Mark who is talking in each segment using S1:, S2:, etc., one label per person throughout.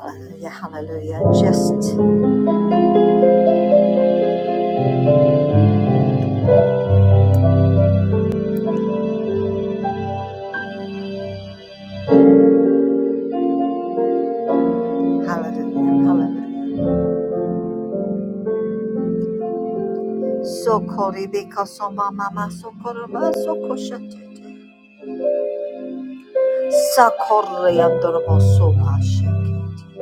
S1: Hallelujah, hallelujah. Just hallelujah, hallelujah. Sokori beka soma mama sokoro ma soko shatete. Sakori andorobo soma shakete.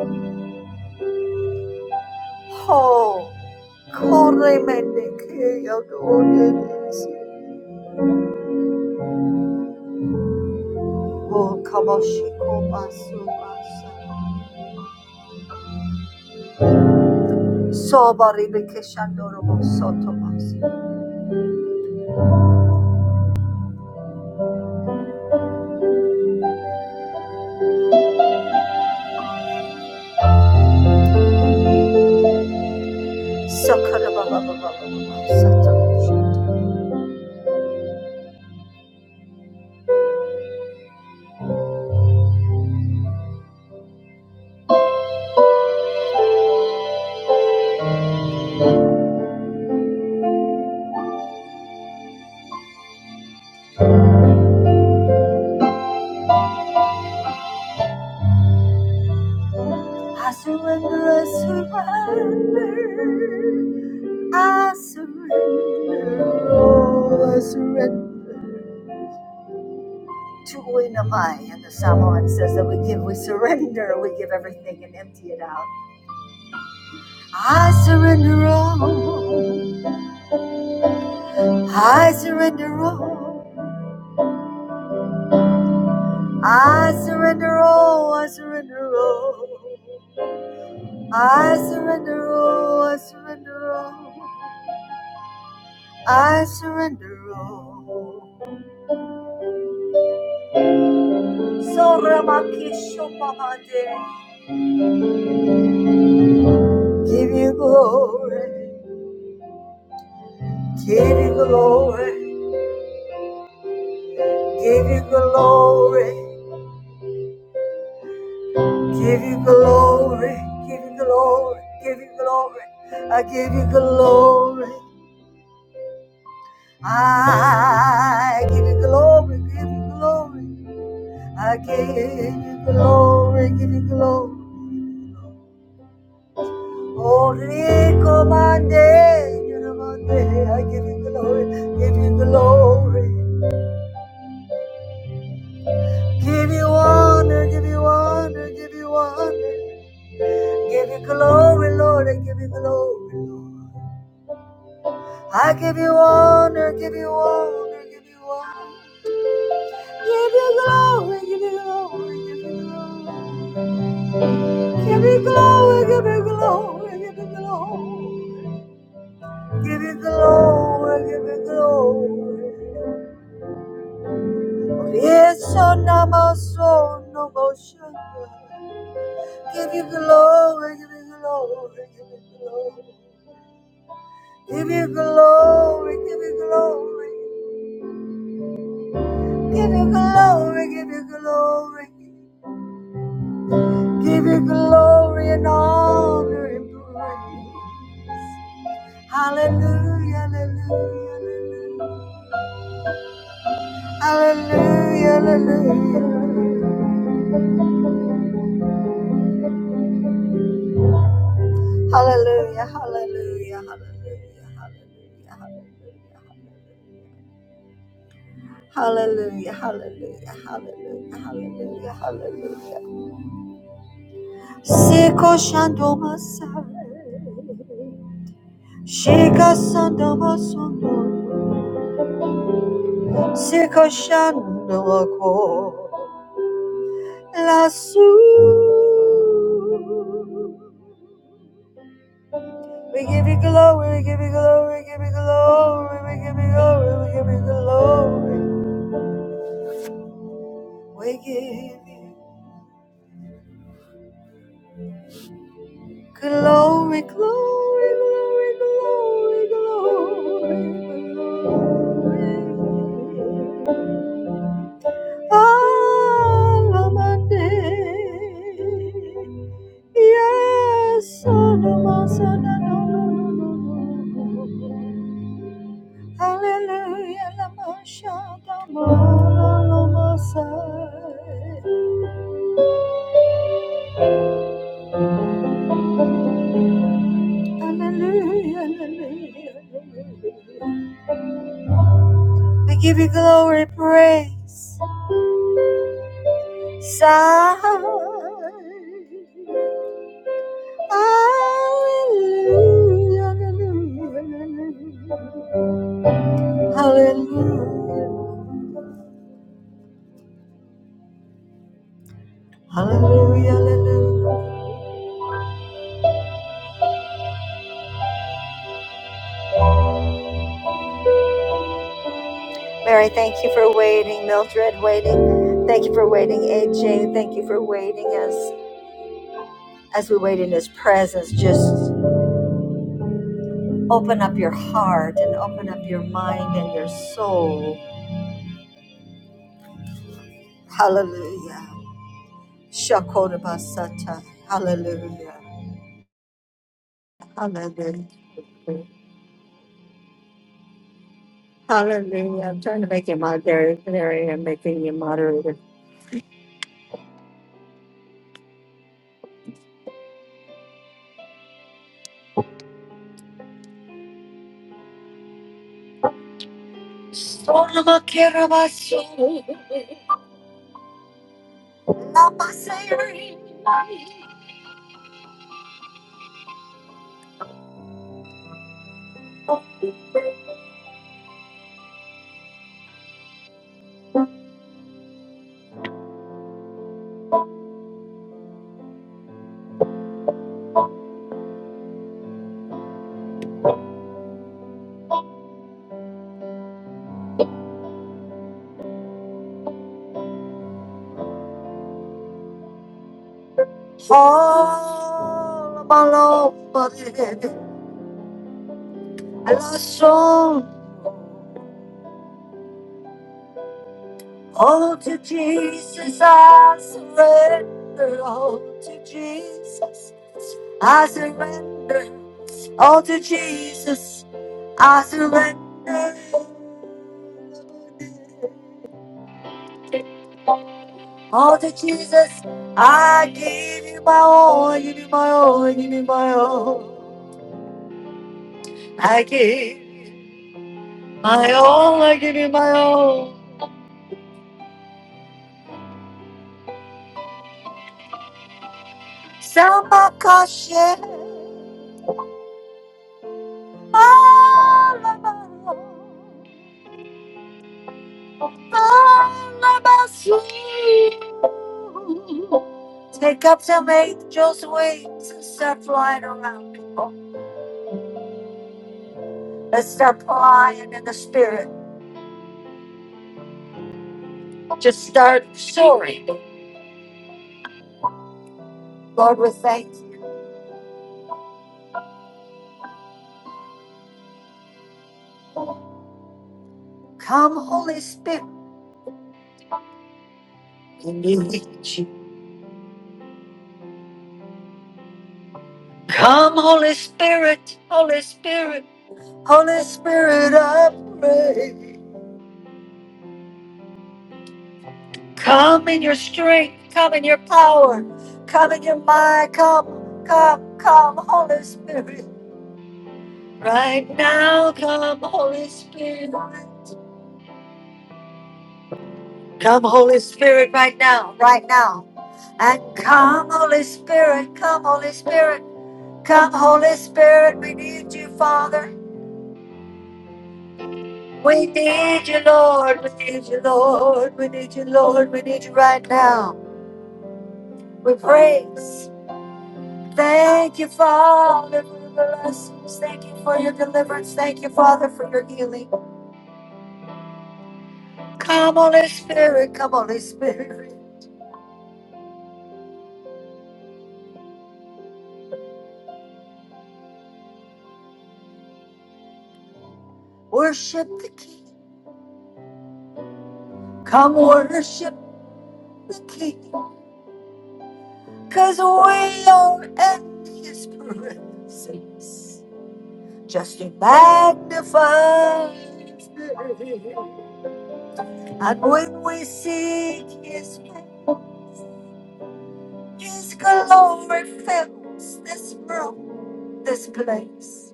S1: Ho, kore mene ke yadorelesi. O kamoshi koma soma sa. Sobari beke shandorobo soto masi. Sakara baba baba baba sato. I surrender, I surrender. I surrender, oh, I surrender. To Winamai and the Samoan says that we give, we surrender, we give everything and empty it out. I surrender all, I surrender all, I surrender all, I surrender all, I surrender all, I surrender all, I surrender all. So Ramakishopamade, give you glory. Give you glory, give you glory, give you glory, give you glory, give you glory. I give you glory. I give you glory, give you glory. I give you glory, give you glory. Holy commande, you know my day. I give you glory, give you glory. Give you honor, give you honor, give you honor. Give you glory, Lord. I give you glory, Lord. I give you honor, give you honor, give you honor. Give you glory, give you glory, give you glory. Give you glory, give you glory, give you glory. Give you glory, give you glory. Yes, on my soul, no motion. Give you glory, give you glory, give you glory. Give you glory, give you glory. Give you glory, give you glory, give you glory and honor and praise. Hallelujah, hallelujah, hallelujah, hallelujah, hallelujah, hallelujah, hallelujah, hallelujah, hallelujah, hallelujah, hallelujah, hallelujah, hallelujah, hallelujah. Seko shandomasa, shika sandomasondo. si cosciando a cuor lassù. We give you glory, we give you glory, we give you glory, we give you glory, we give you glory. We give you glory, glory, glory, glory, glory, glory. All of my Alamande. Yes, oh, no, mas- oh, no, no, no, no, no, no, no. no. Hallelujah, Lamasha, Tamala, Lamasai. Hallelujah, hallelujah, hallelujah. I give you glory, praise, sigh. Hallelujah, hallelujah, hallelujah. Hallelujah, hallelujah. Larry, thank you for waiting. Mildred, waiting. Thank you for waiting. AJ, thank you for waiting as as we wait in his presence. Just open up your heart and open up your mind and your soul. Hallelujah. Shakodabasata. Hallelujah. Hallelujah. Hallelujah. I'm trying to make you moderator. There I am making you moderator. Solomon Kirabasu, Lamaseri. All of my love, but it, I lost strong. All to Jesus I surrender. All to Jesus I surrender. All to Jesus I surrender. All to Jesus I give you my all. Give you my all. Give you my all. I give my all. I give you my all. Selmakashe Alaba Alabasu. Take up some angels' wings and start flying around people. Let's start flying in the spirit. Just start soaring. Lord, we thank you. Come, Holy Spirit. We need you. Come, Holy Spirit, Holy Spirit, Holy Spirit, I pray. Come in your strength, come in your power, come in your mind, come, come, come, Holy Spirit. Right now, come, Holy Spirit. Come, Holy Spirit, right now, right now. And come, Holy Spirit, come, Holy Spirit, come, Holy Spirit. We need you, Father. We need you, Lord. We need you, Lord. We need you, Lord. We need you right now. We praise. Thank you, Father, for your blessings. Thank you for your deliverance. Thank you, Father, for your healing. Come, Holy Spirit. Come, Holy Spirit. Worship the King. Come, worship the King. Because we are in His presence. Just to magnify His name. And when we seek His face, His glory fills this room, this place.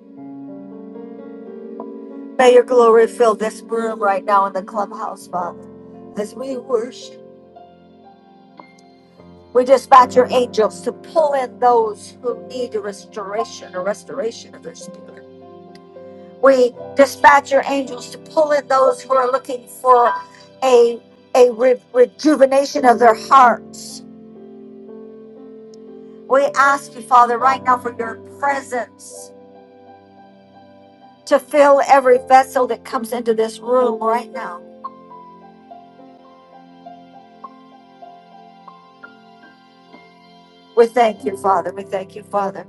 S1: May your glory fill this room right now in the clubhouse, Father. As we worship, we dispatch your angels to pull in those who need a restoration, a restoration of their spirit. We dispatch your angels to pull in those who are looking for a, a re- rejuvenation of their hearts. We ask you, Father, right now for your presence to fill every vessel that comes into this room right now. We thank you, Father. We thank you, Father.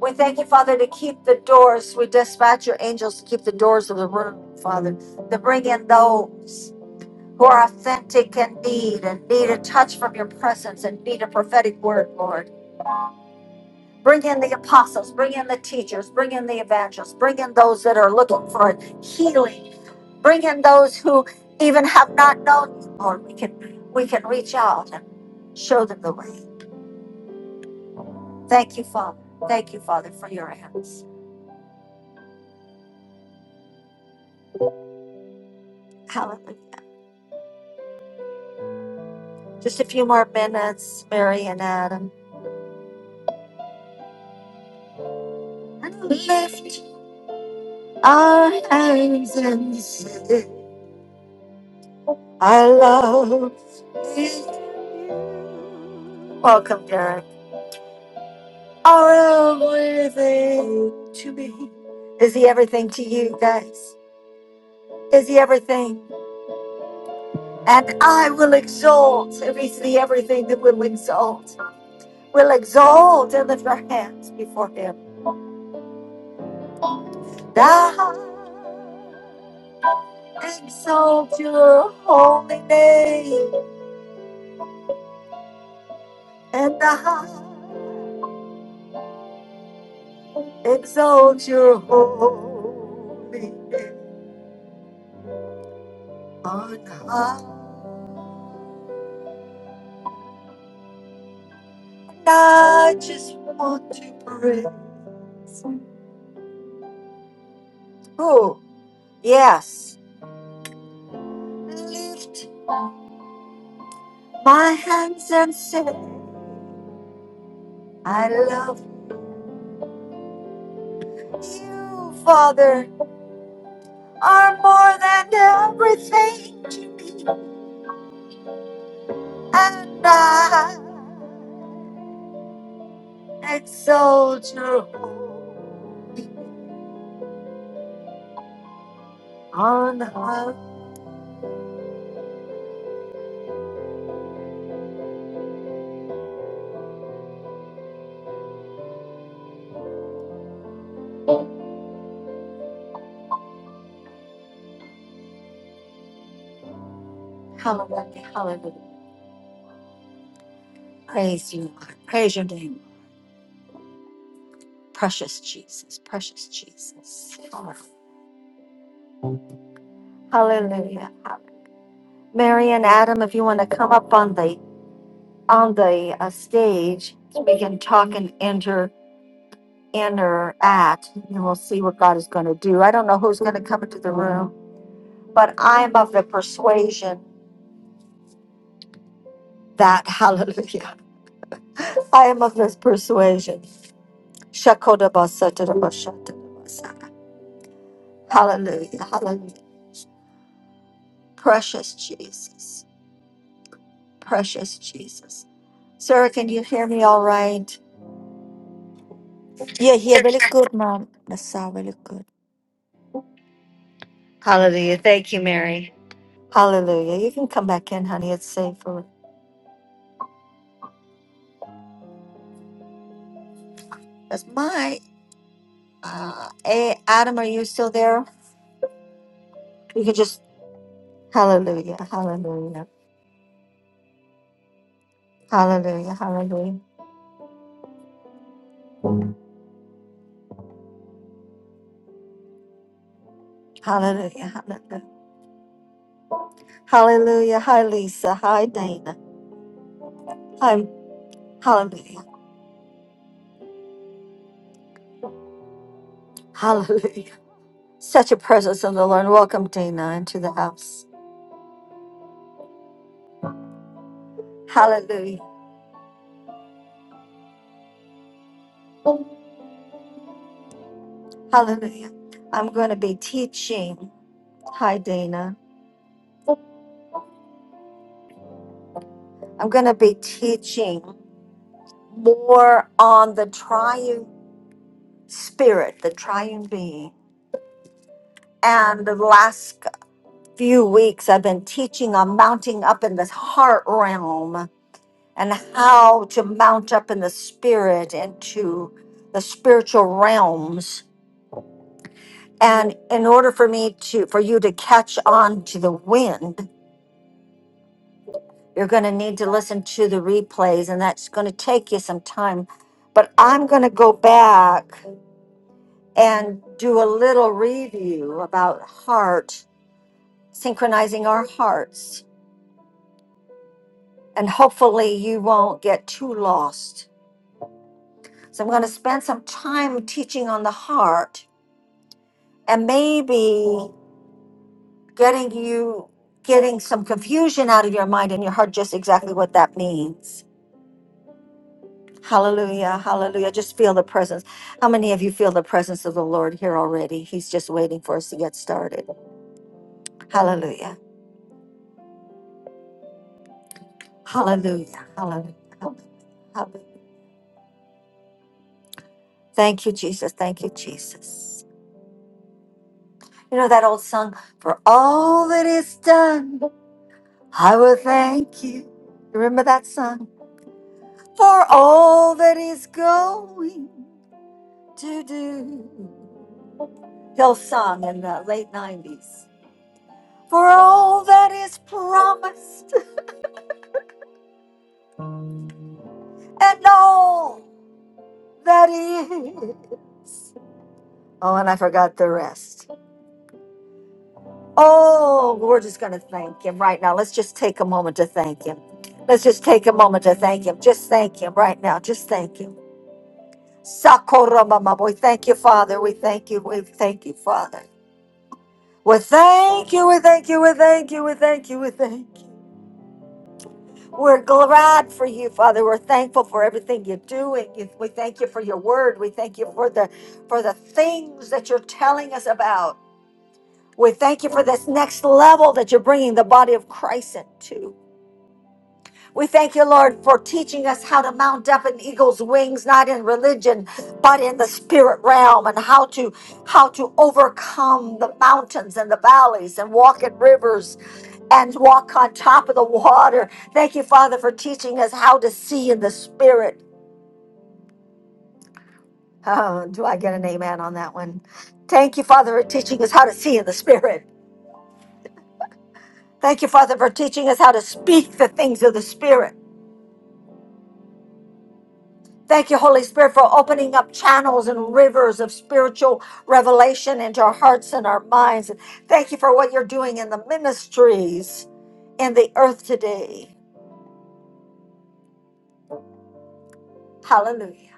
S1: We thank you, Father, to keep the doors. We dispatch your angels to keep the doors of the room, Father, to bring in those who are authentic and need and need a touch from your presence and need a prophetic word, Lord. Bring in the apostles, bring in the teachers, bring in the evangelists, bring in those that are looking for healing, bring in those who even have not known you, Lord. We can we can reach out and show them the way. Thank you, Father. Thank you, Father, for your hands. Hallelujah. Just a few more minutes, Mary and Adam. And lift our hands and say, I love you. Welcome, Derek. Are everything to me. Is he everything to you guys? Is he everything? And I will exalt. If he's the everything that will exalt, we will exalt and lift our hands before him. Thou Exalt your holy name and I exalt your holy name on high. I just want to praise. Oh, yes. Lift my hands and say, I love you, Father, are more than everything to me. And I exalt your hope on high. Hallelujah, hallelujah. Praise you, Lord. Praise your name, Lord. precious Jesus, precious Jesus. Hallelujah. Mary and Adam, if you want to come up on the on the uh, stage, we can talk and enter interact, and we'll see what God is going to do. I don't know who's going to come into the room, but I am of the persuasion that Hallelujah. I am of this persuasion. Shakodabasatadabashatadabasa. Hallelujah. Hallelujah. Precious Jesus. Precious Jesus. Sarah, can you hear me all right? Hallelujah. Thank you, Mary. Hallelujah. You can come back in, honey. It's safer. That's my uh A- Adam, are you still there? You can just Hallelujah. Hallelujah. Hallelujah. Hallelujah. Hallelujah. Hallelujah. Hallelujah. Hi Lisa. Hi Dana. Hi Hallelujah. Hallelujah. Such a presence of the Lord. Welcome, Dana, into the house. Hallelujah. Hallelujah. I'm going to be teaching. Hi, Dana. I'm going to be teaching more on the triune spirit, the triune being. And the last few weeks, I've been teaching on mounting up in the heart realm and how to mount up in the spirit into the spiritual realms And in order for me to, for you to catch on to the wind, you're going to need to listen to the replays, and that's going to take you some time. But I'm going to go back and do a little review about heart, synchronizing our hearts, and hopefully you won't get too lost. So I'm going to spend some time teaching on the heart and maybe getting you getting some confusion out of your mind and your heart just exactly what that means. Hallelujah, hallelujah. Just feel the presence. How many of you feel the presence of the Lord here already? He's just waiting for us to get started. Hallelujah, hallelujah, hallelujah. hallelujah. Thank you, Jesus. Thank you, Jesus. You know that old song, For All That Is Done, I Will Thank You. You Remember that song? For All that He's Going to Do. Hill song in the late 90s. For all that is promised. and all that is. Oh, and I forgot the rest. Oh, we're just going to thank him right now. Let's just take a moment to thank him. Let's just take a moment to thank him. Just thank him right now. Just thank him. Sakura mama boy. Thank you, Father. We thank you. We thank you, Father. We thank you. We thank you. We thank you. We thank you. We thank you. We're glad for you, Father. We're thankful for everything you're doing. You- We thank you for your word. We thank you for the for the things that you're telling us about. We thank you for this next level that you're bringing the body of Christ into. We thank you, Lord, for teaching us how to mount up in eagle's wings, not in religion, but in the spirit realm, and how to how to overcome the mountains and the valleys, and walk in rivers, and walk on top of the water. Thank you, Father, for teaching us how to see in the spirit. Oh, do I get an amen on that one? Thank you, Father, for teaching us how to see in the spirit. Thank you, Father, for teaching us how to speak the things of the spirit. Thank you, Holy Spirit, for opening up channels and rivers of spiritual revelation into our hearts and our minds. And thank you for what you're doing in the ministries in the earth today. Hallelujah.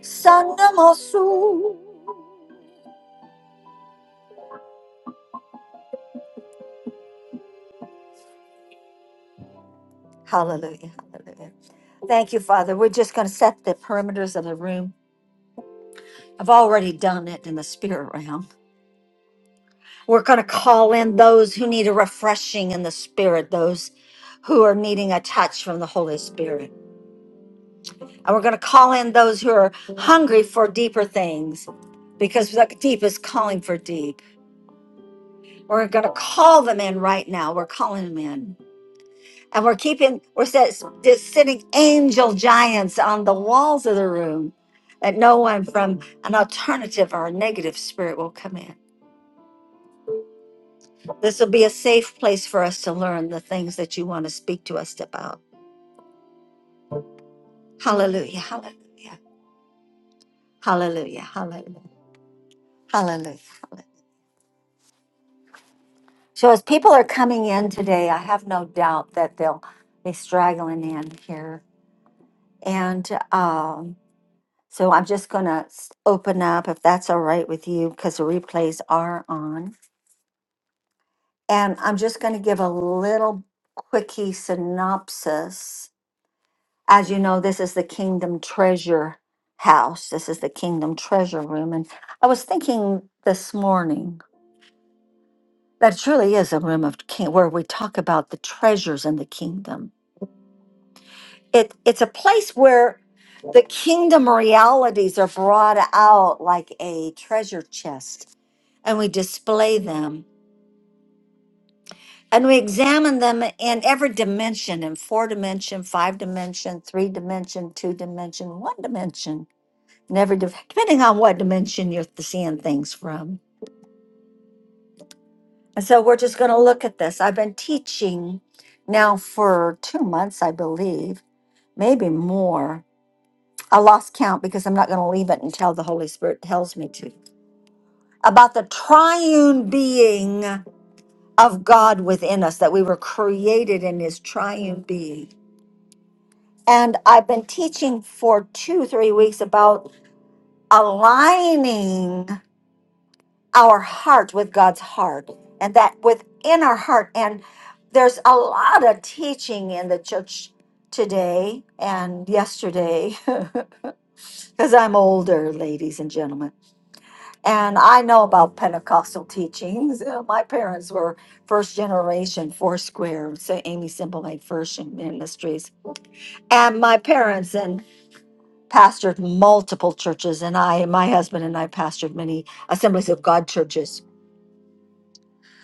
S1: Sandamosu. Hallelujah. Hallelujah. Thank you, Father. We're just going to set the perimeters of the room. I've already done it in the spirit realm. We're going to call in those who need a refreshing in the spirit, those who are needing a touch from the Holy Spirit. And we're going to call in those who are hungry for deeper things because the deep is calling for deep. We're going to call them in right now. We're calling them in. And we're keeping, we're set, just sitting angel giants on the walls of the room that no one from an alternative or a negative spirit will come in. This will be a safe place for us to learn the things that you want to speak to us about. Hallelujah. Hallelujah. Hallelujah. Hallelujah. Hallelujah. So as people are coming in today, I have no doubt that they'll be straggling in here. And um, so I'm just going to open up, if that's all right with you, because the replays are on. And I'm just going to give a little quickie synopsis. As you know, this is the Kingdom Treasure House. This is the Kingdom Treasure Room. And I was thinking this morning that it truly is a room of king where we talk about the treasures in the kingdom it it's a place where the kingdom realities are brought out like a treasure chest and we display them and we examine them in every dimension in four dimension five dimension three dimension two dimension one dimension in every div- depending on what dimension you're seeing things from and so we're just going to look at this i've been teaching now for two months i believe maybe more I lost count because I'm not going to leave it until the Holy Spirit tells me to. About the triune being of God within us, that we were created in his triune being. And I've been teaching for two, three weeks about aligning our heart with God's heart and that within our heart. And there's a lot of teaching in the church today and yesterday because I'm older, ladies and gentlemen And I know about Pentecostal teachings. Uh, My parents were first generation Foursquare, so Amy Simplemaid First Ministries. And my parents and pastored multiple churches, and I, my husband and I pastored many Assemblies of God churches.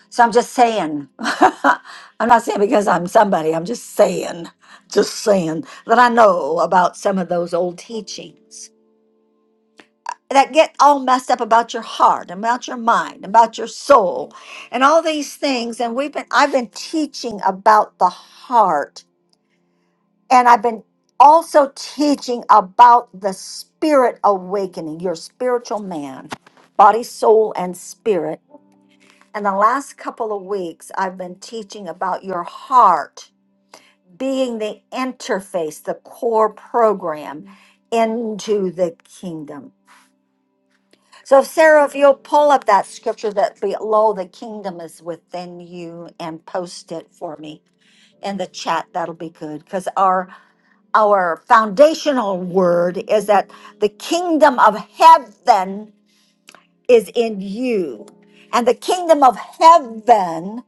S1: So I'm just saying, I'm not saying because I'm somebody, I'm just saying, just saying that I know about some of those old teachings. that get all messed up about your heart, about your mind, about your soul, and all these things. And we've been I've been teaching about the heart, and I've been also teaching about the spirit awakening, your spiritual man, body, soul, and spirit. And the last couple of weeks, I've been teaching about your heart being the interface, the core program into the kingdom So, Sarah, if you'll pull up that scripture that below the kingdom is within you and post it for me in the chat, that'll be good. Because our our foundational word is that the kingdom of heaven is in you. And the kingdom of heaven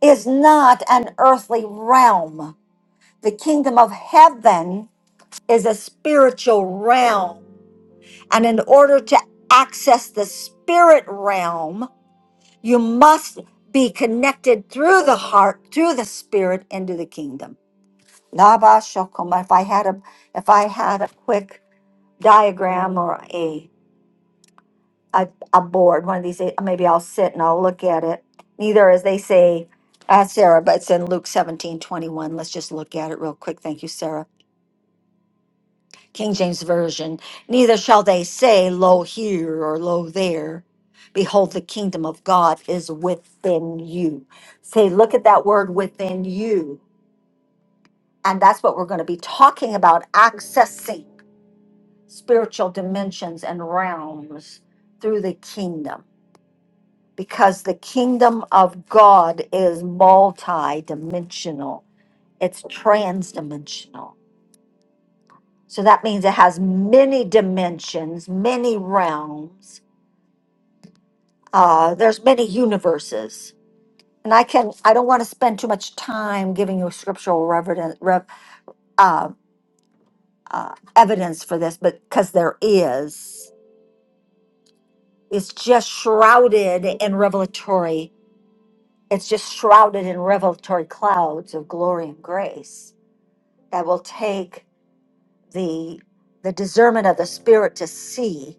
S1: is not an earthly realm. The kingdom of heaven is a spiritual realm. And in order to access the spirit realm, You must be connected through the heart, through the spirit, into the kingdom. Laba shokoma. If I had a, if I had a quick diagram or a, a, a board, one of these, eh, maybe I'll sit and I'll look at it. Neither, as they say, uh, Sarah, but it's in Luke 17:21. Let's just look at it real quick. Thank you, Sarah. King James Version, neither shall they say, Lo here or Lo there. Behold, the kingdom of God is within you. Say, look at that word within you. And that's what we're going to be talking about accessing spiritual dimensions and realms through the kingdom. Because the kingdom of God is multi dimensional, it's trans dimensional. So that means it has many dimensions, many realms Uh, there's many universes, and I can I don't want to spend too much time giving you scriptural reverden- rev, uh, uh, evidence for this, but because there is, it's just shrouded in revelatory. It's just shrouded in revelatory clouds of glory and grace that will take the the discernment of the spirit to see.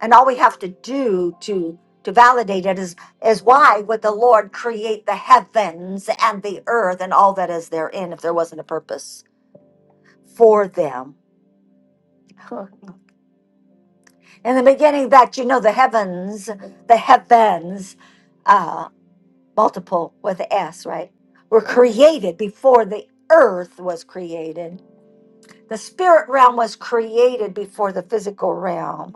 S1: And all we have to do to to validate it is is why would the Lord create the heavens and the earth and all that is therein if there wasn't a purpose for them? In the beginning, that you know the heavens, the heavens, uh, multiple with the S, right? Were created before the earth was created. The spirit realm was created before the physical realm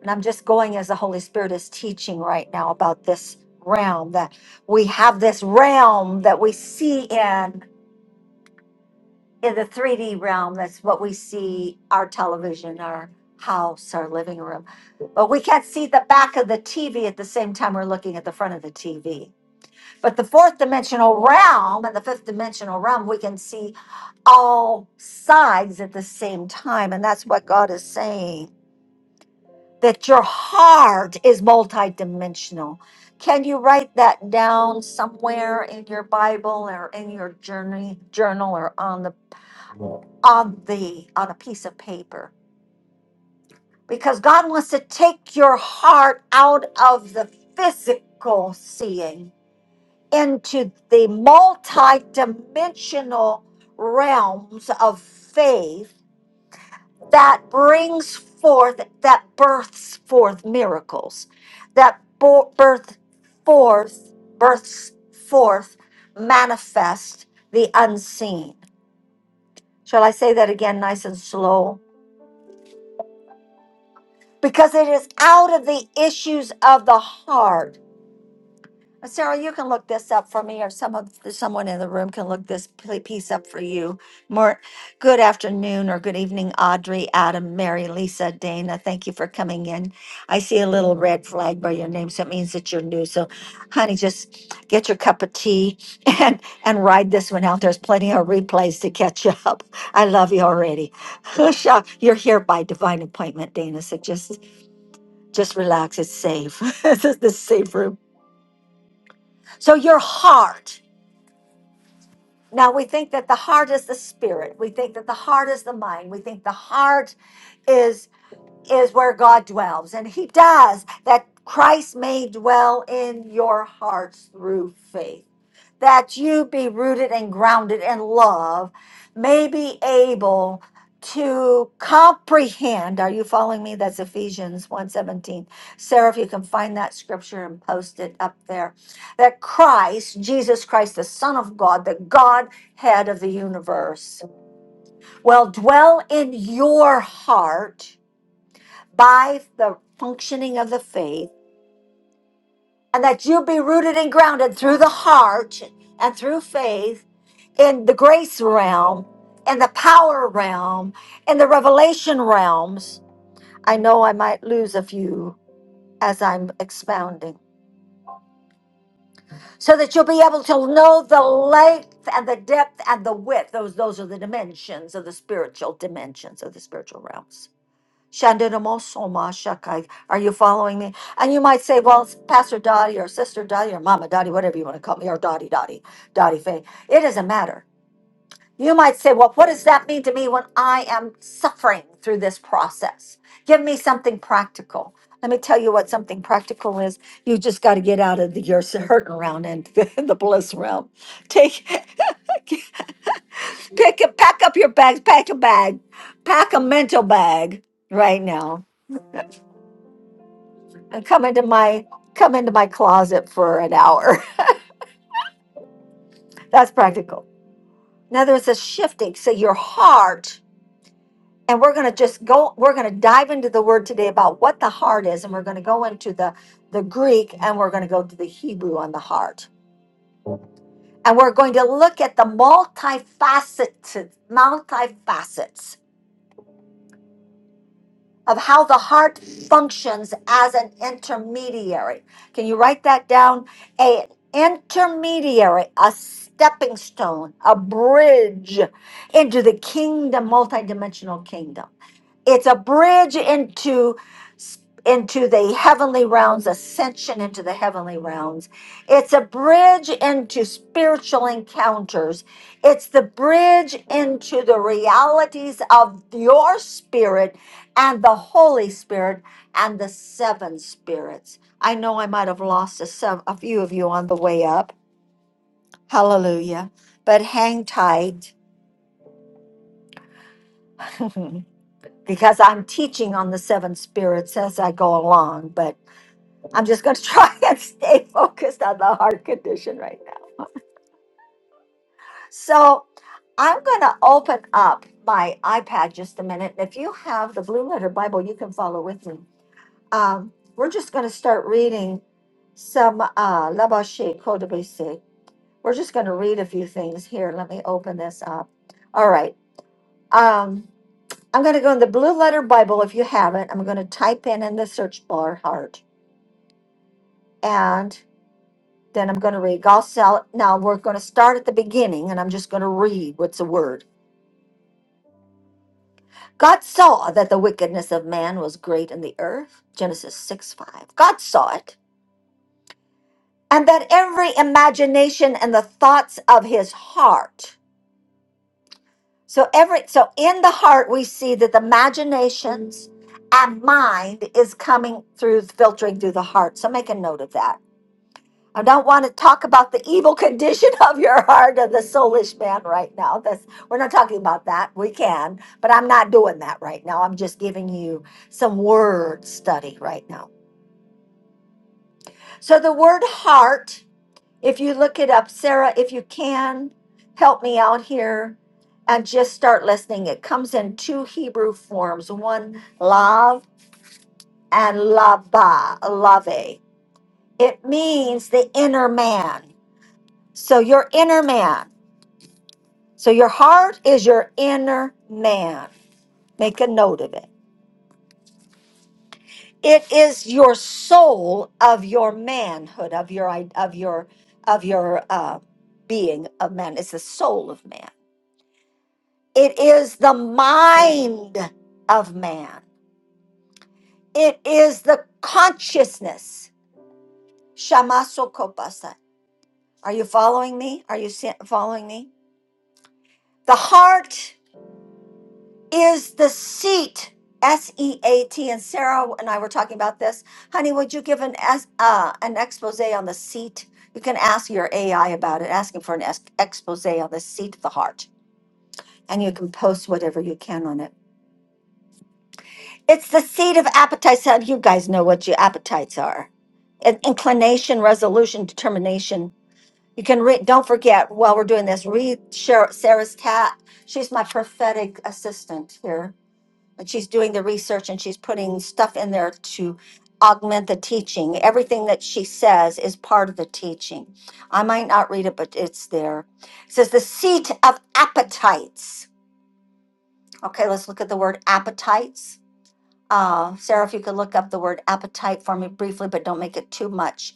S1: And I'm just going as the Holy Spirit is teaching right now about this realm that we have this realm that we see in in the 3D realm. That's what we see our television, our house, our living room. But we can't see the back of the TV at the same time we're looking at the front of the TV. But the fourth dimensional realm and the fifth dimensional realm, we can see all sides at the same time. And that's what God is saying. that your heart is multidimensional. Can you write that down somewhere in your Bible or in your journey journal or on the on the on a piece of paper? Because God wants to take your heart out of the physical seeing into the multidimensional realms of faith that brings forth, that births forth miracles, that bo- birth forth, births forth, manifest the unseen. Shall I say that again, nice and slow? Because it is out of the issues of the heart Uh, Sarah, you can look this up for me, or some of someone in the room can look this pl- piece up for you. More good afternoon or good evening, Audrey, Adam, Mary, Lisa, Dana. Thank you for coming in. I see a little red flag by your name, so it means that you're new. So, honey, just get your cup of tea and and ride this one out. There's plenty of replays to catch up. I love you already. Husha, you're here by divine appointment, Dana. So just just relax. It's safe. this is the safe room. So your heart. Now we think that the heart is the spirit. We think that the heart is the mind. We think the heart is is where God dwells, and He does that Christ may dwell in your hearts through faith, that you be rooted and grounded in love, may be able to comprehend. Are you following me? That's Ephesians one seventeen, Sarah, if you can find that scripture and post it up there. That Christ, Jesus Christ, the Son of God, the Godhead of the universe, will dwell in your heart by the functioning of the faith, and that you be rooted and grounded through the heart and through faith in the grace realm, in the power realm, in the revelation realms. I know I might lose a few as I'm expounding, so that you'll be able to know the length and the depth and the width. Those, those are the dimensions of the spiritual dimensions of the spiritual realms Shandanamoshoma shakai. Are you following me? And you might say, well, it's Pastor Dottie or Sister Dottie or Mama Dottie, whatever you want to call me, or Dottie Dottie, Dottie Faye. It doesn't matter. You might say, well, what does that mean to me when I am suffering through this process? Give me something practical. Let me tell you what something practical is. You just got to get out of the, your hurting round and the bliss realm. Take, pick, pack up your bags, pack a bag, pack a mental bag right now and come into my come into my closet for an hour. That's practical. Now there's a shifting. So your heart, and we're gonna just go, we're gonna dive into the word today about what the heart is, and we're gonna go into the the Greek and we're gonna go to the Hebrew on the heart. And we're going to look at the multifaceted multifacets of how the heart functions as an intermediary. Can you write that down? A intermediary, a stepping stone, a bridge into the kingdom, multidimensional kingdom it's a bridge into into the heavenly realms ascension into the heavenly realms it's a bridge into spiritual encounters it's the bridge into the realities of your spirit and the holy spirit and the seven spirits i know i might have lost a, sev- a few of you on the way up hallelujah but hang tight because i'm teaching on the seven spirits as i go along but I'm just going to try and stay focused on the heart condition right now. So I'm going to open up my iPad just a minute. If you have the Blue Letter Bible, you can follow with me. Um, we're just going to start reading some uh, Labashe Kodabese. We're just going to read a few things here. Let me open this up. All right. Um, I'm going to go in the Blue Letter Bible if you haven't. I'm going to type in in the search bar heart. and. Then I'm going to read. God saw, now we're going to start at the beginning and I'm just going to read what's a word. God saw that the wickedness of man was great in the earth. Genesis 6 5. God saw it. And that every imagination and the thoughts of his heart. So every so in the heart we see that the imaginations and mind is coming through filtering through the heart. So make a note of that I don't want to talk about the evil condition of your heart of the soulish man right now. That's we're not talking about that. We can, but I'm not doing that right now. I'm just giving you some word study right now. So the word heart, if you look it up, Sarah, if you can help me out here and just start listening. It comes in two Hebrew forms, one lav and lava, lave. It means the inner man. So your inner man. So your heart is your inner man. Make a note of it. It is your soul of your manhood, of your i- of your of your uh, being of man. It's the soul of man. It is the mind of man. It is the consciousness. Shamasokopasa. Are you following me? Are you se- following me? The heart. is the seat S E A T. And Sarah and I were talking about this. Honey, would you give an es- uh, an expose on the seat? You can ask your AI about it. asking for an es- expose on the seat of the heart, and you can post whatever you can on it. It's the seat of appetites. How do you guys know what your appetites are? In- Inclination, resolution, determination. You can read. Don't forget while we're doing this, read Sher- Sarah's cat. She's my prophetic assistant here and she's doing the research and she's putting stuff in there to augment the teaching. Everything that she says is part of the teaching. I might not read it, but it's there. It says the seat of appetites. Okay, let's look at the word appetites. Uh, Sarah, if you could look up the word appetite for me briefly, but don't make it too much.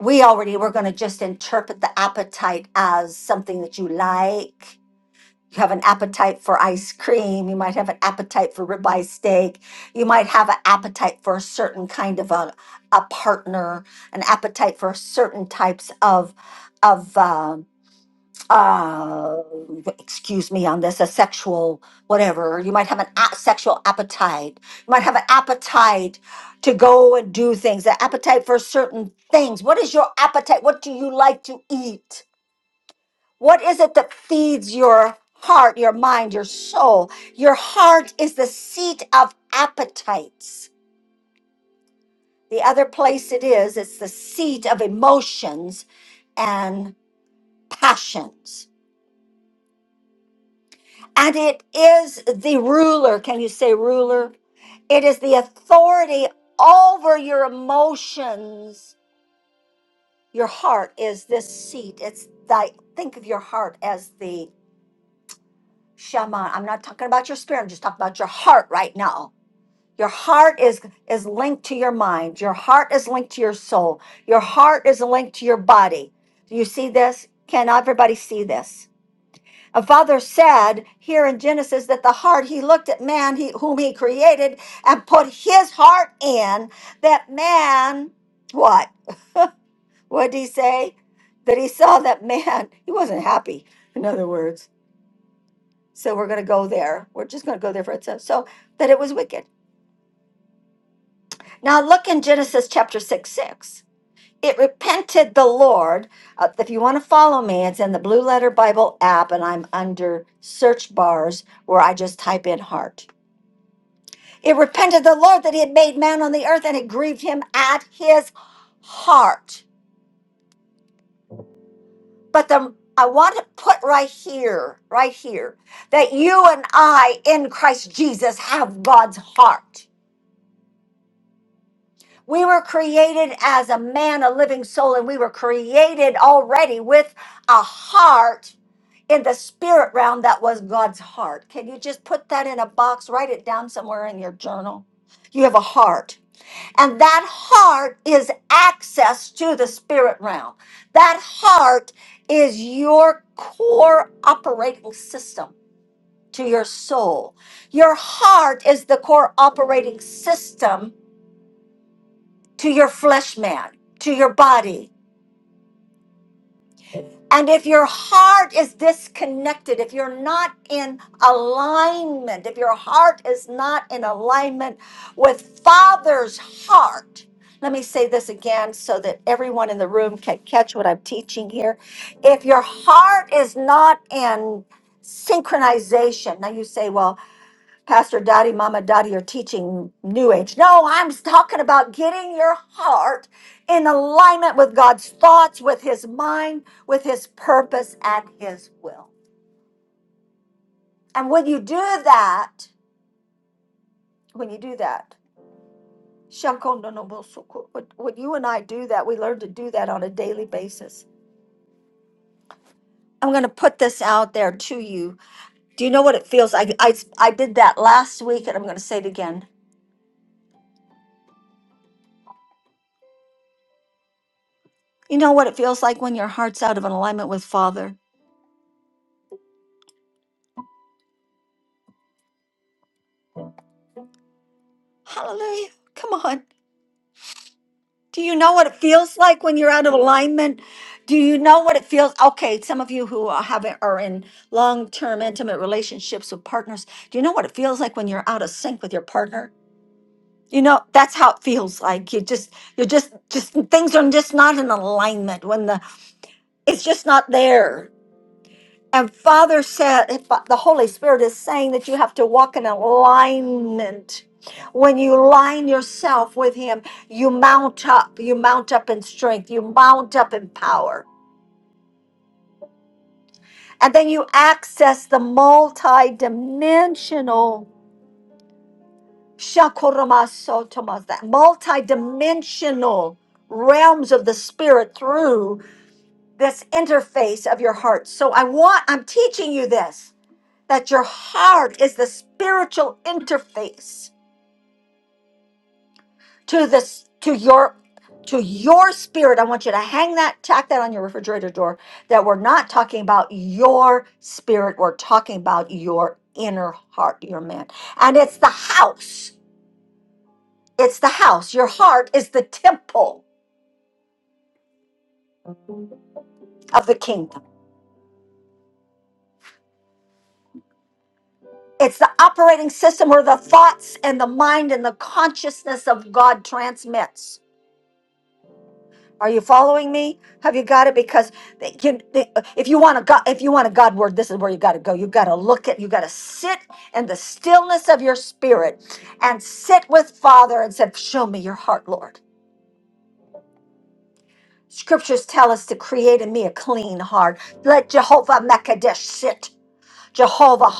S1: We already we're going to just interpret the appetite as something that you like you have an appetite for ice cream you might have an appetite for ribeye steak you might have an appetite for a certain kind of a, a partner an appetite for certain types of of um uh, excuse me on this a sexual whatever you might have an a- sexual appetite you might have an appetite to go and do things an appetite for certain things what is your appetite what do you like to eat what is it that feeds your heart, your mind, your soul? Your heart is the seat of appetites. The other place it is, it's the seat of emotions and passions. And it is the ruler. Can you say ruler? It is the authority over your emotions. Your heart is this seat. It's thy think of your heart as the shaman. I'm not talking about your spirit, I'm just talking about your heart right now Your heart is is linked to your mind. Your heart is linked to your soul. Your heart is linked to your body. Do you see this? Can everybody see this? A father said here in Genesis that the heart he looked at man he, whom he created and put his heart in that man what? What did he say? That he saw that man he wasn't happy. In other words, so we're going to go there. We're just going to go there for it. So, so that it was wicked. Now look in Genesis chapter six six. it repented the Lord. Uh, if you want to follow me, it's in the Blue Letter Bible app, and I'm under search bars where I just type in heart. It repented the Lord that he had made man on the earth, and it grieved him at his heart. But the I want to put right here, right here, that you and I in Christ Jesus have God's heart. We were created as a man, a living soul, and we were created already with a heart in the spirit realm that was God's heart. Can you just put that in a box? Write it down somewhere in your journal. You have a heart, and that heart is access to the spirit realm. That heart is your core operating system to your soul. Your heart is the core operating system to your flesh man, to your body. And if your heart is disconnected, if you're not in alignment, if your heart is not in alignment with Father's heart, let me say this again so that everyone in the room can catch what I'm teaching here. If your heart is not in synchronization, now you say, well, Pastor Dottie, Mama Dottie are teaching New Age. No, I'm talking about getting your heart in alignment with God's thoughts, with His mind, with His purpose, and His will. And when you do that, when you do that, Shankondonobosuku, when when you and I do that, we learn to do that on a daily basis. I'm going to put this out there to you. Do you know what it feels like? I, I did that last week, and I'm going to say it again. You know what it feels like when your heart's out of an alignment with Father? Hallelujah. Come on. Do you know what it feels like when you're out of alignment? Do you know what it feels? Okay, some of you who are having are in long-term intimate relationships with partners. Do you know what it feels like when you're out of sync with your partner? You know, that's how it feels like. You just you're just just things are just not in alignment when the it's just not there. And Father said, if the Holy Spirit is saying that you have to walk in alignment. When you line yourself with Him, you mount up. You mount up in strength. You mount up in power. And then you access the multi-dimensional shakuramasotomas, that multi-dimensional realms of the spirit through this interface of your heart. So I want, I'm teaching you this that your heart is the spiritual interface to this to your to your spirit i want you to hang that tack that on your refrigerator door that we're not talking about your spirit we're talking about your inner heart your man and it's the house it's the house your heart is the temple of the kingdom it's the operating system where the thoughts and the mind and the consciousness of god transmits Are you following me? Have you got it? Because they can, they, uh, if you want a God, if you want a God word, this is where you got to go. You got to look at, you got to sit in the stillness of your spirit, and sit with Father and say, "Show me your heart, Lord." Scriptures tell us to create in me a clean heart. Let Jehovah Mekadesh sit. Jehovah,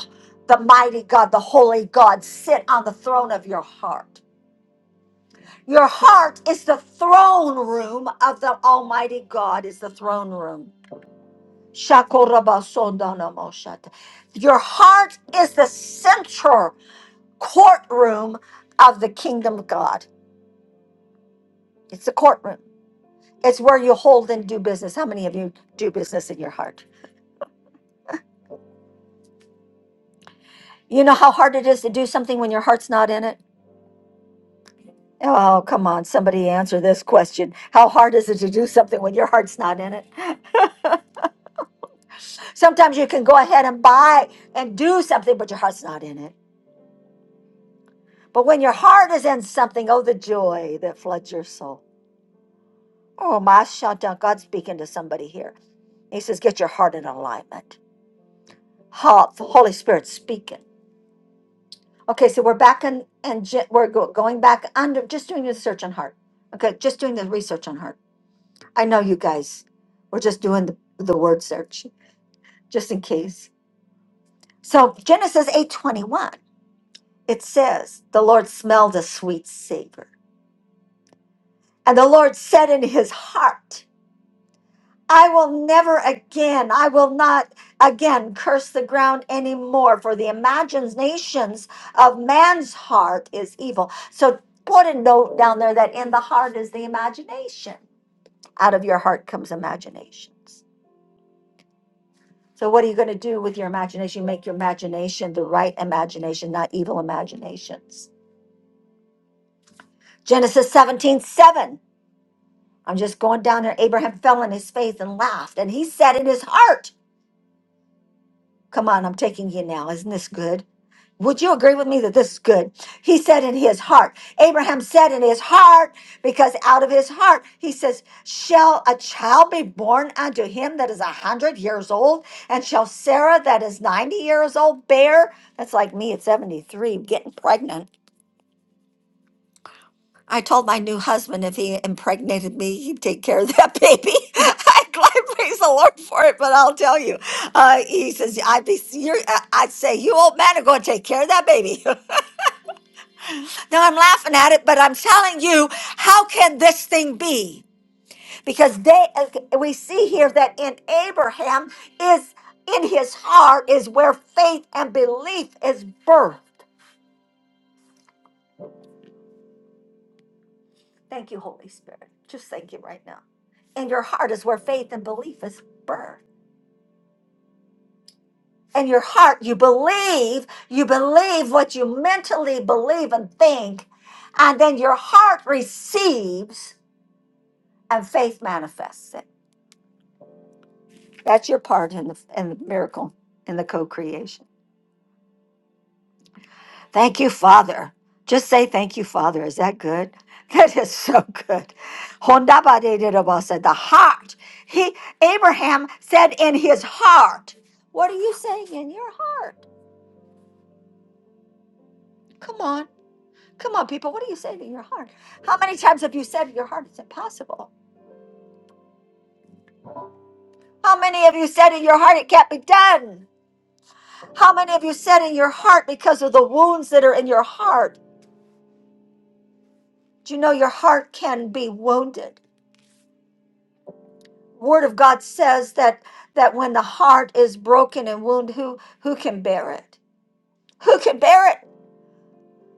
S1: the mighty God, the holy God, sit on the throne of your heart. Your heart is the throne room of the Almighty God. Is the throne room. Shakorabasondanamoshat. Your heart is the central courtroom of the kingdom of God. It's the courtroom. It's where you hold and do business. How many of you do business in your heart? You know how hard it is to do something when your heart's not in it? Oh, come on, somebody answer this question. How hard is it to do something when your heart's not in it? Sometimes you can go ahead and buy and do something, but your heart's not in it. But when your heart is in something, oh, the joy that floods your soul. Oh, my shanta, God's speaking to somebody here. He says, get your heart in alignment. Ho- the Holy Spirit speaking. Okay, so we're back in, and ge- we're go- going back under, just doing the search on heart. Okay, just doing the research on heart. I know you guys, we're just doing the, the word search, just in case. So Genesis 8.21, it says, the Lord smelled a sweet savor. And the Lord said in his heart. I will never again, I will not again curse the ground anymore, for the imaginations of man's heart is evil. So put a note down there that in the heart is the imagination. Out of your heart comes imaginations. So what are you going to do with your imagination? Make your imagination the right imagination, not evil imaginations. Genesis seventeen seven. I'm just going down there. Abraham fell on his face and laughed, and he said in his heart, Come on, I'm taking you now. Isn't this good? Would you agree with me that this is good? He said in his heart. Abraham said in his heart, because out of his heart, he says, Shall a child be born unto him that is a hundred years old? And shall Sarah that is 90 years old bear? That's like me at 73 getting pregnant. I told my new husband if he impregnated me, he'd take care of that baby. I glad praise the Lord for it, but I'll tell you, uh, he says, "I'd be, you're, I- I'd say you old man are going to take care of that baby." Now I'm laughing at it, but I'm telling you, how can this thing be? Because they, uh, we see here that in Abraham is in his heart is where faith and belief is birthed. Thank you, Holy Spirit. Just thank you right now. In your heart is where faith and belief is birthed. In your heart, you believe, you believe what you mentally believe and think, and then your heart receives and faith manifests it. That's your part in the, in the miracle, in the co creation. Thank you, Father. Just say thank you, Father. Is that good? That is so good. Hondabadididaba said the heart. He Abraham said in his heart. What are you saying in your heart? Come on. Come on, people. What are you saying in your heart? How many times have you said in your heart it's impossible? How many of you said in your heart it can't be done? How many of you said in your heart because of the wounds that are in your heart? Do you know your heart can be wounded? Word of God says that that when the heart is broken and wounded, who who can bear it? Who can bear it?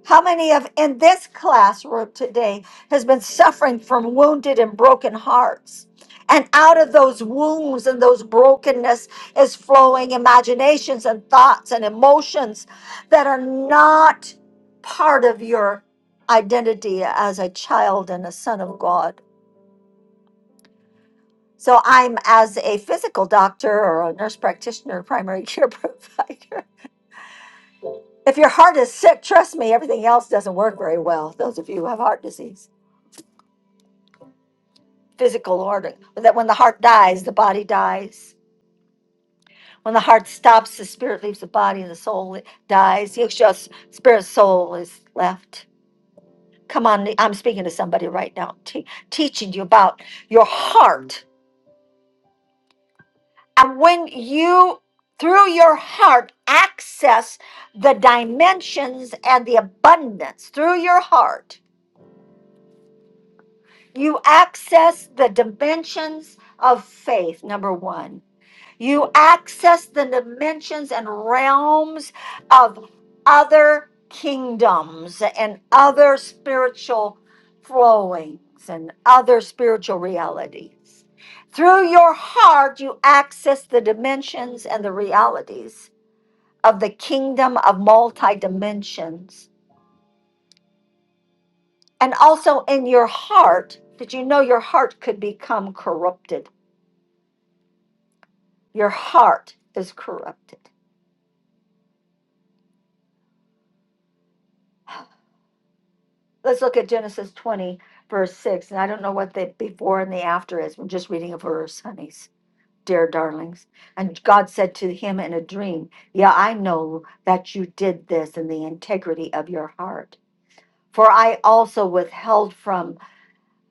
S1: How many of in this classroom today has been suffering from wounded and broken hearts? And out of those wounds and those brokenness is flowing imaginations and thoughts and emotions that are not part of your identity as a child and a son of God. So I'm as a physical doctor or a nurse practitioner, primary care provider. If your heart is sick, trust me, everything else doesn't work very well. Those of you who have heart disease, physical organ, that when the heart dies, the body dies. When the heart stops, the spirit leaves the body and the soul i- dies. It's just spirit, soul is left. Come on, I'm speaking to somebody right now, te- teaching you about your heart And when you, through your heart, access the dimensions and the abundance through your heart, you access the dimensions of faith, number one. You access the dimensions and realms of other kingdoms and other spiritual flowings and other spiritual realities. Through your heart, you access the dimensions and the realities of the kingdom of multi dimensions. And also in your heart, did you know your heart could become corrupted? Your heart is corrupted let's look at Genesis twenty, verse six, and I don't know what the before and the after is. We're just reading a verse, honeys, dear darlings. And God said to him in a dream, Yeah, I know that you did this in the integrity of your heart. For I also withheld from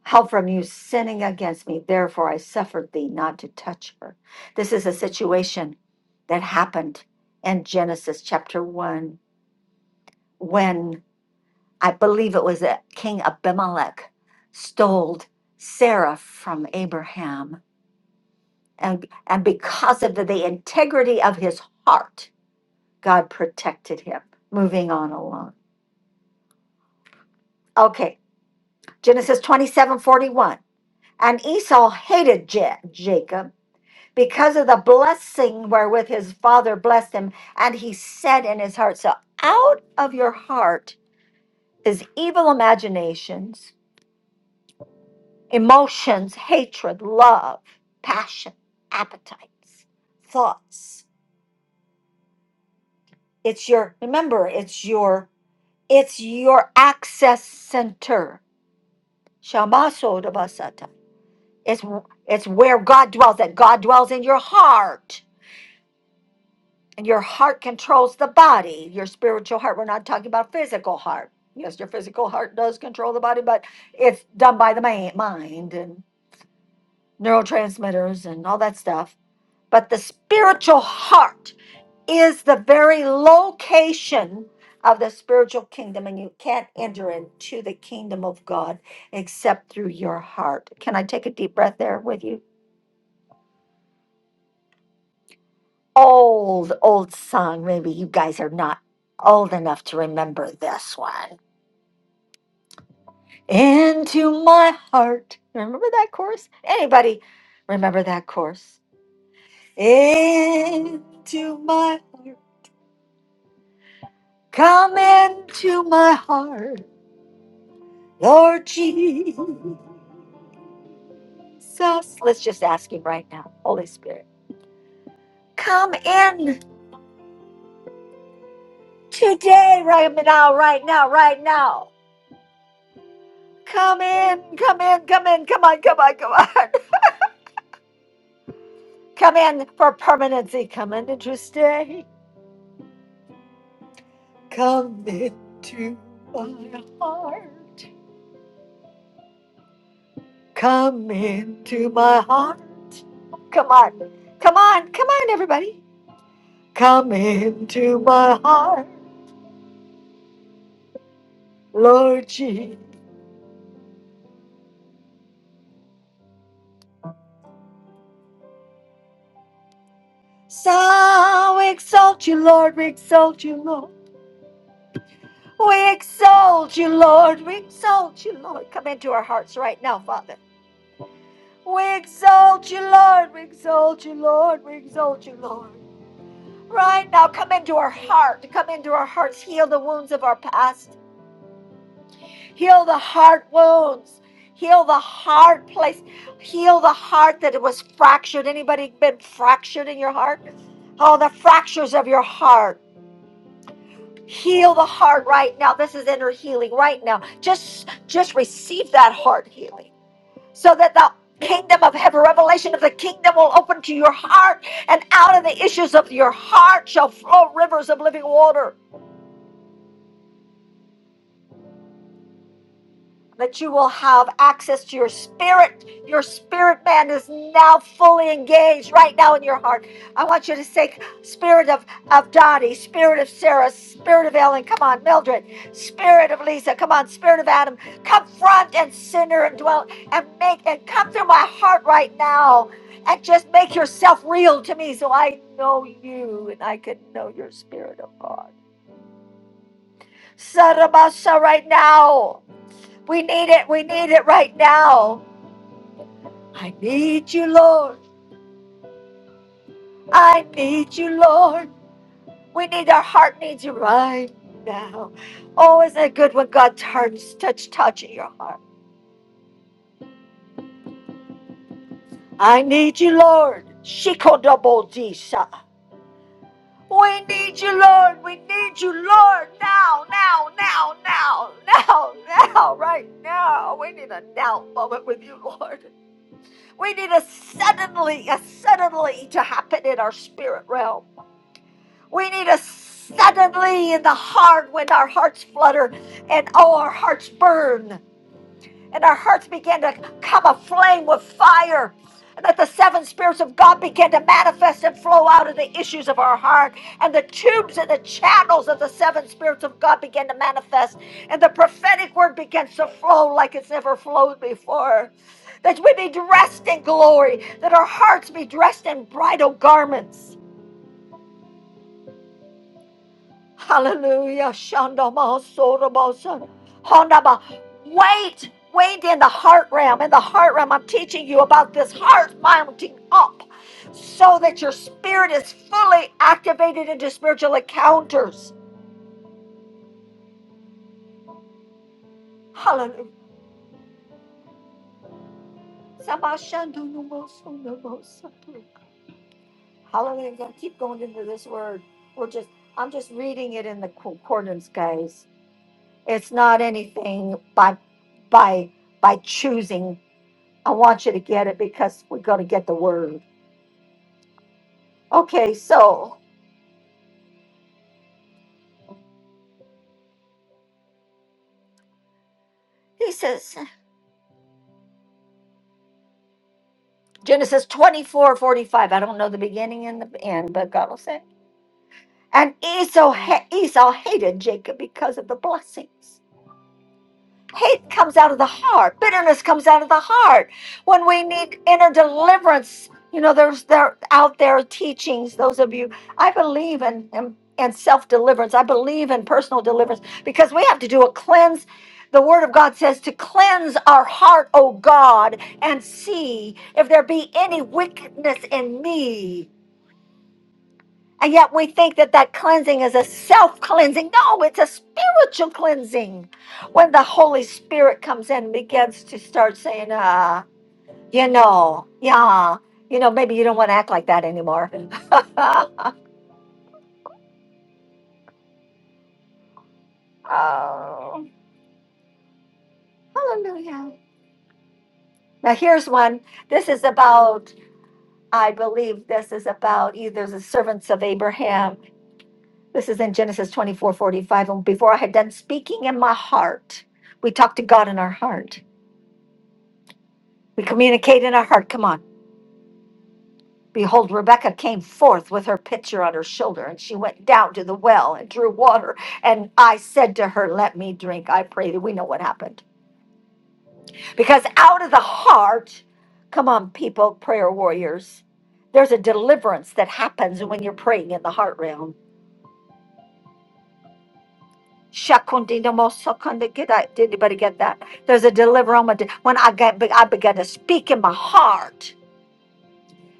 S1: help from you sinning against me, therefore I suffered thee not to touch her. This is a situation that happened in Genesis chapter one when I believe it was that King Abimelech stole Sarah from Abraham. And, and because of the, the integrity of his heart, God protected him. Moving on along. Okay, Genesis twenty-seven forty-one. And Esau hated Ja- Jacob because of the blessing wherewith his father blessed him. And he said in his heart, So out of your heart is evil imaginations emotions, hatred, love, passion, appetites, thoughts. It's your remember, it's your it's your access center. Shamaso Dabasata. It's it's where God dwells, that God dwells in your heart. And your heart controls the body, your spiritual heart. We're not talking about physical heart. Yes, your physical heart does control the body, but it's done by the ma- mind and neurotransmitters and all that stuff. But the spiritual heart is the very location of the spiritual kingdom, and you can't enter into the kingdom of God except through your heart. Can I take a deep breath there with you? Old, old song. Maybe you guys are not old enough to remember this one. Into my heart. Remember that chorus? Anybody remember that chorus? Into my heart. Come into my heart, Lord Jesus. So let's just ask Him right now, Holy Spirit, come in today, right now, right now, right now. Come in, come in, come in, come on, come on, come on. Come in for permanency. Come in to stay. Come into my heart. Come into my heart. Come on, come on, come on, everybody. Come into my heart, Lord So we exalt you, Lord. We exalt you, Lord. We exalt you, Lord. We exalt you, Lord. Come into our hearts right now, Father. We exalt you, Lord. We exalt you, Lord. We exalt you, Lord. Right now, come into our heart. Come into our hearts. Heal the wounds of our past. Heal the heart wounds. Heal the heart place. Heal the heart that it was fractured. Anybody been fractured in your heart? All the fractures of your heart. heal the heart right now this is inner healing right now just just receive that heart healing so that the kingdom of heaven revelation of the kingdom will open to your heart and out of the issues of your heart shall flow rivers of living water that you will have access to your spirit. Your spirit man is now fully engaged right now in your heart. I want you to say, Spirit of, of Dottie, Spirit of Sarah, Spirit of Ellen, come on, Mildred, Spirit of Lisa, come on, Spirit of Adam, confront and sinner and dwell and make and come through my heart right now and just make yourself real to me so I know you and I can know your spirit of God. Sarabasa right now. We need it. We need it right now. I need you, Lord. I need you, Lord. We need our heart needs you right now. Oh, isn't it good when God turns touch touch in your heart? I need you, Lord. Shikodobodisa. We need you, Lord. We need you, Lord. Now, now, now, now, now, now, right now. We need a now moment with you, Lord. We need a suddenly, a suddenly to happen in our spirit realm. We need a suddenly in the heart when our hearts flutter and oh, our hearts burn and our hearts begin to come aflame with fire. And that the seven spirits of God begin to manifest and flow out of the issues of our heart. And the tubes and the channels of the seven spirits of God begin to manifest. And the prophetic word begins to flow like it's never flowed before. That we be dressed in glory. That our hearts be dressed in bridal garments Hallelujah. Shandama Sorobosa. Hondaba. Wait. Wait in the heart realm. In the heart realm, I'm teaching you about this heart mounting up so that your spirit is fully activated into spiritual encounters. Hallelujah. Samba Shandunumo Sonobosa. Hallelujah. Keep going into this word. We're just I'm just reading it in the concordance, guys. It's not anything by by by choosing I want you to get it because we're going to get the word. Okay, so he says, Genesis twenty four forty five. I don't know the beginning and the end, but God will say. And Esau, ha- Esau hated Jacob because of the blessings. Hate comes out of the heart. Bitterness comes out of the heart. When we need inner deliverance, you know, there's there out there teachings. Those of you, I believe in in, in self deliverance. I believe in personal deliverance because we have to do a cleanse. The Word of God says to cleanse our heart, O God, and see if there be any wickedness in me. And yet we think that that cleansing is a self cleansing. No, it's a spiritual cleansing. When the Holy Spirit comes in and begins to start saying, uh, you know, yeah, you know, maybe you don't want to act like that anymore. oh, hallelujah. Now here's one. This is about, I believe this is about either the servants of Abraham. This is in Genesis 24 45. And before I had done speaking in my heart, we talked to God in our heart. We communicate in our heart. Come on. Behold, Rebecca came forth with her pitcher on her shoulder, and she went down to the well and drew water. And I said to her, Let me drink. I pray that we know what happened. Because out of the heart, come on, people, prayer warriors, there's a deliverance that happens when you're praying in the heart realm. Shakundinamosokonde- Did I- did anybody get that? There's a deliverance when I, get, I began to speak in my heart.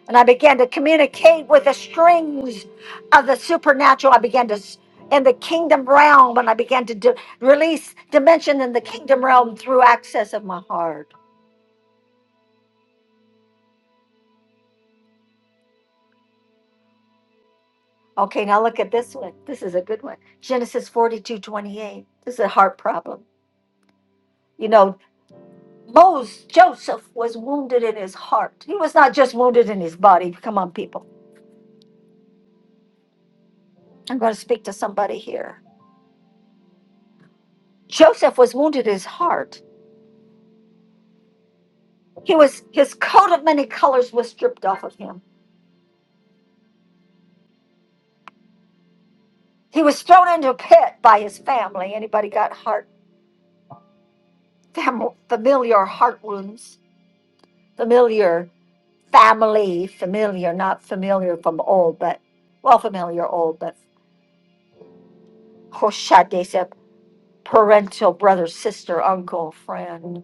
S1: and I began to communicate with the strings of the supernatural. I began to s- in the kingdom realm, and I began to do, release dimension in the kingdom realm through access of my heart. Okay, now look at this one. This is a good one. Genesis forty-two twenty-eight. This is a heart problem. You know, Moses, Joseph was wounded in his heart. He was not just wounded in his body. Come on, people. I'm going to speak to somebody here. Joseph was wounded in his heart. He was his coat of many colors was stripped off of him He was thrown into a pit by his family. Anybody got heart fam- familiar heart wounds? Familiar family, familiar, not familiar from old, but well, familiar old, but Hoshadesa, parental brother, sister, uncle, friend,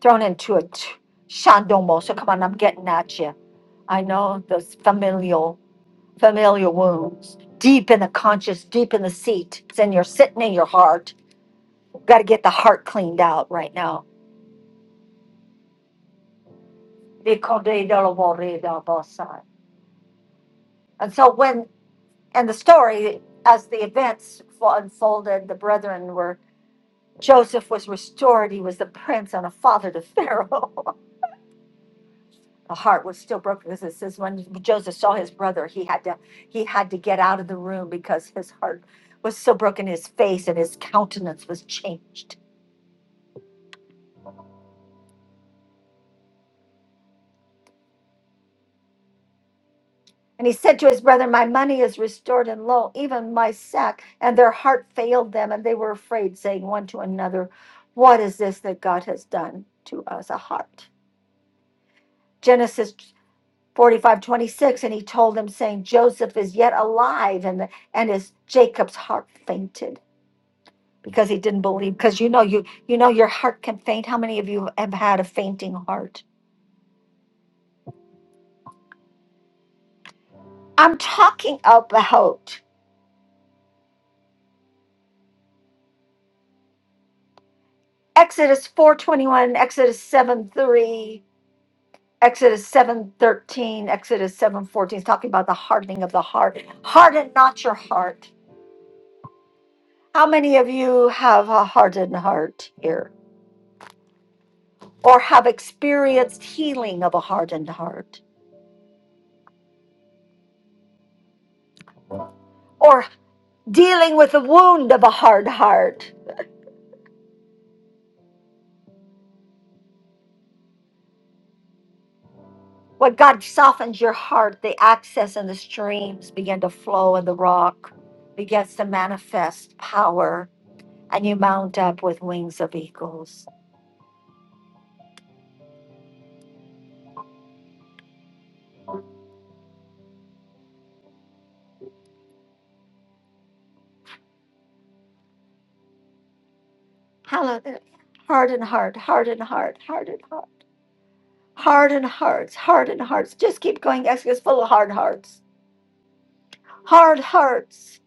S1: thrown into a t- shandomo. So come on, I'm getting at you. I know those familial, familiar wounds, deep in the conscious, deep in the seat. It's in your sitting in your heart. Got to get the heart cleaned out right now Nikodedoloboredabasai. And so when and the story as the events fo- unfolded, the brethren were Joseph was restored. He was the prince and a father to Pharaoh. the heart was still broken because it says when Joseph saw his brother, he had to he had to get out of the room because his heart was so broken. His face and his countenance was changed And he said to his brethren, My money is restored and lo, even my sack. And their heart failed them, and they were afraid, saying one to another, What is this that God has done to us? A heart. Genesis forty-five twenty-six, And he told them, saying, Joseph is yet alive. And, and his Jacob's heart fainted because he didn't believe. Because you know, you, you know, your heart can faint. How many of you have had a fainting heart? I'm talking about Exodus 4:21, Exodus seven three. Exodus seven thirteen, Exodus seven fourteen, is talking about the hardening of the heart. Harden not your heart. How many of you have a hardened heart here, or have experienced healing of a hardened heart, or dealing with the wound of a hard heart? When God softens your heart, the access and the streams begin to flow, and the rock begins to manifest power, and you mount up with wings of eagles. Hallelujah. Harden heart, harden heart, harden heart. Harden hearts, harden hearts. Just keep going, guys. It's full of hard hearts. Hard hearts.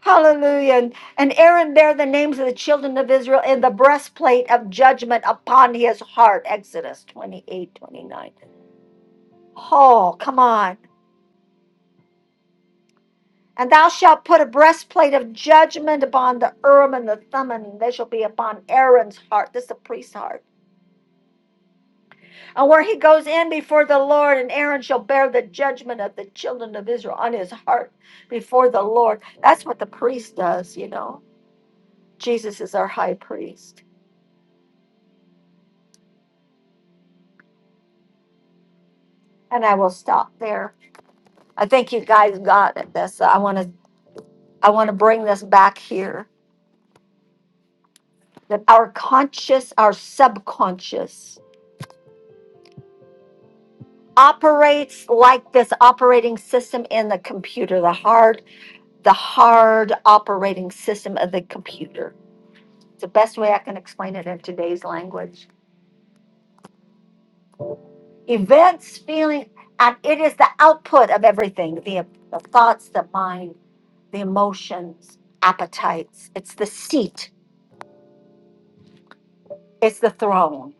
S1: Hallelujah. And, and Aaron bare the names of the children of Israel in the breastplate of judgment upon his heart. Exodus 28, 29. Oh, come on. And thou shalt put a breastplate of judgment upon the Urim and the Thummim, and they shall be upon Aaron's heart. This is the priest's heart and where he goes in before the Lord, and Aaron shall bear the judgment of the children of Israel on his heart before the Lord. That's what the priest does, you know. Jesus is our high priest. And I will stop there. I think you guys got it. This I want to I want to bring this back here that our conscious, our subconscious operates like this operating system in the computer, the hard the hard operating system of the computer It's the best way I can explain it in today's language. Events, feeling, and it is the output of everything the, the thoughts, the mind, the emotions, appetites. It's the seat, it's the throne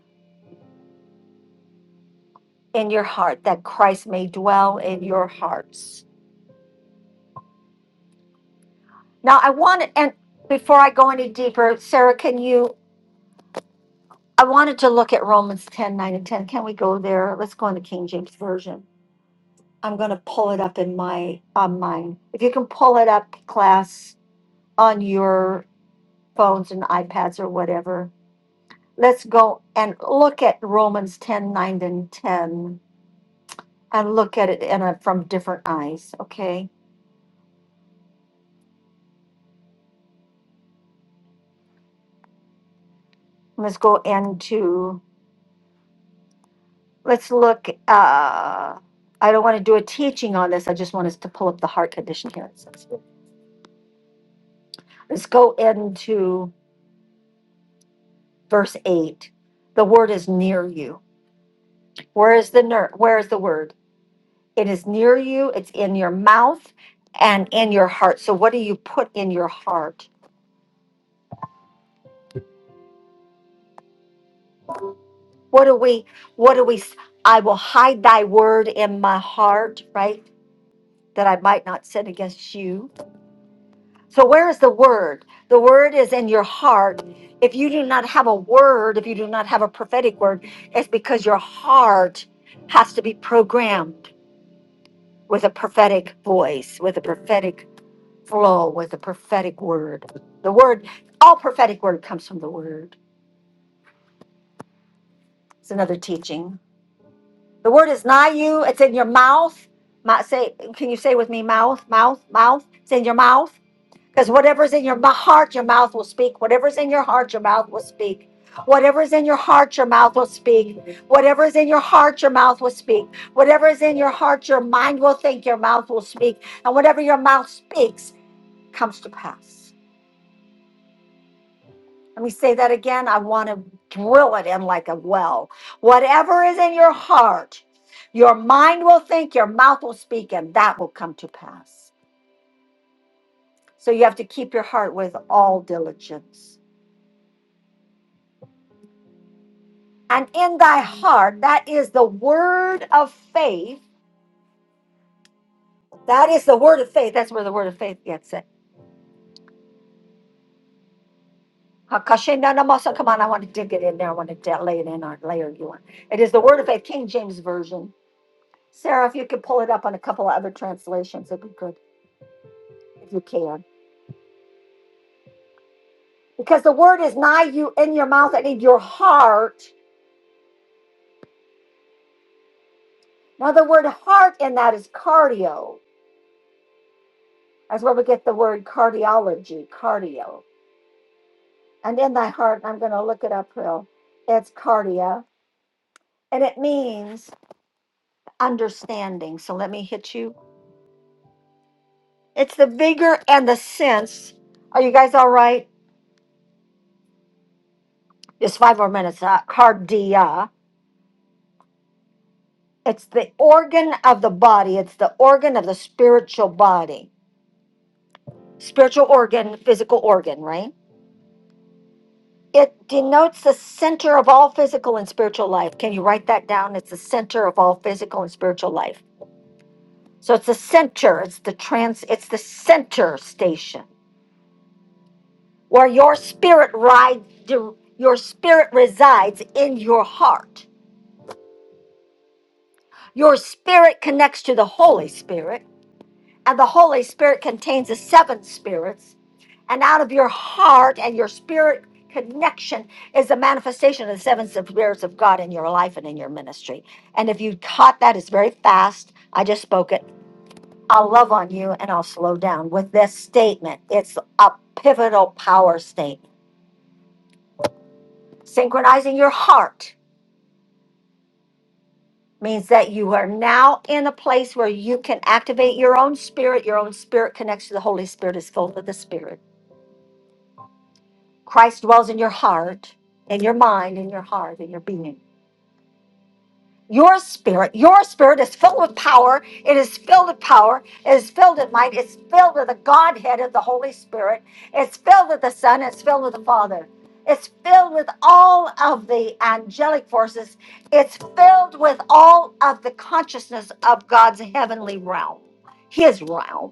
S1: in your heart that Christ may dwell in your hearts. Now, I want to, and before I go any deeper, Sarah, can you? I wanted to look at Romans 10 9 and 10. Can we go there? Let's go in the King James Version. I'm going to pull it up in my on mine. If you can pull it up, class, on your phones and iPads or whatever. Let's go and look at Romans 10 9 and 10 and look at it in a, from different eyes, okay? Let's go into, let's look. Uh, I don't want to do a teaching on this. I just want us to pull up the heart condition here. It says, Let's go into verse 8. The word is near you. Where is the ner- Where is the word? It is near you, it's in your mouth and in your heart. So what do you put in your heart? What do we what do we s- I will hide thy word in my heart, right? That I might not sin against you. So where is the word? The word is in your heart. If you do not have a word, if you do not have a prophetic word, it's because your heart has to be programmed with a prophetic voice, with a prophetic flow with the prophetic word. The word, all prophetic word comes from the word. It's another teaching. The word is nigh you. It's in your mouth. My, say, can you say with me, mouth, mouth, mouth? It's in your mouth because whatever's in your mou- heart, your mouth will speak. Whatever's in your heart, your mouth will speak. Whatever's in your heart, your mouth will speak. Whatever is in your heart, your mouth will speak. Whatever is in your heart, your mind will think. Your mouth will speak, and whatever your mouth speaks comes to pass. Let me say that again. I want to drill it in like a well. Whatever is in your heart, your mind will think, your mouth will speak, and that will come to pass. So you have to keep your heart with all diligence. And in thy heart, that is the word of faith. That is the word of faith. That's where the word of faith gets it. Hakashindanamasa. Come on, I want to dig it in there. I want to de- lay it in our layer you want. It is the word of faith, King James Version. Sarah, if you could pull it up on a couple of other translations, it'd be good. if you can. Because the word is nigh you in your mouth and in your heart. Now, the word heart in that is cardio. That's where we get the word cardiology, cardio. And in thy heart, I'm going to look it up real. It's cardia, and it means understanding. So let me hit you. It's the vigor and the sense. Are you guys all right? Just five more minutes. Uh, cardia. It's the organ of the body. It's the organ of the spiritual body spiritual organ, physical organ, right? It denotes the center of all physical and spiritual life. Can you write that down? It's the center of all physical and spiritual life. So it's the center, it's the trans it's the center station where your spirit ride your spirit resides in your heart. Your spirit connects to the Holy Spirit And the Holy Spirit contains the seven spirits. And out of your heart and your spirit connection is the manifestation of the seven spirits of God in your life and in your ministry. And if you caught that, it's very fast. I just spoke it. I'll love on you and I'll slow down with this statement. It's a pivotal power statement. Synchronizing your heart means that you are now in a place where you can activate your own spirit. Your own spirit connects to the Holy Spirit, is filled with the Spirit Christ dwells in your heart, in your mind, in your heart, in your being. Your spirit, your spirit is filled with power. It is filled with power. It is filled with might. It's filled with the Godhead of the Holy Spirit. It's filled with the Son. It's filled with the Father. It's filled with all of the angelic forces. It's filled with all of the consciousness of God's heavenly realm, His realm.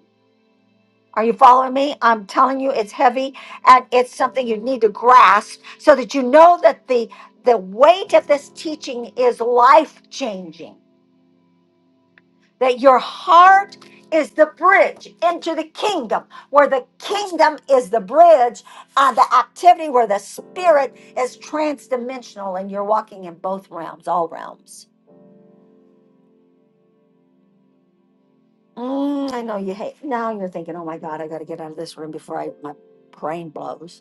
S1: Are you following me? I'm telling you it's heavy and it's something you need to grasp so that you know that the the weight of this teaching is life changing. That your heart is the bridge into the kingdom, where the kingdom is the bridge and the activity where the spirit is transdimensional and you're walking in both realms, all realms. Mm, I know you hate. Now you're thinking, "Oh my god, I got to get out of this room before I my brain blows."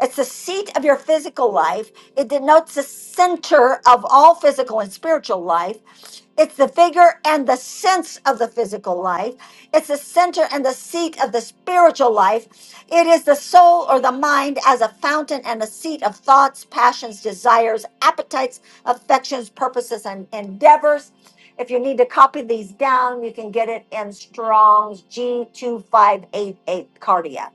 S1: It's the seat of your physical life. It denotes the center of all physical and spiritual life. It's the figure and the sense of the physical life. It's the center and the seat of the spiritual life. It is the soul or the mind as a fountain and a seat of thoughts, passions, desires, appetites, affections, purposes, and endeavors. If you need to copy these down, you can get it in Strong's G2588 Cardiac.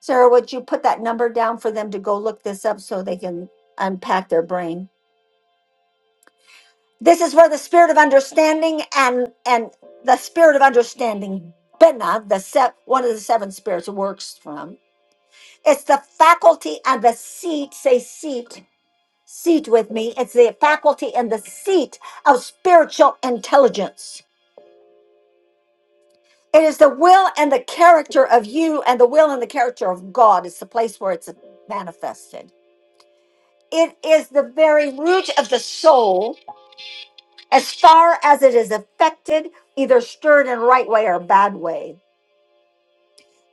S1: Sarah, would you put that number down for them to go look this up so they can unpack their brain? This is where the spirit of understanding and and the spirit of understanding, Bina, the se- one of the seven spirits, works from. It's the faculty and the seat. Say seat, seat with me. It's the faculty and the seat of spiritual intelligence. It is the will and the character of you, and the will and the character of God. It's the place where it's manifested. It is the very root of the soul as far as it is affected, either stirred in right way or bad way.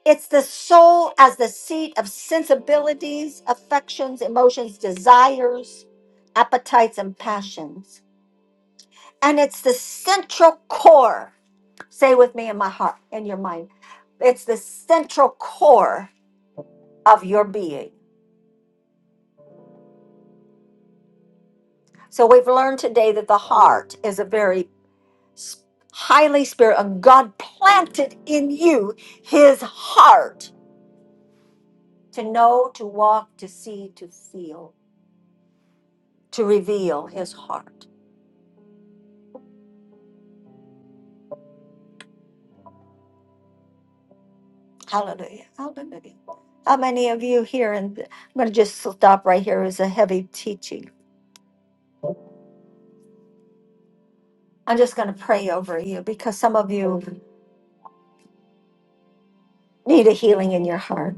S1: It's the soul as the seat of sensibilities, affections, emotions, desires, appetites, and passions. And it's the central core. Say with me in my heart, in your mind. It's the central core of your being. So we've learned today that the heart is a very highly spirit and god planted in you his heart to know to walk to see to feel to reveal his heart hallelujah hallelujah how many of you here and i'm going to just stop right here. here is a heavy teaching i'm just going to pray over you because some of you need a healing in your heart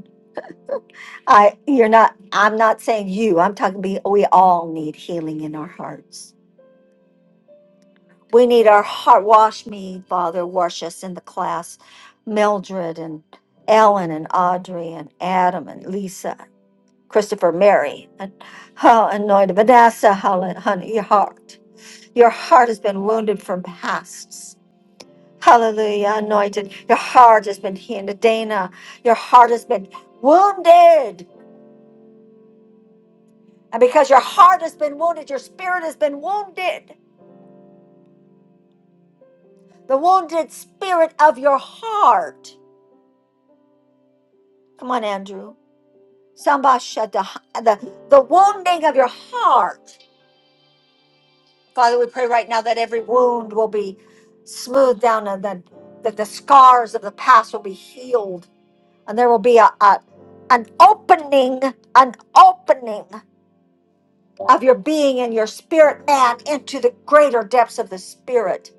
S1: i you're not i'm not saying you i'm talking be we all need healing in our hearts We need our heart. Wash me, Father. Wash us in the class. Mildred and Ellen and Audrey and Adam and Lisa, Christopher, Mary, and how anointed Vanessa, Helen, honey, your heart. Your heart has been wounded from pasts. Hallelujah, anointed. Your heart has been healed. Dana, your heart has been wounded. And because your heart has been wounded, your spirit has been wounded. The wounded spirit of your heart. Come on, Andrew. Sambashada, the, the wounding of your heart. Father, we pray right now that every wound will be smoothed down and that, that the scars of the past will be healed. And there will be a, a an opening, an opening of your being and your spirit man into the greater depths of the spirit,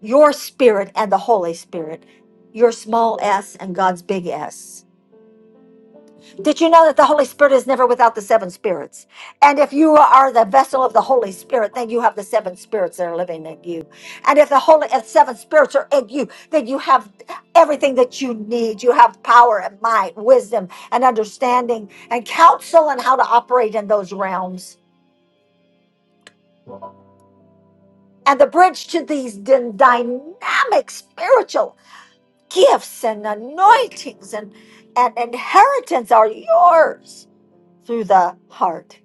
S1: your spirit and the Holy Spirit, your small s and God's big S. Did you know that the Holy Spirit is never without the seven spirits? And if you are the vessel of the Holy Spirit, then you have the seven spirits that are living in you. And if the Holy if seven spirits are in you, then you have everything that you need. You have power and might, wisdom and understanding and counsel and how to operate in those realms. And the bridge to these dyn- dynamic spiritual gifts and anointings and, and inheritance are yours through the heart.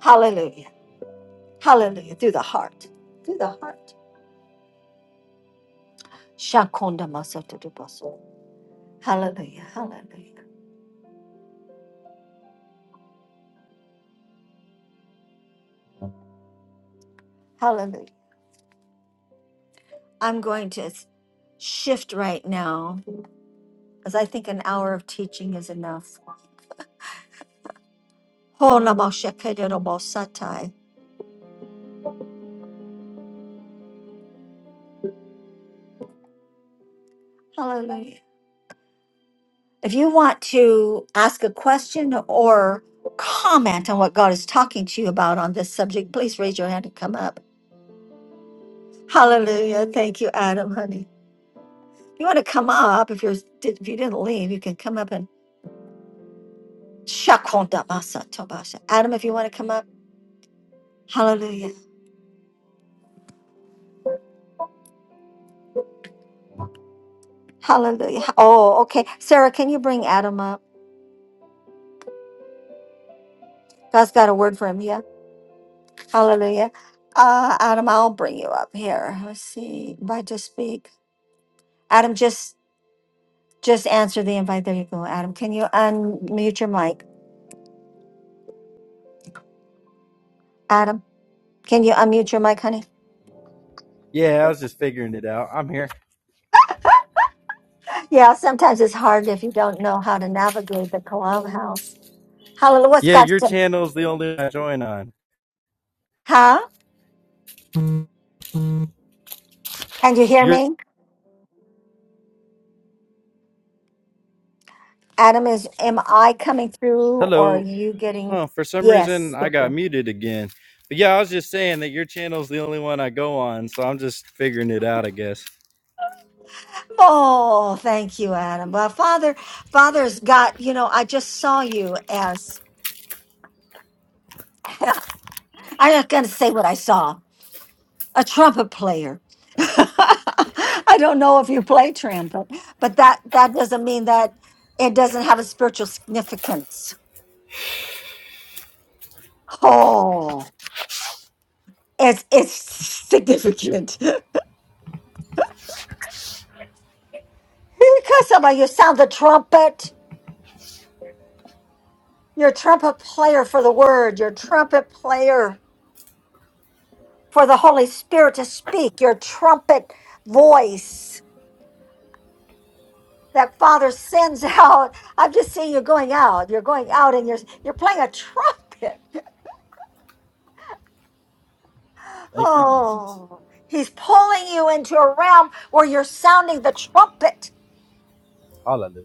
S1: Hallelujah. Hallelujah. Through the heart. Through the heart. Shakonda masotodoboso. Hallelujah. Hallelujah. Hallelujah. I'm going to s- shift right now as I think an hour of teaching is enough. Holomoshekedodobosatai. Hallelujah. If you want to ask a question or comment on what God is talking to you about on this subject, please raise your hand and come up. Hallelujah. Thank you, Adam, honey. If you want to come up, if you're if you didn't leave, you can come up and Shakonda basa tobasha. Adam, if you want to come up, hallelujah. Hallelujah. Oh, okay. Sarah, can you bring Adam up? God's got a word for him. Yeah. Hallelujah. Uh, Adam, I'll bring you up here. Let's see. Invite to speak. Adam, just just answer the invite. There you go, Adam. Can you unmute your mic? Adam, can you unmute your mic, honey?
S2: Yeah, I was just figuring it out. I'm here.
S1: Yeah, sometimes it's hard if you don't know how to navigate the clubhouse. Hallelujah. What's
S2: Yeah,
S1: God's
S2: your
S1: to-
S2: channel's the only one I join on.
S1: Huh? Can you hear
S2: Your
S1: me? Adam, is am I coming through or are
S2: hello.
S1: you getting?
S2: Huh, for some reason
S1: Yes.
S2: I
S1: thank
S2: got
S1: you.
S2: muted again. But yeah, I was just saying that your channel's the only one I go on, so I'm just figuring it out, I guess.
S1: Oh, thank you, Adam. Well, Father, Father's got, you know, I just saw you as, I'm not going to say what I saw, a trumpet player. I don't know if you play trumpet, but that, that doesn't mean that it doesn't have a spiritual significance. Oh, it's, it's significant. Because somebody, you sound the trumpet. You're a trumpet player for the word. You're a trumpet player for the Holy Spirit to speak. Your trumpet voice that Father sends out. I've just seen you going out. You're going out and you're you're playing a trumpet.
S2: Thank you, Jesus.
S1: Oh, he's pulling you into a realm where you're sounding the trumpet.
S2: Hallelujah.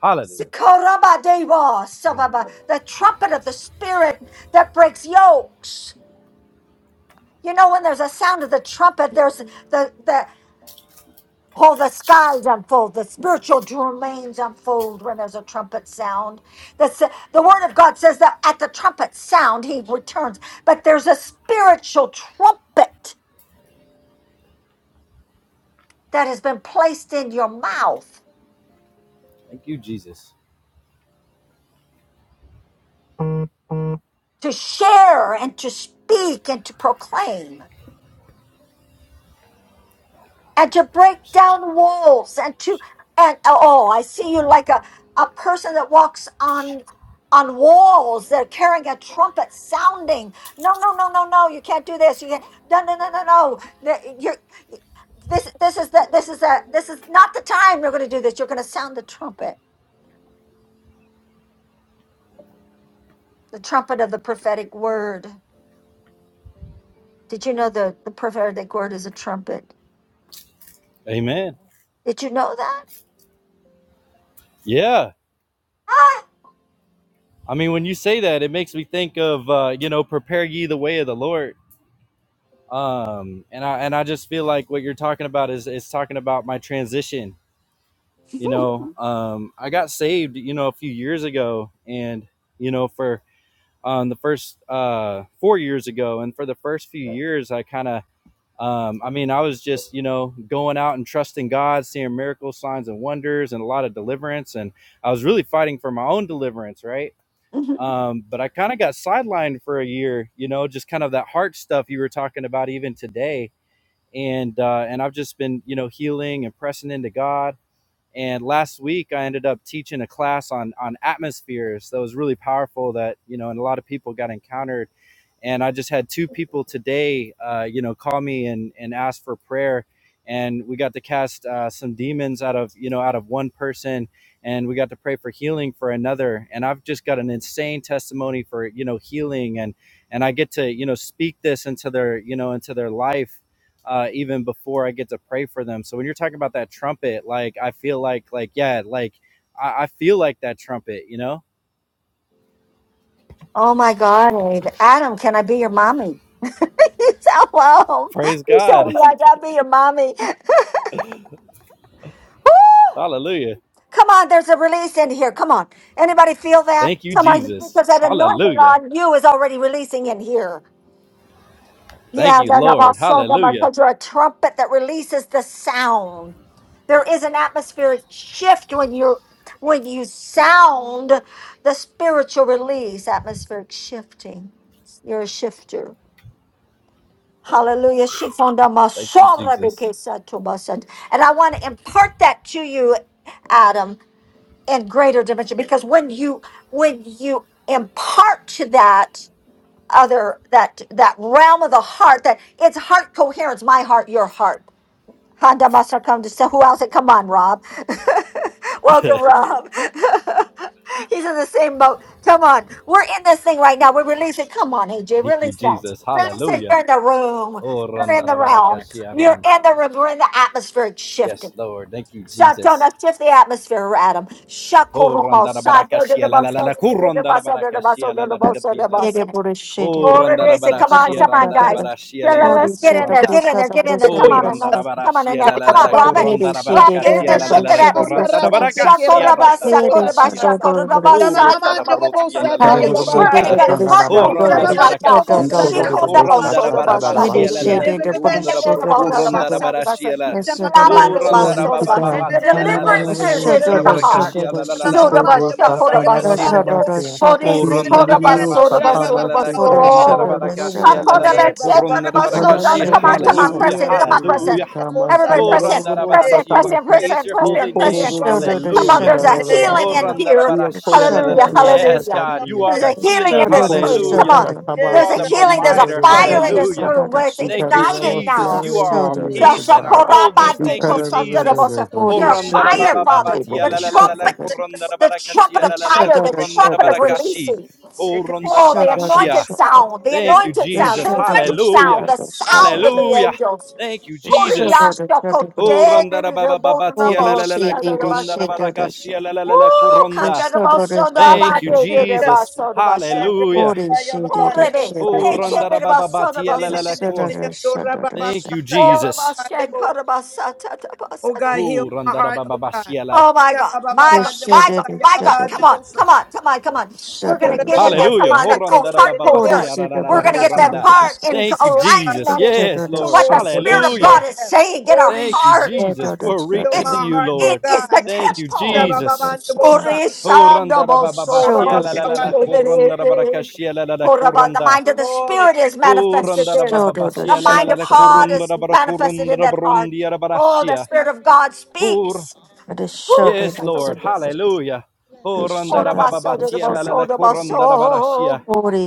S2: Hallelujah.
S1: Sikorabadeva,
S2: Mm.
S1: sababa, The trumpet of the Spirit that breaks yokes. You know, when there's a sound of the trumpet, there's the, the Oh, the skies unfold, the spiritual domains unfold when there's a trumpet sound. The, s- the word of God says that at the trumpet sound, he returns. But there's a spiritual trumpet that has been placed in your mouth
S2: Thank you, Jesus.
S1: to share and to speak and to proclaim. and to break down walls and to and oh i see you like a, a person that walks on on walls that are carrying a trumpet sounding no no no no no you can't do this you can't no no no no no The- you're this this is the this is the this is not the time you're going to do this you're going to sound the trumpet the trumpet of the prophetic word did you know the the prophetic word is a trumpet
S2: Amen.
S1: did you know that
S2: Yeah.
S1: Ah!
S2: I mean, when you say that, it makes me think of uh, you know, prepare ye the way of the Lord. Um, and I and I just feel like what you're talking about is is talking about my transition you know um i got saved you know a few years ago and you know for um the first uh four years ago and for the first few years i kind of um i mean i was just you know going out and trusting god seeing miracles signs and wonders and a lot of deliverance and i was really fighting for my own deliverance right um but i kind of got sidelined for a year you know just kind of that heart stuff you were talking about even today and uh and i've just been you know healing and pressing into god and last week, I ended up teaching a class on on atmospheres that was really powerful. That you know, and a lot of people got encountered. And I just had two people today, uh, you know, call me and and ask for prayer. And we got to cast uh, some demons out of you know out of one person, and we got to pray for healing for another. And I've just got an insane testimony for you know healing, and and I get to you know speak this into their you know into their life uh, even before I get to pray for them. So when you're talking about that trumpet, like I feel like, like yeah, like I, I feel like that trumpet, you know.
S1: Oh my God, Abe. Adam, can I be your mommy? you sound well.
S2: Praise
S1: You
S2: God,
S1: sound like I'll be your mommy. Woo!
S2: Hallelujah!
S1: Come on, there's a release in here. Come on. Anybody feel that?
S2: Thank you,
S1: Come on,
S2: Jesus,
S1: because that anointing
S2: Hallelujah!
S1: on you is already releasing in here.
S2: Thank
S1: Yeah,
S2: you,
S1: that about
S2: Lord,
S1: so that about-
S2: Hallelujah!
S1: because you're a trumpet that releases the sound. There is an atmospheric shift when you when you sound the spiritual release, atmospheric shifting. You're a shifter. Hallelujah. She found a
S2: Thank you,
S1: masora
S2: Jesus,
S1: bekesa to And I want to impart that to you, Adam, in greater dimension. Because when you when you impart to that other that that realm of the heart that it's heart coherence my heart your heart honda must have come to say who else come on rob welcome rob he's in the same boat come on we're in this thing right now we're releasing come on aj
S2: thank you,
S1: release that
S2: Jesus,
S1: release it
S2: Hallelujah!
S1: you're in the room
S2: Oh,
S1: you're in the realm you're
S2: randarabarakashiaran.
S1: in the room we're in the atmospheric
S2: yes,
S1: shifting
S2: Lord, thank you,
S1: Satana,
S2: Jesus.
S1: shift the atmosphere, Adam.
S2: Oh,
S1: Shakoromo,
S2: randarabarakashia la la
S1: Sadododobos,
S2: la la, kurandarabarakashia la la la katia la la la. Oh,
S1: Oh, Renee, come on,
S2: randarabarashia,
S1: come on, guys.
S2: randarabarashia
S1: Yeah,
S2: la la
S1: let-
S2: la,
S1: Let's get in there,
S2: kuranda.
S1: get in there, get in there. Come
S2: Oh,
S3: bokoya
S1: on, Annette. come on, in
S2: randarabarasia,
S1: Annette.
S2: la la
S3: saya
S1: Come
S2: la
S1: on,
S2: la,
S3: babanda
S1: Robert.
S3: bosa.
S4: Thank
S1: Rob,
S4: you,
S1: get in
S3: Ena
S2: corandarabaracasia,
S4: Lord.
S1: there,
S2: la
S3: na
S2: la
S3: na
S1: shift
S2: la
S1: that
S2: la,
S4: Thank you,
S3: onda
S1: atmosphere.
S4: Lord.
S3: raba seke
S2: corandarabaracasia,
S3: raba
S1: Shakoraba,
S3: soko
S4: Izebo
S3: raba
S1: Shakoraba,
S2: randarabarasia.
S3: basa.
S4: huemade
S1: Shakoraba,
S2: Oh,
S4: dodo
S3: Shama
S4: dorunde
S3: mamanda
S1: Shakoraba,
S2: rotarabarotia,
S4: yandere
S3: bobosa
S2: la la
S3: ta
S5: Glory
S2: la,
S1: Shakoraba.
S4: dere
S3: ya
S5: to God.
S1: We're going to
S3: babanda
S2: corata.
S4: diyamaso
S1: get
S3: bosa.
S1: heart
S4: toko
S2: Oh,
S3: Isha
S1: coherence
S4: hosata.
S1: right
S3: mamanda
S1: now.
S2: randarabaracasia, la
S3: bobosa
S2: la la
S3: ta
S2: la,
S3: ya
S1: Shikodabo,
S4: Diyamana
S3: babanda
S4: na
S1: Shodobo,
S4: na na
S3: borobose.
S4: na
S2: corandarabarabasia,
S4: na
S2: la la
S5: Ikanarabashiya.
S1: Shadododaba.
S2: la,
S4: nonde
S3: Shebe
S4: na
S3: bebende bo
S2: corundarabar-
S4: diyamande
S1: Tenenenabo,
S3: raba
S4: ndere
S1: Shodobo,
S3: babasa.
S4: dororo
S2: corandarabarasia,
S1: Shodobo.
S2: la.
S4: soto
S3: Isha
S4: koko
S2: Oh,
S3: mamanda
S4: abaku
S1: Labadobo,
S3: bosa.
S1: Shodobo.
S4: seketai.
S3: Ena
S1: The
S3: na na
S2: randarabababatia,
S3: na
S2: la la
S3: bosa
S2: la,
S3: ta
S1: deliverance
S4: Shekemano
S1: is
S3: ya
S4: no
S3: na
S1: in the
S3: basa.
S1: heart.
S2: corandarabaracasia,
S4: temano
S2: la la
S4: tu
S2: la
S3: Shama
S2: la,
S4: sheke
S3: mamanda
S4: tu
S3: bosa ya
S2: corandarabaracasia.
S4: hushatai.
S1: Surabashakorabasanda.
S3: babanda bosa.
S5: Ikobosakanarabashiya.
S4: Shake
S3: Ena
S1: Borisi
S3: na na na
S2: Orondara
S3: na ando
S2: barabashia
S3: raba
S2: la la la
S3: bababa
S2: la.
S3: bababa.
S1: korabasurabasurabasur.
S2: corondara barakashia la la la
S5: Iyedidiyosakabashiga.
S2: la.
S3: E
S2: corondara
S5: He
S3: bababando.
S1: Akorabashakorabasur.
S5: cannot
S2: barakashi.
S1: Come on, come on,
S5: see
S2: Hallelujah,
S1: press in,
S5: a
S1: come on,
S5: day.
S1: press in.
S5: He
S2: hallelujah.
S5: can by
S1: Everybody
S2: Oh,
S1: press in,
S5: Sandarabo
S1: press in,
S2: Randarabarashi,
S1: press
S2: we
S1: in,
S5: Sakabashi.
S1: press
S2: praise
S1: in,
S2: your
S1: press
S5: He a
S2: holy
S1: in, press in.
S2: name.
S5: Kororo
S1: Come
S5: Sia
S1: on,
S2: Hallelujah.
S1: there's a healing
S2: Oh,
S1: in
S5: Darabasia.
S1: here.
S5: He a
S4: him,
S2: Randarabarashi, la, la,
S5: Kororo
S2: la.
S1: Hallelujah,
S5: Sia
S2: Yes,
S1: hallelujah.
S2: God, you are
S1: There's
S2: the
S1: a
S5: Tatariaki.
S1: healing
S2: healer.
S1: in
S5: He
S1: this room.
S5: Kororo
S1: Come
S2: Hallelujah.
S1: on.
S2: You
S1: There's
S3: Yes,
S2: are
S1: a
S2: the
S3: God.
S5: Sakabasi in
S1: healing,
S5: the
S1: there's a
S2: provider.
S5: Rodobo
S1: fire in this
S2: Hallelujah.
S5: Saka.
S1: room where it's
S5: He
S2: Thank you,
S1: igniting
S5: Karabo
S4: Shake
S5: Sia
S1: now.
S2: Jesus. You are our peace and
S5: Regiba.
S2: our wholeness.
S5: He
S2: Thank
S5: can
S2: you, Jesus.
S1: Joshokorabandekosotorobosa.
S5: never
S1: You're
S5: see
S1: a
S2: Kurandara
S1: fire,
S2: baba
S4: him,
S2: baba
S1: Father.
S2: tia
S1: The
S2: la la la
S5: Karabo
S2: la la
S1: trumpet,
S2: kurandara
S1: the trumpet
S2: barakashi la
S1: of
S2: la la la
S1: fire, the trumpet of
S4: Yamanandero,
S2: barakashi.
S1: releasing.
S4: Sikiki
S2: Oh rondara
S1: Oh, the
S4: Yamandoro,
S2: barashia.
S1: anointed sound, the
S2: Thank you,
S4: Tuturo,
S1: anointed sound, the
S2: Jesus.
S3: Hallelujah.
S1: anointed
S4: Tuturo,
S2: Hallelujah.
S1: sound, the sound of the
S2: Hallelujah.
S1: angels.
S4: Huamanandero,
S2: Thank you,
S4: Tishiki
S2: Jesus.
S4: Monoro,
S2: Oh rondara
S4: Tundero,
S2: baba baba
S4: Tisheke
S2: tia la la la la
S4: Bondandero,
S2: kurandara
S1: Kuriashokoderereborabosa.
S4: Tisheke
S2: barakashi la la la la
S4: Mandero,
S1: Woo,
S4: Tai,
S2: kuranda.
S4: Shiki
S2: Thank you,
S4: Manandero,
S2: Jesus.
S4: Tisheke
S1: kandarabosodabadederebasodabasho.
S2: Hallelujah.
S3: Bandebosaya
S4: Mandero,
S1: Urebe,
S4: Tishero
S3: babandebosaya
S2: Oh
S3: baba.
S2: rondara baba baba
S4: Mondondero,
S2: tia la la la kur.
S1: hetererebasodabasakasa.
S4: Tundero, Tai,
S3: Dora baba
S2: Thank you,
S4: Shiki
S3: sataya
S1: Oh,
S3: baba
S1: my
S2: Jesus.
S3: bandebo.
S4: Manandero, Tandero,
S3: Oh God, heal
S2: Oh
S4: Tusukuku.
S3: my
S2: rondara
S3: heart,
S2: baba
S3: oh
S2: baba
S3: God.
S2: shia la.
S1: Oh,
S4: Thank you,
S1: God,
S4: Lord.
S3: Baba baba
S1: my
S4: Thank
S1: God,
S4: you,
S1: my
S4: Lord.
S1: God,
S3: bandebosaya
S1: my
S4: Thank
S1: God.
S4: you,
S1: Come on,
S3: baba
S4: Lord.
S1: come on,
S4: Thank you,
S1: come on,
S4: Lord.
S1: come on. We're going
S3: Oh,
S1: to get in there. Come
S2: Hallelujah.
S1: on, that oh,
S4: Thank you,
S1: heart
S4: Lord.
S1: coherence. We're going to
S4: Thank
S1: get
S4: you,
S1: that
S4: God.
S1: heart in
S2: Thank you,
S4: For
S2: Jesus.
S1: alignment
S4: my
S2: Yes,
S1: to
S2: Lord.
S1: what the
S4: tasikamo,
S3: Holy
S1: Spirit
S4: for
S1: of
S4: my
S1: God
S2: Hallelujah.
S1: is
S3: Spirit,
S1: saying. Get
S4: tosoko.
S1: our
S3: Holy
S2: Thank you,
S1: heart.
S3: Spirit,
S2: Jesus. We're
S3: heal my
S2: reaching to
S1: It's
S2: you,
S3: heart,
S1: it
S3: oh
S2: Lord.
S4: Yes,
S1: is the
S4: I
S3: God.
S4: feel
S2: Thank you,
S4: hot.
S1: temple.
S2: Jesus.
S1: The
S2: Horanda da ba ba ba
S4: Purify
S2: shia la
S4: us.
S2: la la la koranda da
S4: Ikama
S2: ba da ka shia la la
S4: tosoko.
S2: la koranda.
S4: Kill
S1: mind of the
S4: every
S3: Glory.
S1: spirit is
S4: overgrowth,
S1: manifested
S2: Horanda
S4: soko,
S2: da
S1: there.
S2: ba ba ba shia
S1: The
S2: la la
S1: mind
S2: la
S1: of
S2: la
S1: heart
S4: vein.
S2: korunda
S1: is
S2: da ba da
S1: manifested
S2: korunda
S1: in
S2: da
S4: Kill
S2: ba
S1: that heart.
S2: rundia da ba da
S1: Oh, the
S2: shia.
S4: Shatai,
S1: spirit of
S4: Every
S1: God
S4: voice, oh
S2: Hor-
S1: speaks.
S4: God.
S1: Ooh.
S2: Yes, Lord. Hallelujah.
S4: Yes, God.
S2: Horanda da ba ba
S4: Yes.
S2: ba tia la la la
S4: Thank
S2: koranda da
S4: you,
S2: ba da
S4: Lord.
S2: shia.
S4: Thank you.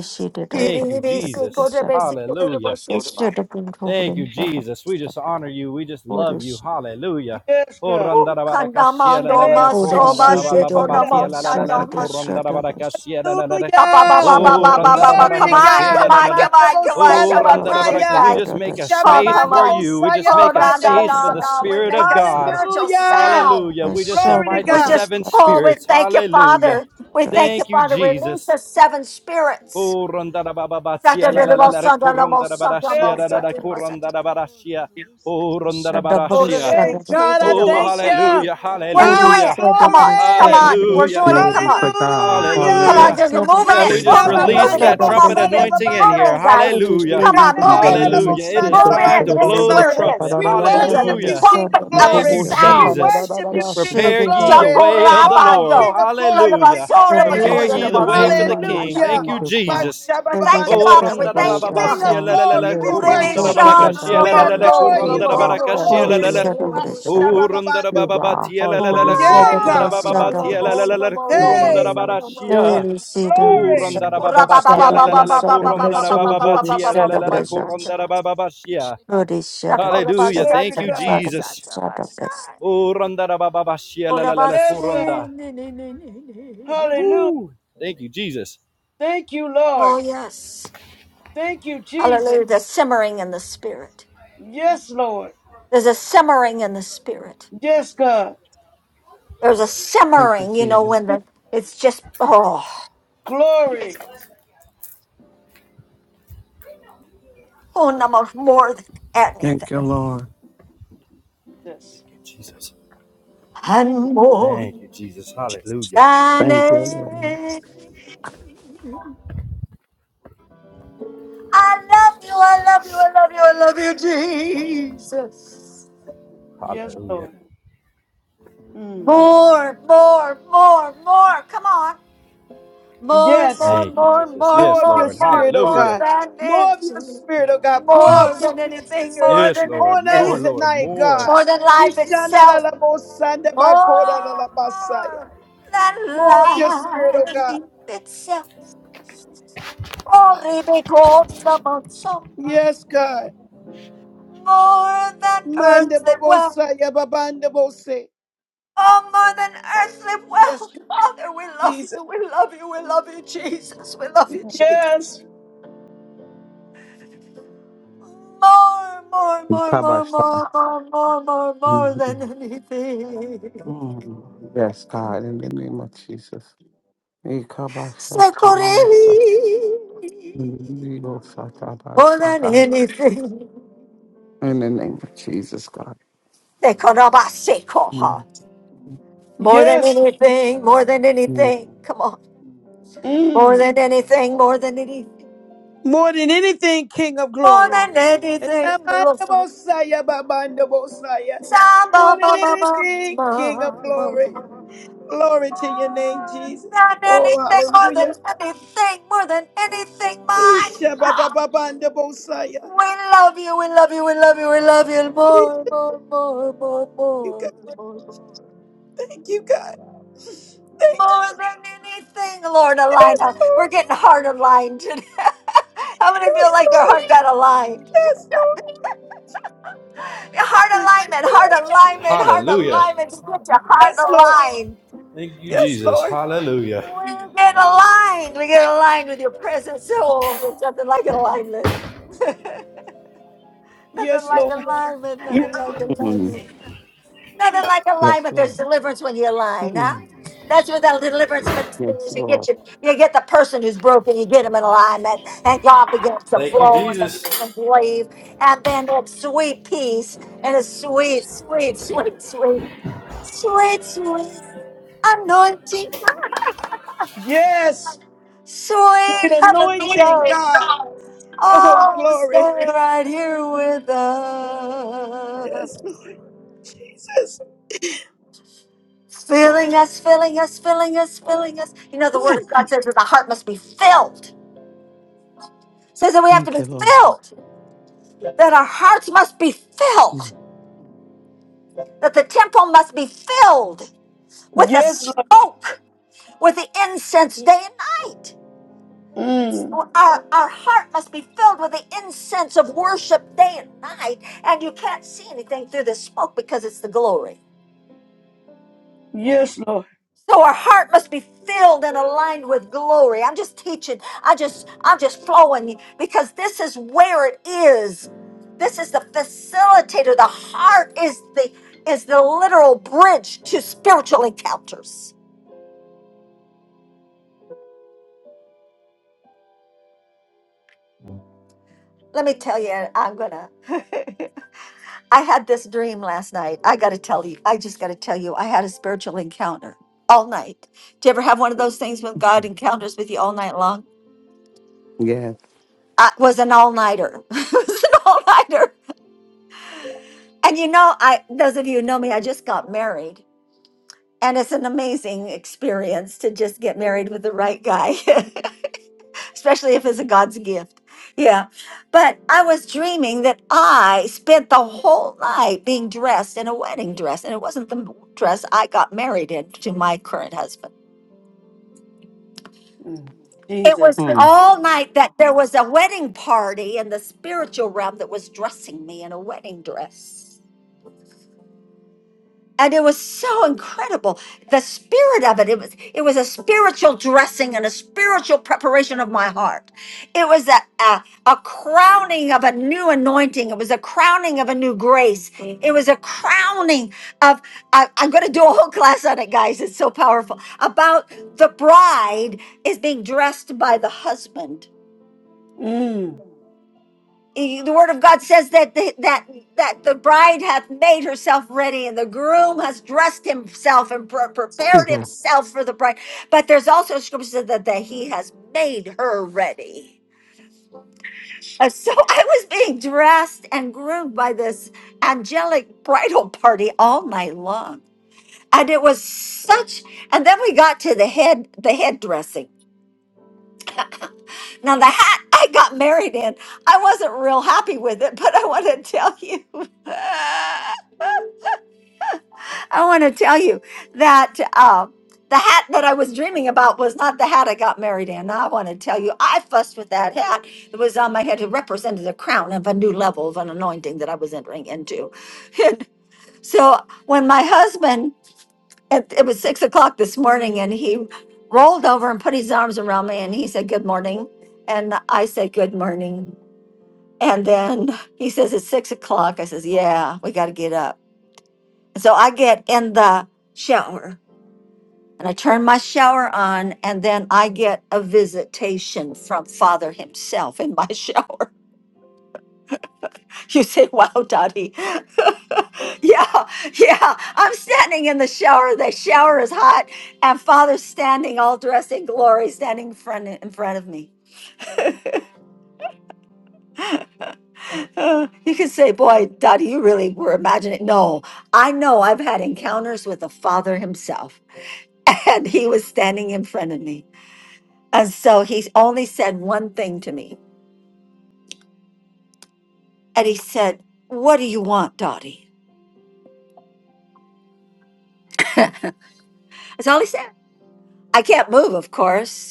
S2: Thank you, Jesus. Hallelujah. Thank you, Jesus. We just honor you. We just love you. Hallelujah.
S3: Yes,
S2: Oh,
S3: God.
S1: Ooh.
S2: randarabakashia la la
S1: Kandamando
S2: la la,
S4: Hallelujah.
S3: Yes,
S1: maso
S3: God.
S1: mashiko
S3: Hallelujah.
S2: korandarabababatia la la la la,
S1: namo
S4: Hallelujah.
S2: korandarabakashia la la la la.
S1: Ba ba ba ba
S3: Hallelujah.
S1: ba
S2: Oh,
S4: Hallelujah.
S1: ba ba ba ba
S4: Hey.
S3: Glory
S1: Come
S3: to
S1: on,
S2: randarabakashia la
S1: come
S3: God.
S2: la la
S1: on,
S2: la.
S1: come on,
S4: Hallelujah.
S1: come on,
S2: Oh,
S3: Mandabosanda
S1: come
S4: Hey.
S1: on, put your
S2: randarabaka.
S3: Bakaya.
S2: We
S1: guys.
S2: just make a
S4: Hallelujah.
S1: Oh,
S2: space
S1: come
S4: Hey.
S2: for
S1: on.
S2: you. We just
S3: Shabamandabosaya
S1: Oh,
S2: make a
S1: no, no,
S2: space
S4: Hallelujah.
S2: for
S1: no,
S2: the
S3: Babandabosa.
S1: no.
S4: Hey.
S1: We
S2: Spirit
S1: make
S2: of
S1: a
S2: God.
S1: spiritual
S4: Shibalom,
S3: Hallelujah.
S4: deraman,
S1: sound.
S2: Hallelujah. We just
S3: Glory to
S2: invite the
S1: We
S3: God.
S1: just,
S2: seven
S4: derosiki,
S1: oh, we
S2: spirits.
S1: thank you,
S2: Hallelujah.
S1: Father.
S4: manandosoto.
S1: We thank you,
S2: Thank you,
S1: Father. Release
S2: Jesus.
S1: the seven spirits.
S2: Oh, rondara baba
S1: We're
S2: batia
S1: doing
S2: la la la la corondara
S4: Thank you,
S2: barashia
S3: Yes,
S2: la
S4: Lord.
S2: la
S3: God.
S2: la
S4: Thank
S2: corondara
S4: you, Lord, for
S2: barashia.
S4: the loosing of
S2: Oh,
S4: the
S2: rondara
S4: human
S2: barashia.
S3: Hey,
S4: spirits, God.
S3: God, I
S2: Oh,
S3: thank
S4: Thank
S3: you.
S2: hallelujah,
S4: you, God.
S3: Ah,
S2: hallelujah,
S1: it. Come
S4: Who
S1: on,
S4: am I
S1: come
S3: glory.
S4: to
S1: on. We're
S2: hallelujah,
S4: support
S1: doing
S4: you? I
S1: it. Come on.
S4: you
S5: Saka.
S4: support,
S1: Come
S3: Hallelujah.
S1: on,
S2: Hallelujah.
S4: support.
S1: just moving
S2: Yeah,
S4: She
S2: we
S1: it,
S4: be
S2: just
S4: be be
S1: moving it,
S4: be
S2: release
S1: moving
S3: Mashababanda
S2: that
S1: it. Come on,
S2: trumpet
S4: be
S1: move
S3: Bosaya
S1: it.
S2: anointing in
S1: Move
S3: Babanda
S2: here.
S1: in,
S5: Hallelujah.
S3: Bosaya.
S1: guys.
S2: Hallelujah.
S1: Come on,
S5: In
S1: move
S5: the
S1: it.
S3: Ikanalala
S5: name of
S2: Hallelujah. It is
S3: Bosanda
S1: Move
S5: Jesus, in
S2: time
S4: amasoto.
S1: in.
S2: to
S3: Babanda
S5: the
S1: This
S5: name
S1: is
S2: blow the
S5: of
S1: where
S3: Bosaya.
S1: it
S2: trumpet.
S1: is.
S3: We
S1: There's a
S3: worship
S1: the
S5: Shakararabasi,
S3: you,
S2: Hallelujah.
S3: King
S1: trumpet
S3: of
S5: in
S1: of
S4: Thank
S1: the
S2: Thank
S3: Glory.
S4: you,
S2: you,
S5: Kobo
S4: O God.
S3: We
S1: sound.
S2: Jesus.
S3: worship
S4: Ye
S3: you, King
S5: Shakararabasi.
S3: of
S2: Prepare
S4: amasoto
S2: ye the
S4: ko
S3: Glory.
S2: way of the
S3: Oh,
S2: Lord.
S3: King
S1: Jacorabando.
S3: of Glory, we give
S2: Hallelujah.
S3: you
S1: Lalabasoda,
S4: no
S3: praise.
S2: Prepare
S1: basoda,
S5: Oh,
S2: ye
S4: to
S2: the
S5: in the
S2: way for
S1: basoda,
S2: the
S5: name of
S4: support.
S2: King.
S1: basata,
S2: Thank
S3: Hallelujah.
S2: you,
S5: Jesus,
S1: basata.
S5: God.
S4: Ye
S2: Jesus.
S1: We
S4: no
S1: thank
S4: to
S1: you,
S3: Mashababanda
S2: Oh,
S1: Father. We
S4: support.
S3: Bosaya.
S2: randa da ba
S5: Oh,
S1: thank
S2: ba
S1: you,
S2: ba,
S5: God,
S3: King
S1: Father.
S2: shia
S3: of
S2: la
S5: silence
S2: la
S5: the
S2: la la,
S3: Glory, we
S5: noise in our
S1: Urebe
S2: kurunda da
S3: worship
S5: hearts,
S3: you.
S4: Thank
S2: baraka,
S1: shad,
S5: oh
S4: you,
S2: shia
S4: Lord.
S2: la
S5: God.
S3: We
S2: la la la,
S1: labondo,
S3: adore you,
S2: kurunda
S5: Purify
S2: da
S3: King
S5: our
S3: of
S2: baraka,
S1: labondo,
S5: hearts
S2: shia la
S5: that
S3: Glory.
S2: la
S5: we are
S2: la.
S5: choosing,
S1: labondo.
S5: God.
S2: Urundara
S3: Mashababando.
S5: Purify
S2: baba
S4: Ooh,
S5: our
S2: batia la
S4: God.
S5: hearts
S2: la
S5: that
S2: la
S4: Thank
S5: we
S2: la
S5: will
S4: you,
S3: Yeah,
S4: Lord.
S2: kurundara
S5: respond
S3: God.
S1: Ah,
S5: to
S2: baba
S5: you,
S4: Thank
S2: batia
S5: God.
S4: you,
S2: la la la
S1: labondo,
S4: Lord.
S2: la
S1: labondo,
S5: In the
S3: Hey.
S2: kurundara
S5: name of
S1: labondo,
S2: barashia.
S5: Jesus.
S4: Thank
S1: labondo.
S4: you.
S3: Glory.
S2: Urundara
S5: Mm.
S1: Oh,
S2: baba batia la la la la kurundara baba batia la la la la
S5: Mm.
S2: kurundara baba bashia. Hallelujah.
S3: Glory to
S2: Thank you,
S3: God.
S2: Jesus. Urundara baba bashia la la la la
S3: Yes, God.
S2: kurunda.
S3: Hallelujah.
S2: Whoo! Thank you, Jesus.
S3: Thank you, Lord.
S1: yes.
S3: Thank you, Jesus.
S1: Hallelujah. There's simmering in the spirit.
S3: Yes,
S4: Mm.
S3: Lord.
S1: There's a simmering in the spirit.
S3: Yes, God.
S1: There's a
S5: Thank you,
S1: simmering, you know,
S5: Jesus.
S1: when the it's just oh, oh no more than
S5: Thank
S1: anything.
S5: you, Lord.
S3: Jesus.
S2: Thank you, Jesus.
S3: Mm,
S1: And more
S2: Thank you, Jesus. Hallelujah.
S1: than
S5: Thank you, Lord.
S1: anything. I love you, I love you, I love you, I love you, Jesus.
S3: yes,
S2: Hallelujah.
S3: Lord. Mm.
S1: More, more, more, more. Come on. More,
S3: Yes. Lord.
S1: more,
S2: Thank you,
S1: more,
S2: Jesus.
S1: more,
S3: More
S2: Yes,
S3: of
S1: more,
S3: your
S2: Lord.
S1: more,
S3: spirit, oh
S1: more
S2: Hallelujah.
S3: God.
S1: than
S3: More of
S1: it.
S3: your spirit, oh God. Pour
S5: Mm.
S3: out
S1: More
S3: more
S1: than
S3: of your
S1: anything,
S3: spirit
S1: more
S2: Yes,
S1: than
S2: Lord.
S3: on us
S2: More,
S5: Ooh.
S1: anything,
S2: Lord.
S3: tonight,
S2: More.
S3: God.
S1: more than life itself. Oh,
S3: Ishanalalabosandabakodalabasaya.
S1: more than
S3: More of your spirit, oh God.
S1: life itself. Oh, Rebecca, so much, so much.
S3: Yes, God.
S1: More than earthly wealth.
S3: Mandababosaya babandabose.
S1: Oh, more than earthly
S3: Yes,
S1: wealth. Father, we love you.
S3: Jesus.
S1: We love you. We love you, Jesus. We love you, Jesus.
S3: Yes.
S1: More, more, more, more,
S5: Kabasha.
S1: more, more, more, more, more than anything.
S5: Mm, Yes, God, in the name of Jesus. Ikabashatiyosa,
S1: Sekoreli. More
S5: liyosatabashe,
S1: than
S5: God.
S1: anything.
S5: In the name of Jesus, God.
S1: Sekorabasekoha.
S5: Mm,
S1: More than
S3: Yes.
S1: anything. More than anything.
S5: mm,
S1: Come on. More
S3: Mm.
S1: than anything. More than anything.
S3: More than anything, King of
S1: More
S3: Glory.
S1: than anything. Lord.
S3: Namandabosaya, babandabosaya. More than anything, King of Glory.
S1: Sa-ba-ba-ba-ba-ba.
S3: Glory to your name, Jesus.
S1: than
S3: Oh,
S1: anything more than
S3: hallelujah.
S1: anything, more than anything, my
S3: Isha, babababandabosaya.
S1: We love you, we love you, we love you, we love you
S3: Thank
S1: more, more, more, more,
S3: you,
S1: more,
S3: God.
S1: more.
S3: Thank you, God. Thank you.
S1: More than anything, Lord, align
S3: Yes,
S1: us. We're
S3: Lord.
S1: getting heart aligned today. How many feel
S3: Yes,
S1: like their
S3: Lord.
S1: heart got aligned?
S3: Yes, Lord.
S1: Heart alignment, heart alignment, heart
S2: Hallelujah.
S1: alignment. Just get your heart
S3: Yes, Lord.
S1: aligned.
S2: Thank you,
S3: Yes,
S2: Jesus.
S3: Lord.
S2: Hallelujah.
S1: We get aligned. We get aligned with your presence. So oh, there's nothing like alignment. Nothing
S3: Yes,
S1: like
S3: Lord.
S1: alignment. Nothing like
S5: mm.
S1: alignment. Nothing like
S5: Yes,
S1: alignment.
S5: Lord.
S1: There's deliverance when you align, huh?
S5: Mm,
S1: That's what that deliverance ministry
S5: Yes,
S1: is. You get
S5: Lord.
S1: you, you get the person who's broken, you get them in alignment, and God begins to
S2: Thank you,
S1: flow and the
S2: Jesus.
S1: demons leave, and then that sweet peace and a sweet, sweet, sweet, sweet, sweet, sweet anointing,
S3: Yes, with
S1: sweet
S3: anointing,
S1: hallelujah.
S3: God. Oh,
S1: Oh, stay
S3: glory.
S1: right here with us.
S3: Yes, Lord Jesus.
S1: filling us, filling us, filling us, filling us. You know, the word
S5: Ooh,
S1: of God says that the heart must be filled. Says that we have to
S5: thank
S1: be
S5: you, Lord.
S1: filled, that our hearts must be
S5: Mm,
S1: filled, that the temple must be filled with the
S3: Yes, Lord.
S1: smoke, with the incense day and night.
S3: Mm.
S1: So Our, our heart must be filled with the incense of worship day and night, and you can't see anything through the smoke because it's the glory.
S3: Yes, Lord.
S1: So our heart must be filled and aligned with glory. I'm just teaching. I just I'm just flowing because this is where it is. This is the facilitator. The heart is the is the literal bridge to spiritual encounters. Let me tell you, I'm gonna. I had this dream last night. I gotta tell you. I just gotta tell you. I had a spiritual encounter all night. Do you ever have one of those things when God encounters with you all night long?
S5: Yes.
S1: I was an all nighter. it was an all nighter. And you know, I those of you who know me, I just got married, and it's an amazing experience to just get married with the right guy, especially if it's a God's gift. Yeah. But I was dreaming that I spent the whole night being dressed in a wedding dress, and it wasn't the dress I got married in to my current husband.
S3: Mm.
S1: It was
S3: Jesus.
S5: Mm,
S1: all night that there was a wedding party in the spiritual realm that was dressing me in a wedding dress. and it was so incredible the spirit of it it was it was a spiritual dressing and a spiritual preparation of my heart it was a, a, a crowning of a new anointing it was a crowning of a new grace it was a crowning of I, i'm going to do a whole class on it guys it's so powerful about the bride is being dressed by the husband
S3: Mm.
S1: the word of God says that the, that that the bride hath made herself ready, and the groom has dressed himself and pre- prepared
S5: Jesus.
S1: himself for the bride. But there's also scripture that, that he has made her ready. And so I was being dressed and groomed by this angelic bridal party all night long, and it was such. And then we got to the head the head Now, the hat I got married in, I wasn't real happy with it, but I want to tell you, I want to tell you that uh, the hat that I was dreaming about was not the hat I got married in. I want to tell you, I fussed with that hat that was on my head. It represented the crown of a new level of an anointing that I was entering into. And so when my husband, it, it was six o'clock this morning, and he rolled over and put his arms around me and he said, Good morning. And I said, Good morning. And then he says, It's six o'clock. I says, Yeah, we got to get up. And so I get in the shower and I turn my shower on, and then I get a visitation from Father himself in my shower. You say, Wow, Dottie. yeah, yeah. I'm standing in the shower. The shower is hot, and Father's standing all dressed in glory, standing in front, in front of me. Uh, you could say, boy, Daddy, you really were imagining. No, I know I've had encounters with the Father himself, and he was standing in front of me. And so he only said one thing to me. And he said, What do you want, Dottie? That's all he said. I can't move, of course.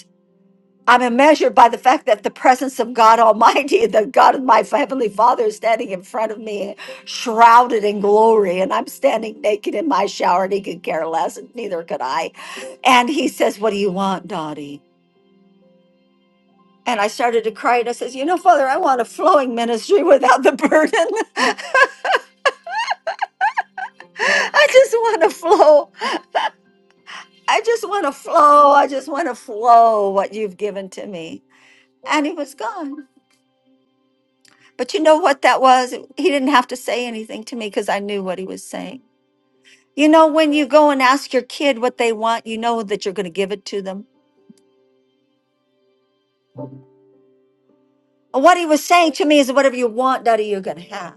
S1: I'm immeasured by the fact that the presence of God Almighty, the God of my Heavenly Father, is standing in front of me, shrouded in glory, and I'm standing naked in my shower, and he could care less, and neither could I. And he says, What do you want, Dottie? And I started to cry, and I says, You know, Father, I want a flowing ministry without the burden. I just want to flow. I just want to flow. I just want to flow what you've given to me. And he was gone. But you know what that was? He didn't have to say anything to me because I knew what he was saying. You know, when you go and ask your kid what they want, you know that you're going to give it to them. And what he was saying to me is, whatever you want, Daddy, you're going to have.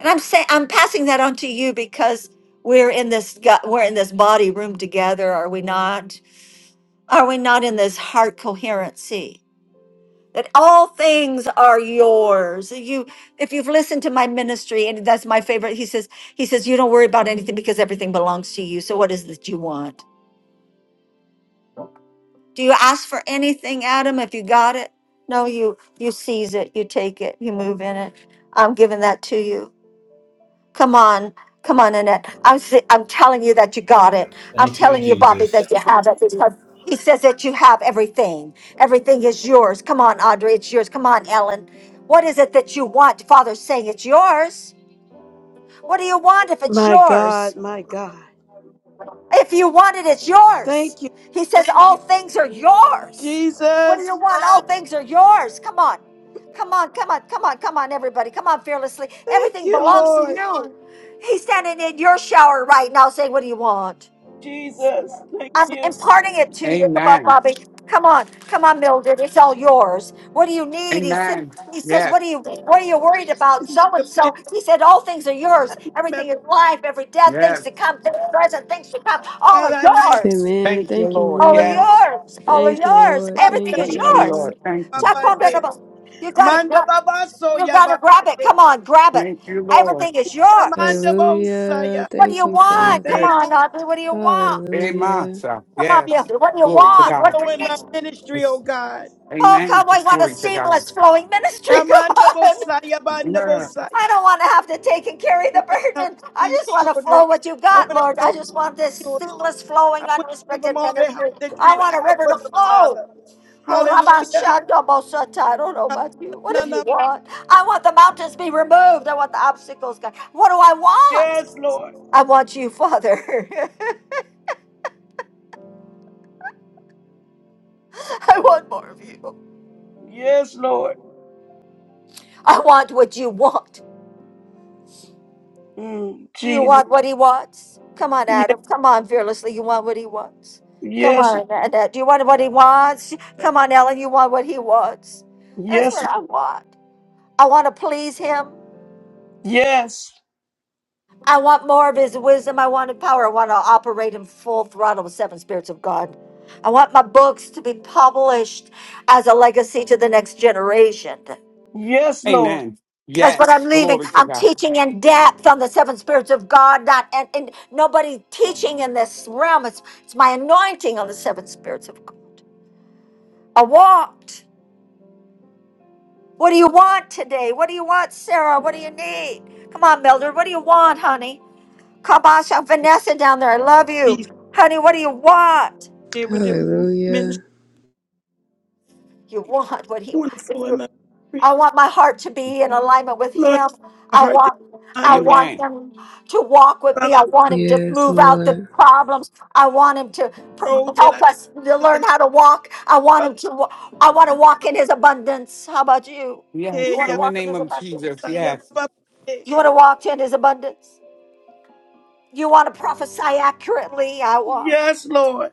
S1: And I'm saying, I'm passing that on to you because we're in this, gut, we're in this body room together, are we not? Are we not in this heart coherency? that all things are yours you if you've listened to my ministry and that's my favorite he says he says you don't worry about anything because everything belongs to you so what is it that you want do you ask for anything adam if you got it no you you seize it you take it you move in it i'm giving that to you Come on, come on, Annette. I'm s- I'm telling you that you got it. I'm
S2: Thank you,
S1: telling you, Bobby,
S2: Jesus.
S1: that you have it because he says that you have everything. Everything is yours. Come on, Audrey, it's yours. Come on, Ellen. What is it that you want? Father's saying it's yours. What do you want if it's
S3: My
S1: yours?
S3: God, my God.
S1: If you want it, it's yours.
S3: Thank you,
S1: He says, All things are yours. What do you
S3: Jesus.
S1: want? All things are yours. Come on. Come on, come on, come on, come on, everybody. Come on, fearlessly.
S3: Thank
S1: Everything
S3: you,
S1: belongs to
S3: Lord.
S1: you. He's standing in your shower right now saying, What do you want?
S3: Jesus. Thank
S1: I'm
S3: you.
S1: imparting it to you. Come on,
S5: Amen.
S1: Bobby. Come on, come on, Mildred. It's all yours. What do you need? He said.
S5: Amen.
S1: He says,
S5: Yes.
S1: "What are you? What are you worried about?" So and so. He said, "All things are yours. Everything in life, every death, things
S5: Yes.
S1: to come, things present, things to come. All
S3: Father,
S1: are
S3: I need
S1: yours.
S6: Amen.
S5: Thank you,
S6: Thank you,
S5: Lord.
S1: All are
S6: Lord.
S5: Yes.
S1: yours. All are
S6: Thank
S3: Ishbanda
S6: you,
S1: yours.
S6: Lord.
S1: Everything
S6: Thank
S1: is
S6: you,
S5: Thank
S3: Baba
S5: you,
S1: yours."
S5: Lord.
S6: Lord.
S5: Thank you.
S1: Jack
S3: Babande.
S1: Pondable, You gotta,
S3: Amanda
S1: grab-
S3: Baba
S1: you
S3: Soya
S1: gotta
S3: Baba
S1: grab it. Come on, grab it.
S5: Thank you,
S1: Everything
S5: Lord.
S3: De.
S1: is yours.
S3: Amanda
S6: Hallelujah.
S3: Bosaya.
S1: What do
S6: Thank
S1: you
S6: you,
S1: want? Come
S6: Father.
S3: Thank
S1: on, Audrey. What do you want?
S5: Amen.
S6: Hallelujah.
S5: sir.
S1: Come on,
S3: you,
S5: Yes.
S1: builder. What do you
S5: Glory to
S1: want?
S5: God.
S1: What do
S3: Nico,
S1: you
S3: in
S1: need?
S3: my ministry, oh
S5: Yes.
S3: God.
S1: Oh,
S5: Amen.
S1: come, I want a
S5: Glory to God.
S1: seamless flowing ministry. Come
S3: Amanda
S1: on.
S3: Bosaya
S5: Yeah.
S3: Banda
S1: I don't want to have to take and carry the
S3: want to help
S1: burden. I
S3: these
S1: just want to
S3: children.
S1: flow what you
S3: I
S1: got,
S3: want to
S1: Lord. I
S3: help
S1: just want this
S3: children.
S1: seamless, flowing,
S3: I want to give them
S1: unrestricted
S3: all the
S1: ministry.
S3: help that
S1: I
S3: you
S1: want a
S3: have
S1: river
S3: for
S1: to
S3: them, Father.
S1: flow. Oh, Rabba
S3: Hallelujah.
S1: Shanda Bosata. I don't know about you. What if you want? I want the mountains be removed. I want the obstacles gone. What do I want?
S3: Yes, Lord.
S1: I want you, Father. I want more of you.
S3: Yes, Lord.
S1: I want what you want.
S3: Mm,
S1: Do you
S3: Jesus.
S1: want what he wants? Come on,
S3: Yes,
S1: Adam. Come on, fearlessly. You want what he wants. Come
S3: yes,
S1: on, Annette. Do you want what he wants? Come on, Ellen. You want what he wants. That's
S3: yes,
S1: what I want. I want to please him.
S3: yes,
S1: I want more of his wisdom. I want his power. I want to operate in full throttle with seven spirits of God. I want my books to be published as a legacy to the next generation.
S3: yes, Lord.
S5: Amen.
S1: That's what I'm
S5: Yes.
S1: leaving.
S5: Glory to
S1: I'm
S5: God.
S1: teaching in depth on the seven spirits of God. Not and, and nobody teaching in this realm. It's it's my anointing on the seven spirits of God. I walked. What do you want today? What do you want, Sarah? What do you need? Come on, Mildred. What do you want, honey? Kabasha, Vanessa down there. I love you,
S3: Jesus,
S1: honey. What do you want?
S3: they were the ministry
S6: Hallelujah.
S1: You want what he? If
S3: wonderful
S1: you
S3: in my
S1: I
S3: ministry.
S1: want my heart to be in alignment with
S3: Lord,
S1: him.
S3: my
S1: I
S3: heart to
S1: want
S3: I'm
S1: I
S3: with
S1: want
S5: Amen.
S1: him to walk with me. I
S3: Father,
S1: want him to
S6: Yes,
S1: move out the
S6: Lord.
S1: problems. I want him to prov-
S3: grow that I
S1: help
S3: may
S1: us to
S3: be
S1: learn
S3: the
S1: how to walk. I want
S3: Father.
S1: him to wa- I want to walk in his abundance. How about you? You
S3: Hey,
S5: Yes.
S1: want to
S3: yeah,
S5: In the
S1: walk in
S5: name
S1: his
S5: of
S1: abundance?
S5: Jesus.
S3: yeah, yeah,
S5: Yes.
S3: yeah.
S1: You want to walk in his abundance? You want to prophesy accurately? I want.
S3: Yes, Lord.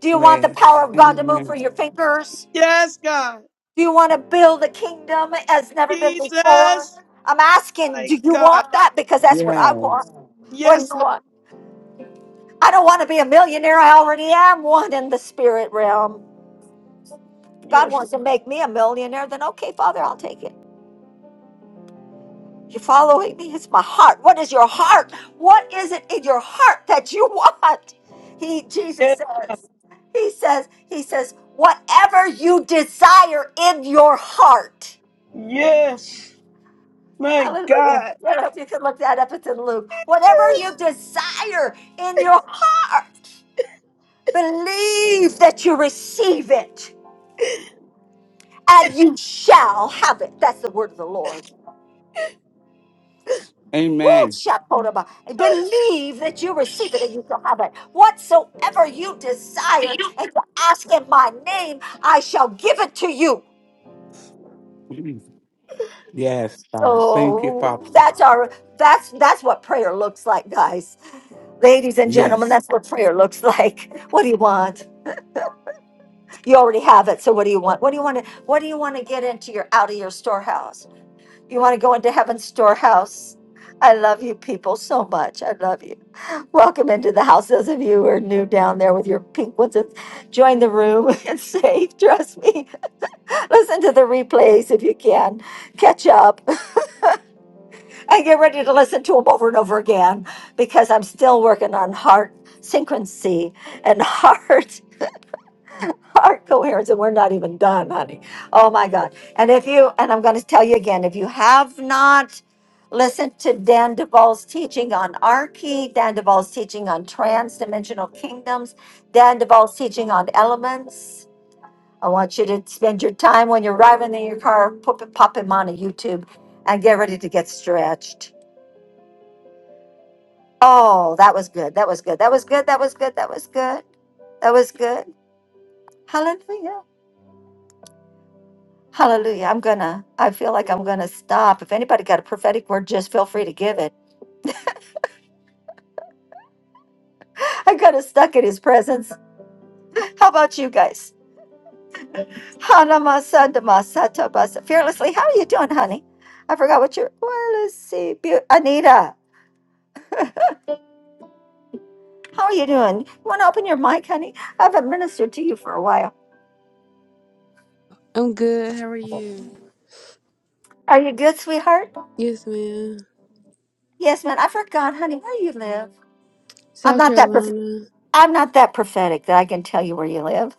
S1: Do you want the
S5: Yes.
S1: power of God to move
S5: Amen.
S1: through your fingers?
S3: Yes, God.
S1: Do you want to build a kingdom as never been before?
S3: Jesus.
S1: I'm asking,
S3: My
S1: do you
S3: God.
S1: want that? Because that's what I
S5: Yes.
S1: want. What do
S3: Yes,
S1: you
S3: Lord.
S1: want? I don't want to be a millionaire. I already am one in the spirit realm. If God
S3: Yes.
S1: wants
S3: Lord.
S1: to make me a millionaire, then okay, Father, I'll take it. You following me? It's my heart. What is your heart? What is it in your heart that you want? He Jesus
S3: Yes.
S1: says. He says, he says, whatever you desire in your heart.
S3: Yes. My
S1: Hallelujah.
S3: God.
S1: I don't know if you can look that up. It's in Luke. Whatever you desire in your heart, believe that you receive it and you shall have it. That's the word of the Lord. Woo,
S5: Amen.
S1: shakoraba. Believe that you receive it and you shall have it. Whatsoever you desire and you ask in my name, I shall give it to you.
S5: Yes, God. Thank you, Father.
S1: So that's our that's that's what prayer looks like, guys. Ladies and gentlemen,
S5: Yes.
S1: that's what prayer looks like. What do you want? You already have it. So what do you want? What do you want to what do you want to get into your out of your storehouse? You want to go into heaven's storehouse. I love you people so much. I love you. Welcome into the house. Those of you who are new down there with your pink ones, and join the room. It's safe. Trust me. Listen to the replays if you can. Catch up. I get ready to listen to them over and over again because I'm still working on heart synchronicity and heart. heart coherence and we're not even done honey oh my god and if you and i'm going to tell you again if you have not listened to dan Devall's teaching on arche dan Devall's teaching on trans-dimensional kingdoms dan Devall's teaching on elements i want you to spend your time when you're driving in your car pop, pop him on a youtube and get ready to get stretched oh that was good that was good that was good that was good that was good that was good hallelujah Hallelujah. I'm going to, I feel like I'm going to stop. If anybody got a prophetic word, just feel free to give it. I got us stuck in his presence. How about you guys? Hanama Sandama Satabasa. Fearlessly, how are you doing, honey? I forgot what you're, well, let's see. Beau- Anita, how are you doing? You want to open your mic, honey? I haven't ministered to you for a while.
S6: I'm good. How are you?
S1: Are you good, sweetheart?
S6: Yes, ma'am.
S1: Yes, man. I forgot, honey, where you live. I'm
S6: South
S1: not that, prof-
S6: Carolina.
S1: I'm not that prophetic that I can tell you where you live.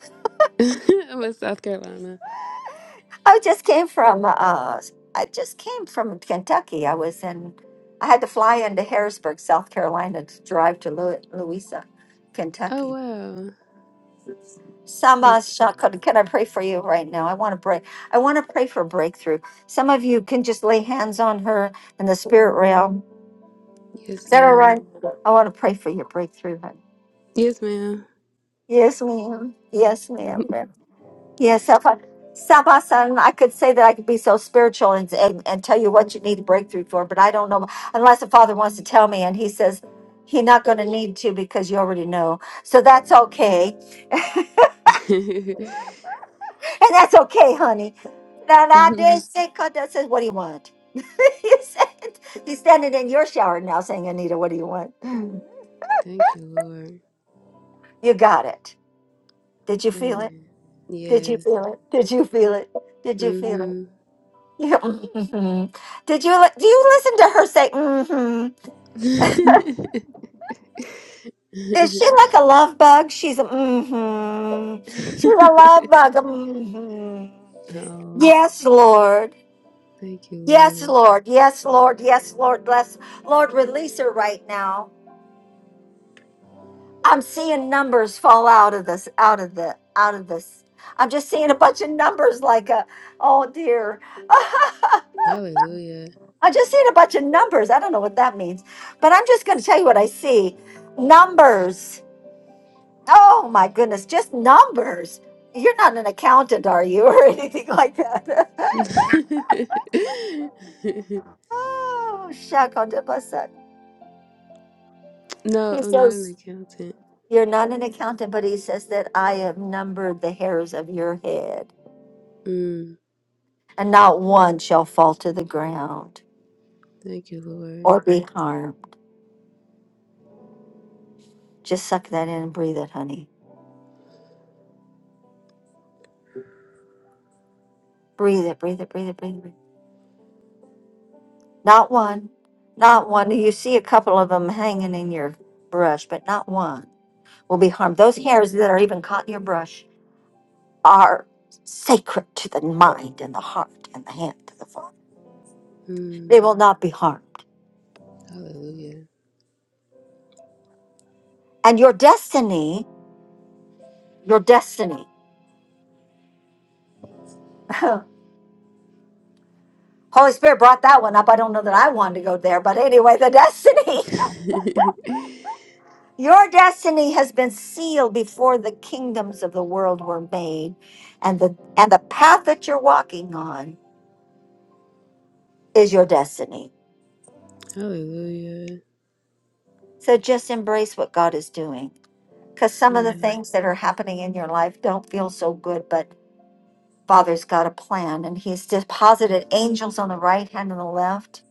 S6: I'm in South Carolina.
S1: I just came from uh I just came from Kentucky. I was in I had to fly into Harrisburg, South Carolina to drive to Lu- Louisa,
S6: Oh,
S1: Kentucky.
S6: wow. That's-
S1: Sama Shaka, can I pray for you right now? I want to pray. I want to pray for breakthrough. Some of you can just lay hands on her in the spirit realm. Is
S6: Yes,
S1: that all
S6: ma'am.
S1: right? I want to pray for your breakthrough. honey.
S6: Yes, ma'am.
S1: Yes, ma'am. Yes, ma'am. Yes, if I, Sabasan, I could say that I could be so spiritual and, and, and tell you what you need a breakthrough for, but I don't know unless the Father wants to tell me and he says he not going to need to because you already know. So that's okay.
S6: Thank
S1: And that's okay, honey. Na na de se kada says, what do you want? He said- He's standing in your shower now saying, Anita, what do you want?
S6: you, Lord.
S1: You got it. Did you feel it?
S6: Amen.
S1: Did you
S6: Yes.
S1: feel it? Did you feel it? Did you feel it?
S6: Mm-hmm.
S1: Yeah. mhm. Did you li- do you listen to her say mm-hmm? Is she like a love bug? She's a mm-hmm. She's a love bug. Mm-hmm.
S6: oh,
S1: Yes, Lord.
S6: thank you,
S1: Yes,
S6: Lord.
S1: Lord. Yes, Lord. Yes, Lord. Bless Lord, release her right now. I'm seeing numbers fall out of this, out of the, out of this. I'm just seeing a bunch of numbers like a, oh dear.
S6: Hallelujah.
S1: I just seen a bunch of numbers. I don't know what that means, but I'm just going to tell you what I see. Numbers. Oh my goodness, just numbers. You're not an accountant, are you, or anything like that? oh, shakondabasa.
S6: no,
S1: He
S6: I'm not an
S1: says,
S6: accountant.
S1: You're not an accountant, but he says that I have numbered the hairs of your head,
S6: Mm,
S1: and not one shall fall to the ground
S6: thank you, Lord.
S1: or be harmed. Just suck that in and breathe it, honey. Breathe it, breathe it, breathe it, breathe it. Not one. Not one. You see a couple of them hanging in your brush, but not one will be harmed. Those hairs that are even caught in your brush are sacred to the mind and the heart and the hand of the Father. They
S6: Mm,
S1: will not be harmed.
S6: hallelujah.
S1: And your destiny, your destiny. Holy Spirit brought that one up. I don't know that I wanted to go there, but anyway, the destiny. Your destiny has been sealed before the kingdoms of the world were made, and the and the path that you're walking on is your destiny.
S6: hallelujah.
S1: So just embrace what God is doing because some of the
S6: Amen.
S1: things that are happening in your life don't feel so good, but Father's got a plan and He's deposited angels on the right hand and the left,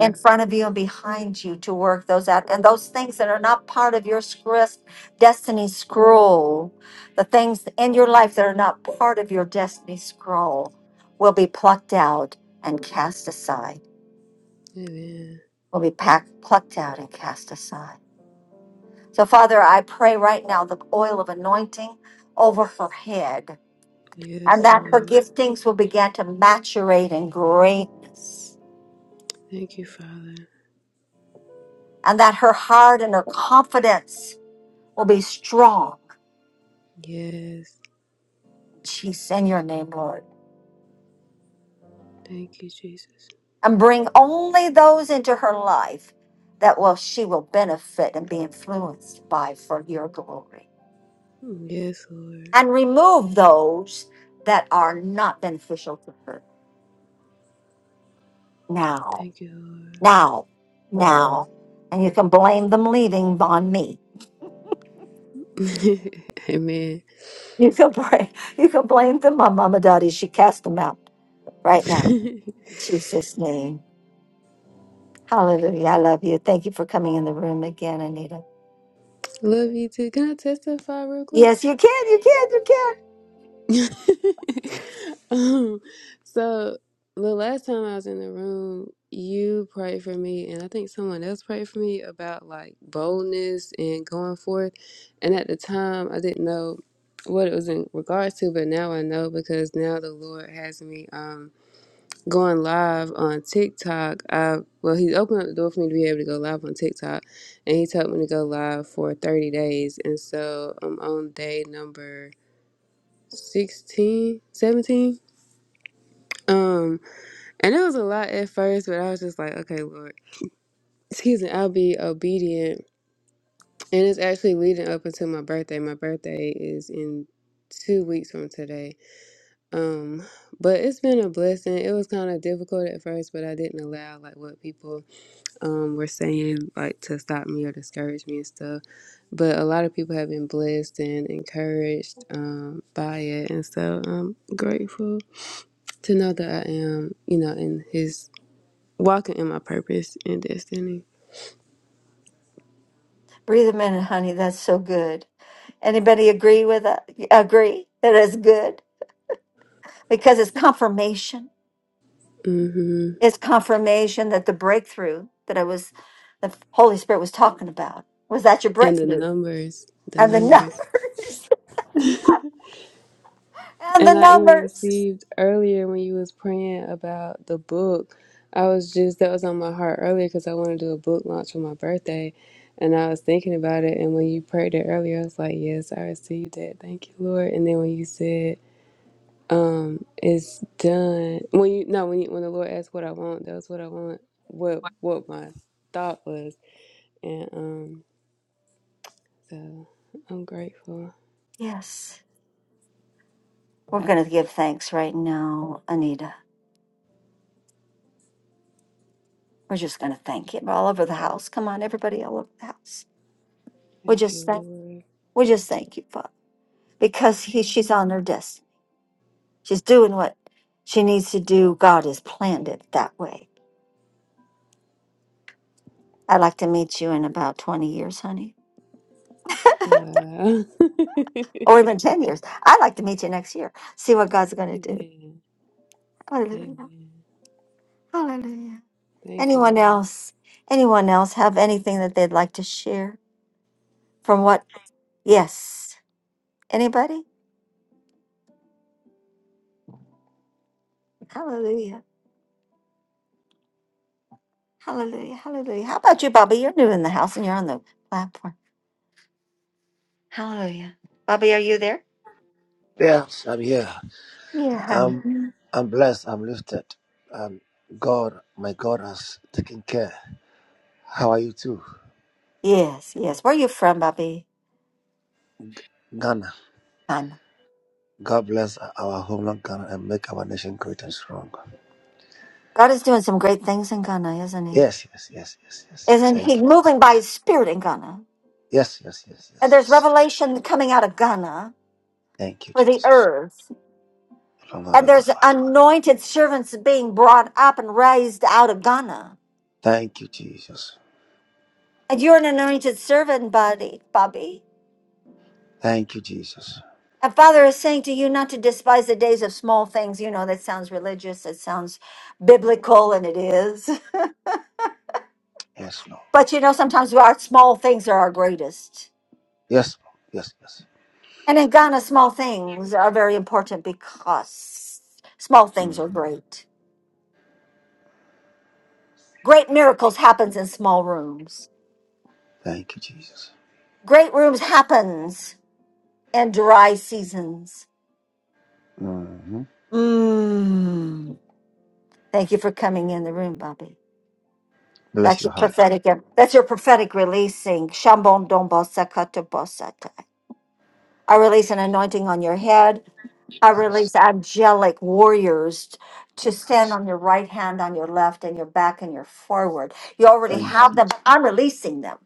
S1: in front of you and behind you to work those out. And those things that are not part of your script, destiny scroll, the things in your life that are not part of your destiny scroll will be plucked out and cast aside,
S6: amen.
S1: will be packed, plucked out and cast aside. So, Father, I pray right now the oil of anointing over her head and
S6: Yes,
S1: that her
S6: Lord.
S1: giftings will begin to maturate in greatness
S6: Thank you, Father.
S1: and that her heart and her confidence will be strong.
S6: Yes.
S1: Jesus, in your name, Lord.
S6: Thank you, Jesus.
S1: And bring only those into her life that will she will benefit and be influenced by for your glory.
S6: Mm, Yes, Lord.
S1: And remove those that are not beneficial to her now.
S6: Thank you,
S1: now, now. And you can blame them leaving on me.
S6: Lord.
S1: You can blame, you can blame them on Mama Daddy. She cast them out right now.
S6: Amen.
S1: In Jesus' name. Hallelujah. I love you. Thank you for coming in the room again, Anita.
S6: Love you too. Can I testify real quick?
S1: Yes, you can. You can. You can.
S6: um, so the last time I was in the room, you prayed for me, and I think someone else prayed for me about like boldness and going forth. And at the time, I didn't know what it was in regards to, but now I know because now the Lord has me. um, going live on TikTok. I well, he opened up the door for me to be able to go live on TikTok, and he told me to go live for 30 days. And so I'm on day number 16, 17. Um, and it was a lot at first, but I was just like, okay, Lord, excuse me, I'll be obedient. And it's actually leading up until my birthday. My birthday is in two weeks from today. Um, but it's been a blessing. It was kind of difficult at first, but I didn't allow like what people um, were saying like to stop me or discourage me and stuff. But a lot of people have been blessed and encouraged um, by it, and so I'm grateful to know that I am, you know, in His walking in my purpose and destiny.
S1: Breathe them in, honey. That's so good. Anybody agree with that? Agree that it's good because it's confirmation.
S6: hmm
S1: It's confirmation that the breakthrough that I was, the Holy Spirit was talking about, was that your
S6: And the
S1: breakthrough?
S6: numbers, the
S1: And the number,
S6: numbers.
S1: and the
S6: And I even
S1: numbers.
S6: received earlier when you was praying about the book. I was just that was on my heart earlier because I want to do a book launch for my birthday, and I was thinking about it. And when you prayed it earlier, I was like, "Yes, I received that. Thank you, Lord." And then when you said, "Um, it's done," when you no when you, when the Lord asked what I want, that was what I want. What what my thought was, and um, so I'm grateful.
S1: Yes, we're going to give thanks right now, Anita. We're just going to thank Him all over the house. Come on, everybody, all over the house. We
S6: Thank you,
S1: just thank,
S6: Lord.
S1: we just thank you, Father, because
S6: Thank
S1: he,
S6: you,
S1: she's
S6: Lord.
S1: on her destiny. She's doing what she needs to do. God has planned it that way. I'd like to meet you in about twenty years, honey.
S6: Wow.
S1: or even 10 years. I'd like to meet you next year, see what God's going to do.
S6: Amen.
S1: Hallelujah.
S6: Amen.
S1: Hallelujah.
S6: Thank you,
S1: Anyone
S6: Lord.
S1: else? Anyone else have anything that they'd like to share from what? Yes. Anybody? Hallelujah. Hallelujah. Hallelujah. How about you, Bobby? You're new in the house and you're on the platform. Hallelujah. Bobby, are you there?
S7: Yes, I'm here.
S1: Yeah, honey.
S7: I'm
S1: Mm.
S7: I'm blessed. I'm lifted. And God, my God, has taken care. How are you too?
S1: Yes, yes. Where are you from, Bobby?
S7: Ghana.
S1: Ghana.
S7: God bless our homeland Ghana and make our nation great and strong.
S1: God is doing some great things in Ghana, isn't he?
S7: Yes, yes, yes, yes, yes, yes.
S1: Isn't he
S7: Thank you. Jesus.
S1: moving by his spirit in Ghana?
S7: Yes, yes, yes,
S1: And
S7: yes,
S1: there's
S7: yes.
S1: revelation coming out of Ghana
S7: Thank you,
S1: for the
S7: Jesus.
S1: earth.
S7: Lord, I
S1: And there's
S7: confide.
S1: anointed servants being brought up and raised out of Ghana.
S7: Thank you, Jesus.
S1: And you're an anointed servant, buddy, Bobby.
S7: Thank you, Jesus.
S1: And Father is saying to you not to despise the days of small things. You know, that sounds religious, it sounds biblical, and it is.
S7: Yes, Lord.
S1: But you know, sometimes our small things are our greatest.
S7: Yes, Lord. Yes, yes.
S1: And in Ghana, small things are very important because small things
S7: Mm.
S1: are great. Great miracles happens in small rooms
S7: Thank you, Jesus.
S1: Great rooms happens in dry seasons.
S7: hmm
S1: Mm. Thank you for coming in the room, Bobby.
S7: Bless
S1: That's
S7: your
S1: your
S7: heart.
S1: prophetic. That's your prophetic releasing. Shambon dombo sakato bosata. I release an anointing on your head. I
S7: I receive-
S1: release angelic warriors to
S7: I
S1: stand
S7: receive.
S1: on your right hand, on your left, and your back and your forward. You already
S7: Thank
S1: have
S7: you,
S1: them,
S7: Jesus.
S1: but I'm releasing them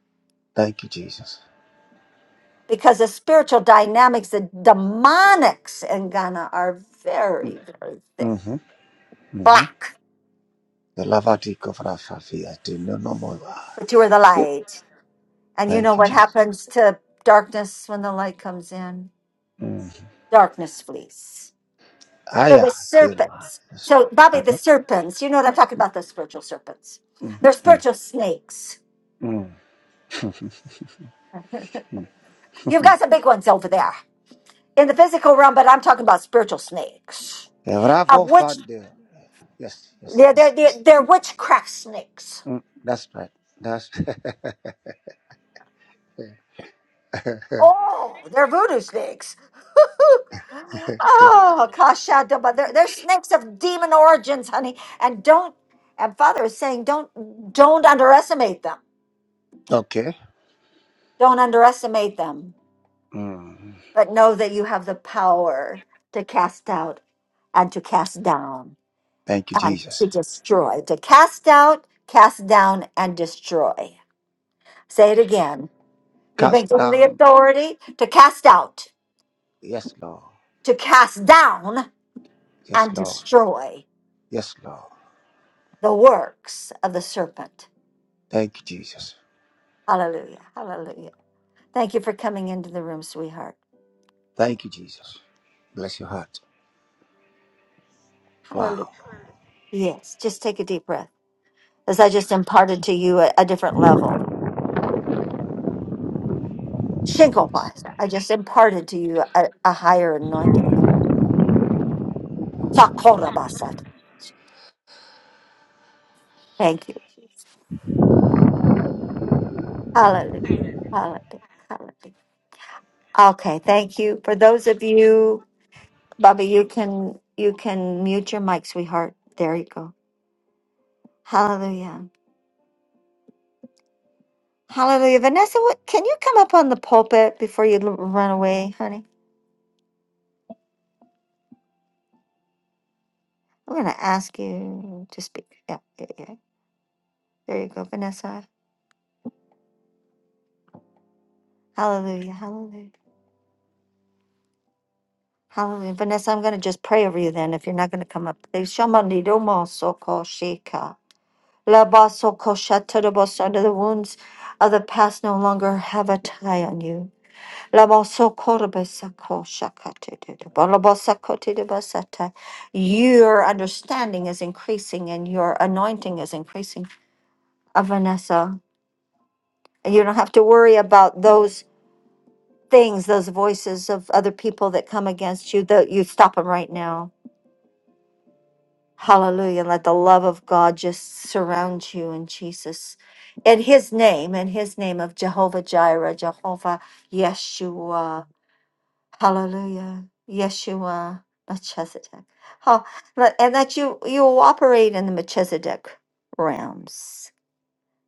S7: Thank you, Jesus.
S1: because the spiritual dynamics, the demonics in Ghana are very, very thick.
S7: Mm-hmm. Mm-hmm.
S1: Black.
S7: The lavatiko frafafia te no no more.
S1: But you are the light. And you know
S7: Thank you,
S1: what
S7: Jesus.
S1: happens to darkness when the light comes in?
S7: Mm.
S1: Darkness flees. So
S7: Aya,
S1: the
S7: Kilma.
S1: serpents.
S7: Yes,
S1: So,
S7: Lord.
S1: Bobby, the
S7: Uh-huh.
S1: serpents, you know what I'm talking about, those spiritual serpents.
S7: Mm,
S1: They're spiritual snakes.
S7: mm, mm.
S1: You've got some big ones over there in the physical realm, but I'm talking about spiritual snakes,
S7: Yeah,
S1: of
S7: Bravo,
S1: which
S7: Father. Yes, yes,
S1: they're, they're,
S7: yes. yes.
S1: they're, they're witchcraft snakes.
S7: Mm, that's right. That's
S1: Oh, they're voodoo snakes. oh, kashada, but they're, they're snakes of demon origins, honey. And don't, and Father is saying, don't, don't underestimate them.
S7: okay.
S1: Don't underestimate them,
S7: Mm.
S1: but know that you have the power to cast out and to cast down
S7: Thank you,
S1: and to
S7: Jesus.
S1: destroy. To cast out, cast down, and destroy. Say it again. You've been
S7: Cast
S1: given the
S7: down.
S1: authority to cast out,
S7: Yes, Lord.
S1: to cast down,
S7: Yes,
S1: and
S7: Lord.
S1: destroy
S7: Yes, Lord.
S1: the works of the serpent.
S7: Thank you, Jesus.
S1: Hallelujah. Hallelujah. Thank you for coming into the room, sweetheart.
S7: Thank you, Jesus. Bless your heart.
S1: Hallelujah.
S7: Wow.
S1: Yes, just take a deep breath as I just imparted to you a, a different level. Shinkopas, I just imparted to you a, a higher anointing. Sakorabasat. Thank you. Hallelujah. Hallelujah. Hallelujah. Okay, thank you. For those of you, Bobby, you can you can mute your mic, sweetheart. There you go. Hallelujah. Hallelujah. Vanessa, what, can you come up on the pulpit before you l- run away, honey? I'm going to ask you to speak. Yeah, yeah, yeah. There you go, Vanessa. Hallelujah. Hallelujah. Hallelujah. Vanessa, I'm going to just pray over you then if you're not going to come up. They shamandi domo soko shika. Laba soko shata dobo The wounds of the past no longer have a tie on you. Laboso korbesa ko shakate de de ba- labosa kote de basata. Your understanding is increasing and your anointing is increasing. Uh, Vanessa, And you don't have to worry about those things, those voices of other people that come against you. That you stop them right now. Hallelujah. Let the love of God just surround you in Jesus. In his name, in his name of Jehovah Jireh, Jehovah Yeshua. Hallelujah. Yeshua, you Melchizedek. Oh, and that you you will operate in the Melchizedek realms.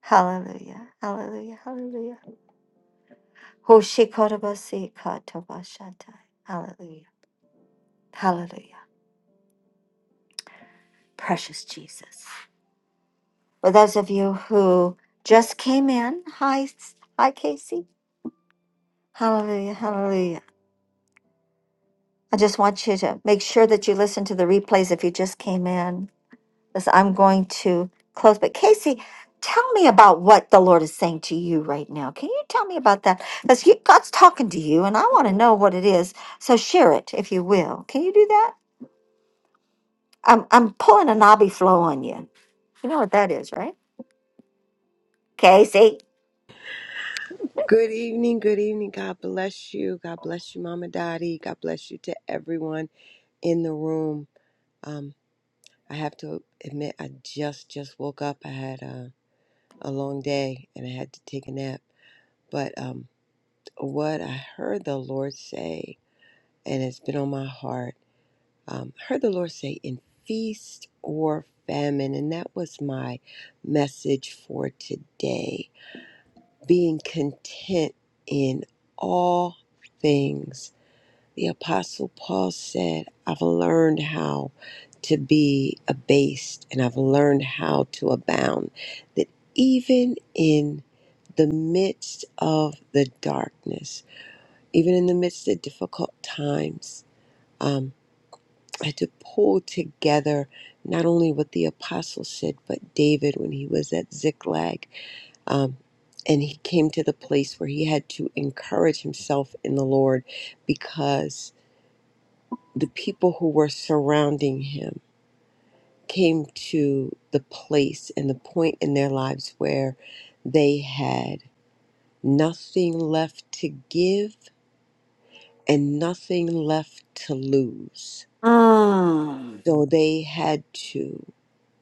S1: Hallelujah. Hallelujah. Hallelujah. Hoshikotabasi katabashantai. Hallelujah. Hallelujah. Precious Jesus. For those of you who just came in, hi, hi, Casey. Hallelujah. Hallelujah. I just want you to make sure that you listen to the replays if you just came in as I'm going to close. But Casey, tell me about what the Lord is saying to you right now. Can you tell me about that? Because God's talking to you, and I want to know what it is. So share it, if you will. Can you do that? I'm I'm pulling a knobby flow on you. You know what that is, right, Casey?
S8: Good evening. Good evening. God bless you. God bless you, Mama Dottie. God bless you to everyone in the room. Um, I have to admit, I just just woke up. I had a, a long day and I had to take a nap. But um, what I heard the Lord say, and it's been on my heart, um, I heard the Lord say, "In feast or famine," and that was my message for today: being content in all things The Apostle Paul said, I've learned how to be abased and I've learned how to abound. That even in the midst of the darkness, even in the midst of difficult times, um, I had to pull together not only what the apostle said, but David when he was at Ziklag. Um, and he came to the place where he had to encourage himself in the Lord because." the people who were surrounding him came to the place and the point in their lives where they had nothing left to give and nothing left to lose
S1: Mm.
S8: so they had to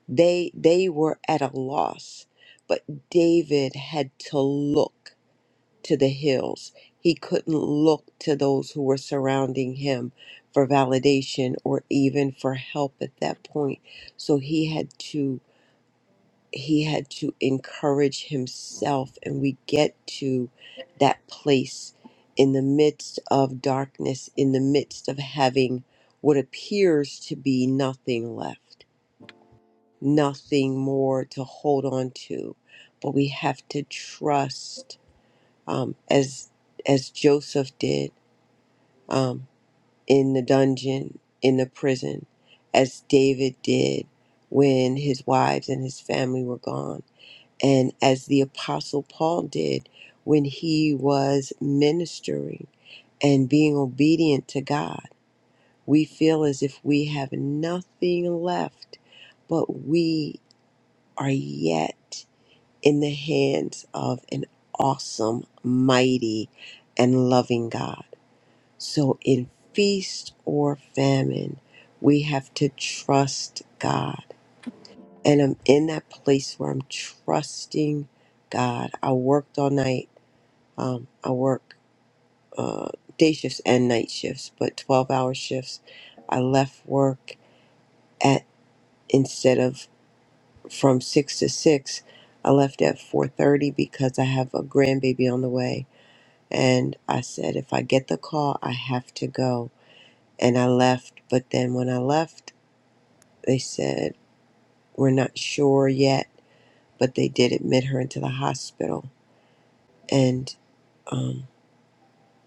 S8: they they were at a loss but david had to look to the hills. He couldn't look to those who were surrounding him for validation or even for help at that point. So he had to he had to encourage himself and we get to that place in the midst of darkness, in the midst of having what appears to be nothing left, nothing more to hold on to. But we have to trust um, as as Joseph did um, in the dungeon, in the prison, as David did when his wives and his family were gone, and as the apostle Paul did when he was ministering and being obedient to God. We feel as if we have nothing left, but we are yet in the hands of an awesome, mighty, and loving God. So, in feast or famine, we have to trust God. And I'm in that place where I'm trusting God. I worked all night. Um, I work uh, day shifts and night shifts, but 12 hour shifts. I left work at instead of from 6 to 6 i left at 4.30 because i have a grandbaby on the way and i said if i get the call i have to go and i left but then when i left They said, We're not sure yet, but they did admit her into the hospital. And um,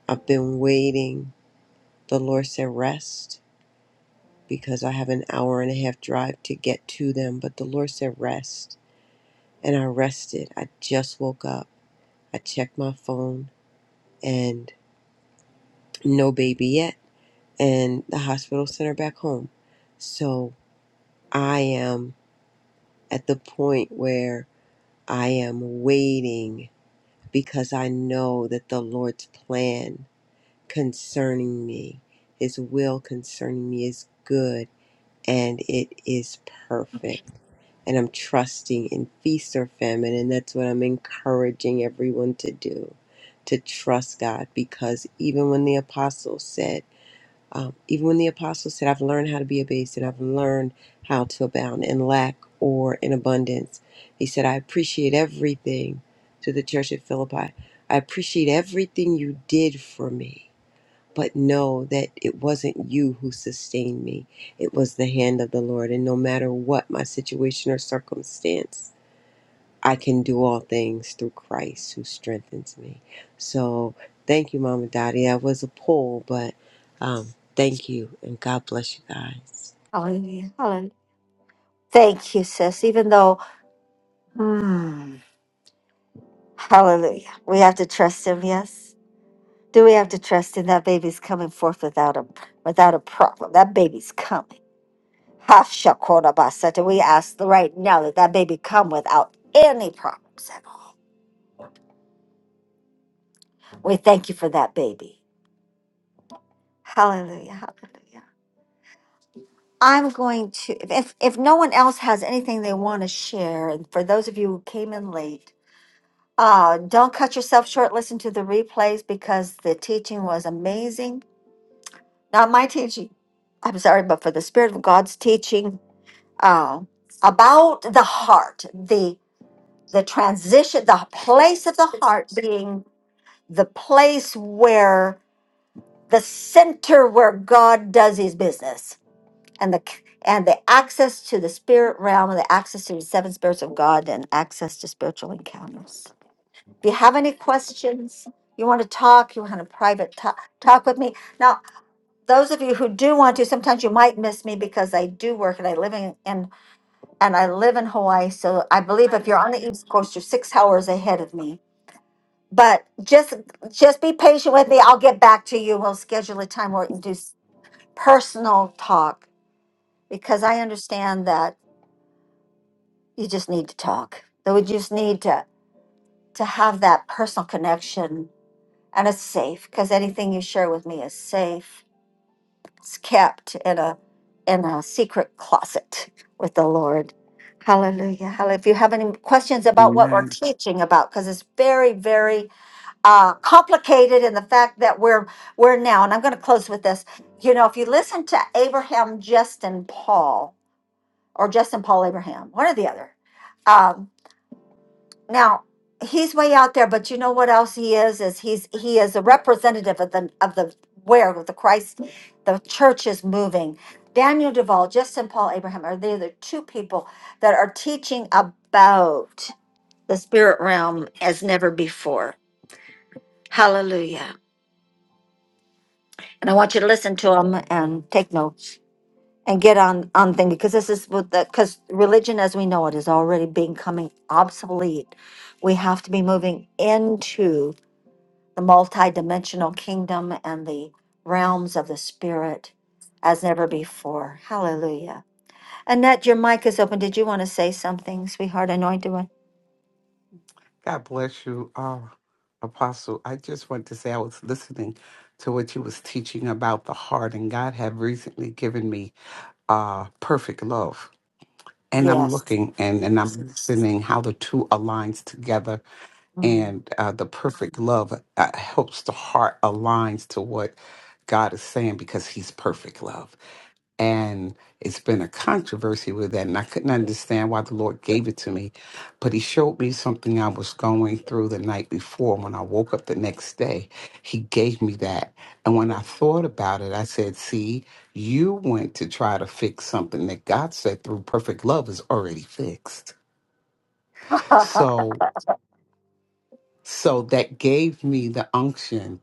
S8: I've been waiting. The Lord said, Rest, because I have an hour and a half drive to get to them. But the Lord said, Rest. And I rested. I just woke up. I checked my phone and no baby yet. And the hospital sent her back home. So I am at the point where I am waiting because I know that the Lord's plan concerning me, His will concerning me is good and it is perfect. And I'm trusting in feast or famine, and that's what I'm encouraging everyone to do to trust God because even when the apostles said, um, even when the apostles said, I've learned how to be abased and I've learned how to abound in lack or in abundance, he said, I appreciate everything to the church at Philippi. I appreciate everything you did for me, but know that it wasn't you who sustained me. It was the hand of the Lord. And no matter what my situation or circumstance, I can do all things through Christ who strengthens me. So thank you, Mama Dottie. That was a pull, but um, thank you, and God bless you guys.
S1: Hallelujah. Hallelujah. Thank you, sis. Even though, hmm, hallelujah, we have to trust him. Yes. Do we have to trust him? That baby's coming forth without a without a problem. That baby's coming. Hashakorabasata. We ask the right now that that baby come without any problems at all. We thank you for that baby. Hallelujah. Hallelujah. I'm going to, if, if, if no one else has anything they want to share, and for those of you who came in late, uh, don't cut yourself short. Listen to the replays because the teaching was amazing. Not my teaching. I'm sorry, but for the Spirit of God's teaching uh, about the heart, the the transition, the place of the heart being the place where the center where God does His business and the and the access to the spirit realm and the access to the seven spirits of god and access to spiritual encounters if you have any questions you want to talk you want a private talk, talk with me now those of you who do want to sometimes you might miss me because i do work and i live in and, and i live in hawaii so i believe if you're on the east coast you're six hours ahead of me but just just be patient with me i'll get back to you we'll schedule a time where we can do s- personal talk because i understand that you just need to talk. That we just need to to have that personal connection, and it's safe because anything you share with me is safe. It's kept in a in a secret closet with the Lord. Hallelujah. Hallelujah. If you have any questions about what we're
S5: Amen.
S1: teaching about, because it's very, very uh, complicated in the fact that we're we're now, and I'm going to close with this. You know, if you listen to Abraham Justin Paul or Justin Paul Abraham, one or the other, um, Now, he's way out there, but you know what else he is? Is he's he is a representative of the of the where the Christ, the church is moving. Daniel Duvall, Justin Paul Abraham are they the other two people that are teaching about the spirit realm as never before. Hallelujah. And I want you to listen to them and take notes and get on on thing because this is what the because religion as we know it is already becoming obsolete. We have to be moving into the multidimensional kingdom and the realms of the spirit as never before. Hallelujah. Annette, your mic is open. Did you want to say something, sweetheart? Anointed one?
S5: God bless you, uh, Apostle. I just want to say I was listening to what you was teaching about the heart, and God have recently given me uh, perfect love. And I'm
S1: Yes.
S5: looking and, and I'm listening how the two aligns together,
S1: Mm.
S5: and uh, the perfect love uh, helps the heart aligns to what God is saying because He's perfect love. And it's been a controversy with that. And I couldn't understand why the Lord gave it to me. But He showed me something I was going through the night before. When I woke up the next day, He gave me that. And when I thought about it, I said, See, you went to try to fix something that God said through perfect love is already fixed. So, so that gave me the unction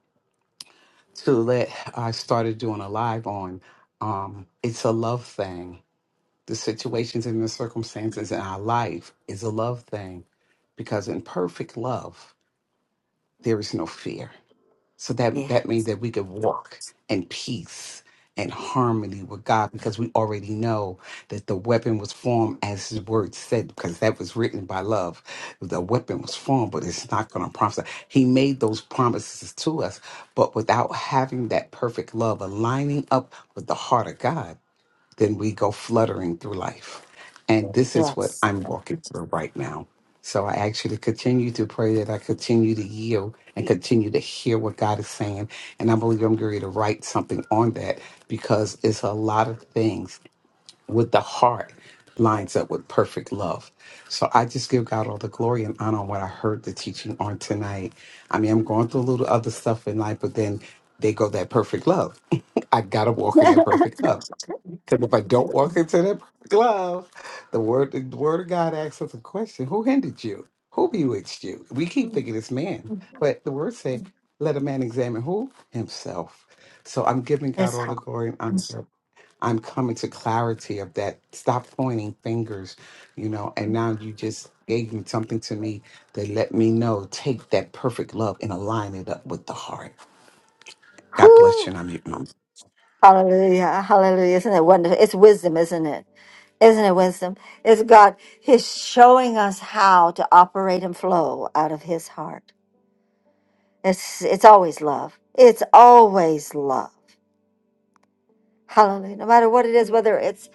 S5: to let, I started doing a live on um, It's a Love Thing the situations and the circumstances in our life is a love thing because in perfect love there is no fear so that
S1: yeah.
S5: that means that we can walk in peace and harmony with god because we already know that the weapon was formed as his word said because that was written by love the weapon was formed but it's not going to promise us. he made those promises to us but without having that perfect love aligning up with the heart of god then we go fluttering through life. And this is what
S1: Yes.
S5: I'm walking through right now. So I ask you to continue to pray that I continue to yield and continue to hear what God is saying. And I believe I'm going to write something on that because it's a lot of things with the heart lines up with perfect love. So I just give God all the glory and honor on what I heard the teaching on tonight. I mean, I'm going through a little other stuff in life, but then they go that perfect love. I gotta walk in that perfect love. Because if I don't walk into that glove, the word the word of God asks us a question: Who hindered you? Who bewitched you? We keep thinking it's man, but the word said, "Let a man examine who himself." So I'm giving God
S1: it's
S5: all the
S1: hot.
S5: glory and honor. Yes. I'm coming to clarity of that. Stop pointing fingers, you know. And now you just gave me something to me that let me know. Take that perfect love and align it up with the heart. God bless you,
S1: Whew.
S5: and I'm you.
S1: Hallelujah. Hallelujah. Isn't it wonderful? It's wisdom, isn't it? Isn't it wisdom? It's God. He's showing us how to operate and flow out of his heart. It's it's always love. It's always love. Hallelujah. No matter what it is, whether it's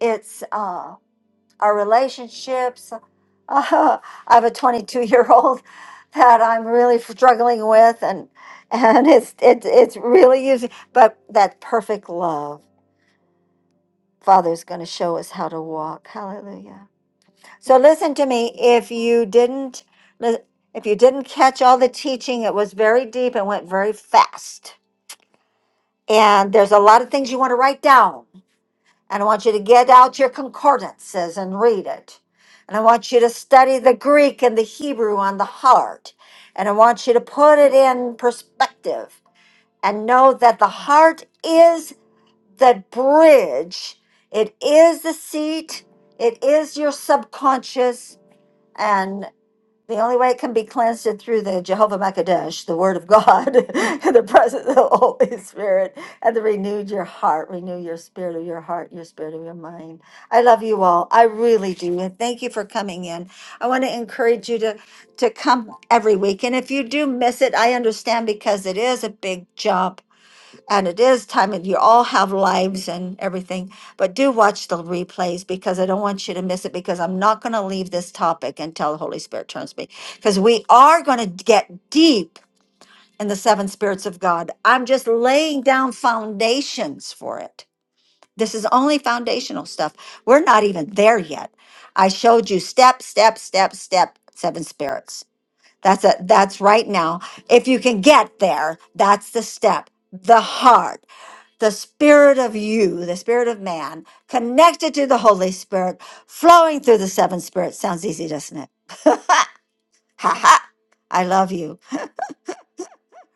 S1: it's uh, our relationships. Uh, I have a 22 year old that I'm really struggling with, and and it's it's it's really easy. But that perfect love, Father's going to show us how to walk. Hallelujah. So listen to me. If you didn't, li- if you didn't catch all the teaching, it was very deep and went very fast. And there's a lot of things you want to write down. And I want you to get out your concordances and read it. And I want you to study the Greek and the Hebrew on the heart. And I want you to put it in perspective and know that the heart is the bridge, it is the seat, it is your subconscious. and. The only way it can be cleansed is through the Jehovah Makadesh, the Word of God, and the presence of the Holy Spirit, and the renewed your heart, renew your spirit of your heart, your spirit of your mind. I love you all. I really do. And thank you for coming in. I want to encourage you to, to come every week. And if you do miss it, I understand because it is a big jump and it is time and you all have lives and everything but do watch the replays because i don't want you to miss it because i'm not going to leave this topic until the holy spirit turns me because we are going to get deep in the seven spirits of god i'm just laying down foundations for it this is only foundational stuff we're not even there yet i showed you step step step step seven spirits that's it that's right now if you can get there that's the step the heart the spirit of you, the spirit of man, connected to the Holy Spirit, flowing through the seven spirits. Sounds easy, doesn't it? Ha ha. I love you.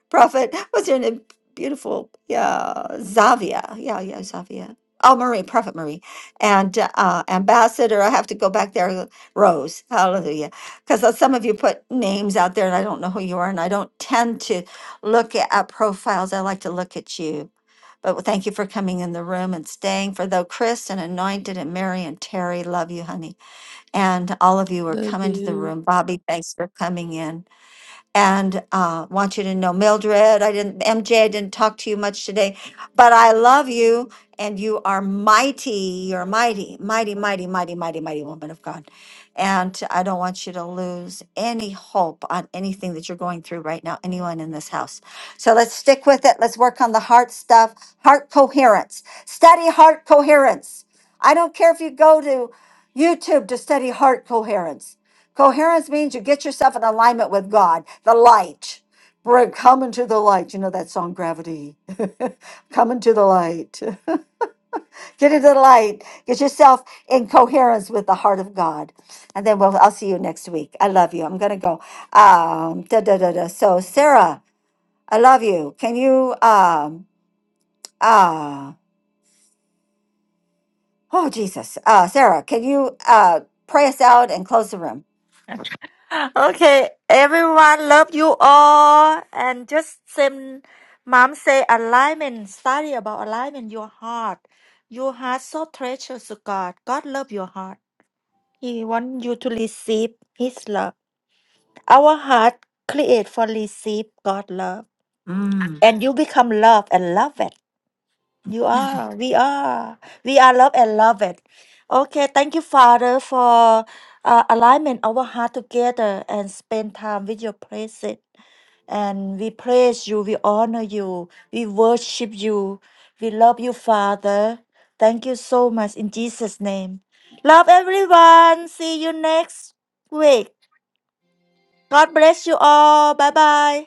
S1: Prophet, what's your name? Beautiful, yeah, Zavia, yeah, yeah, Zavia. Oh, Marie, Prophet Marie, and uh, Ambassador. I have to go back there. Rose, Hallelujah, because some of you put names out there, and I don't know who you are, and I don't tend to look at at profiles. I like to look at you. But thank you for coming in the room and staying. For though Chris and Anointed and Mary and Terry love you, honey, and all of you are
S6: Love
S1: coming to the
S6: you.
S1: room. Bobby, thanks for coming in and uh, want you to know Mildred. I didn't, MJ, I didn't talk to you much today, but I love you and you are mighty. You're mighty, mighty, mighty, mighty, mighty, mighty woman of God. And I don't want you to lose any hope on anything that you're going through right now, anyone in this house. So let's stick with it. Let's work on the heart stuff, heart coherence. Study heart coherence. I don't care if you go to YouTube to study heart coherence. Coherence means you get yourself in alignment with God, the light. Bring, come into the light. You know that song, Gravity. come into the light. get into the light. Get yourself in coherence with the heart of God. And then we'll, I'll see you next week. I love you. I'm going to go. Um, da, da, da, da. So, Sarah, I love you. Can you, um, uh, oh, Jesus. Uh, Sarah, can you uh, pray us out and close the room?
S9: Okay, everyone, love you all. And just same, mom say alignment, study about alignment, your heart. Your heart so treasures to God. God love your heart. He want you to receive His love. Our heart create for receive God love.
S1: Mm.
S9: And you become love and loved. You are. We are. We are love and love it. Okay. Thank you, Father, for uh, alignment our heart together and spend time with your presence. And we praise you. We honor you. We worship you. We love you, Father. Thank you so much in Jesus' name. Love everyone. See you next week. God bless you all. Bye bye.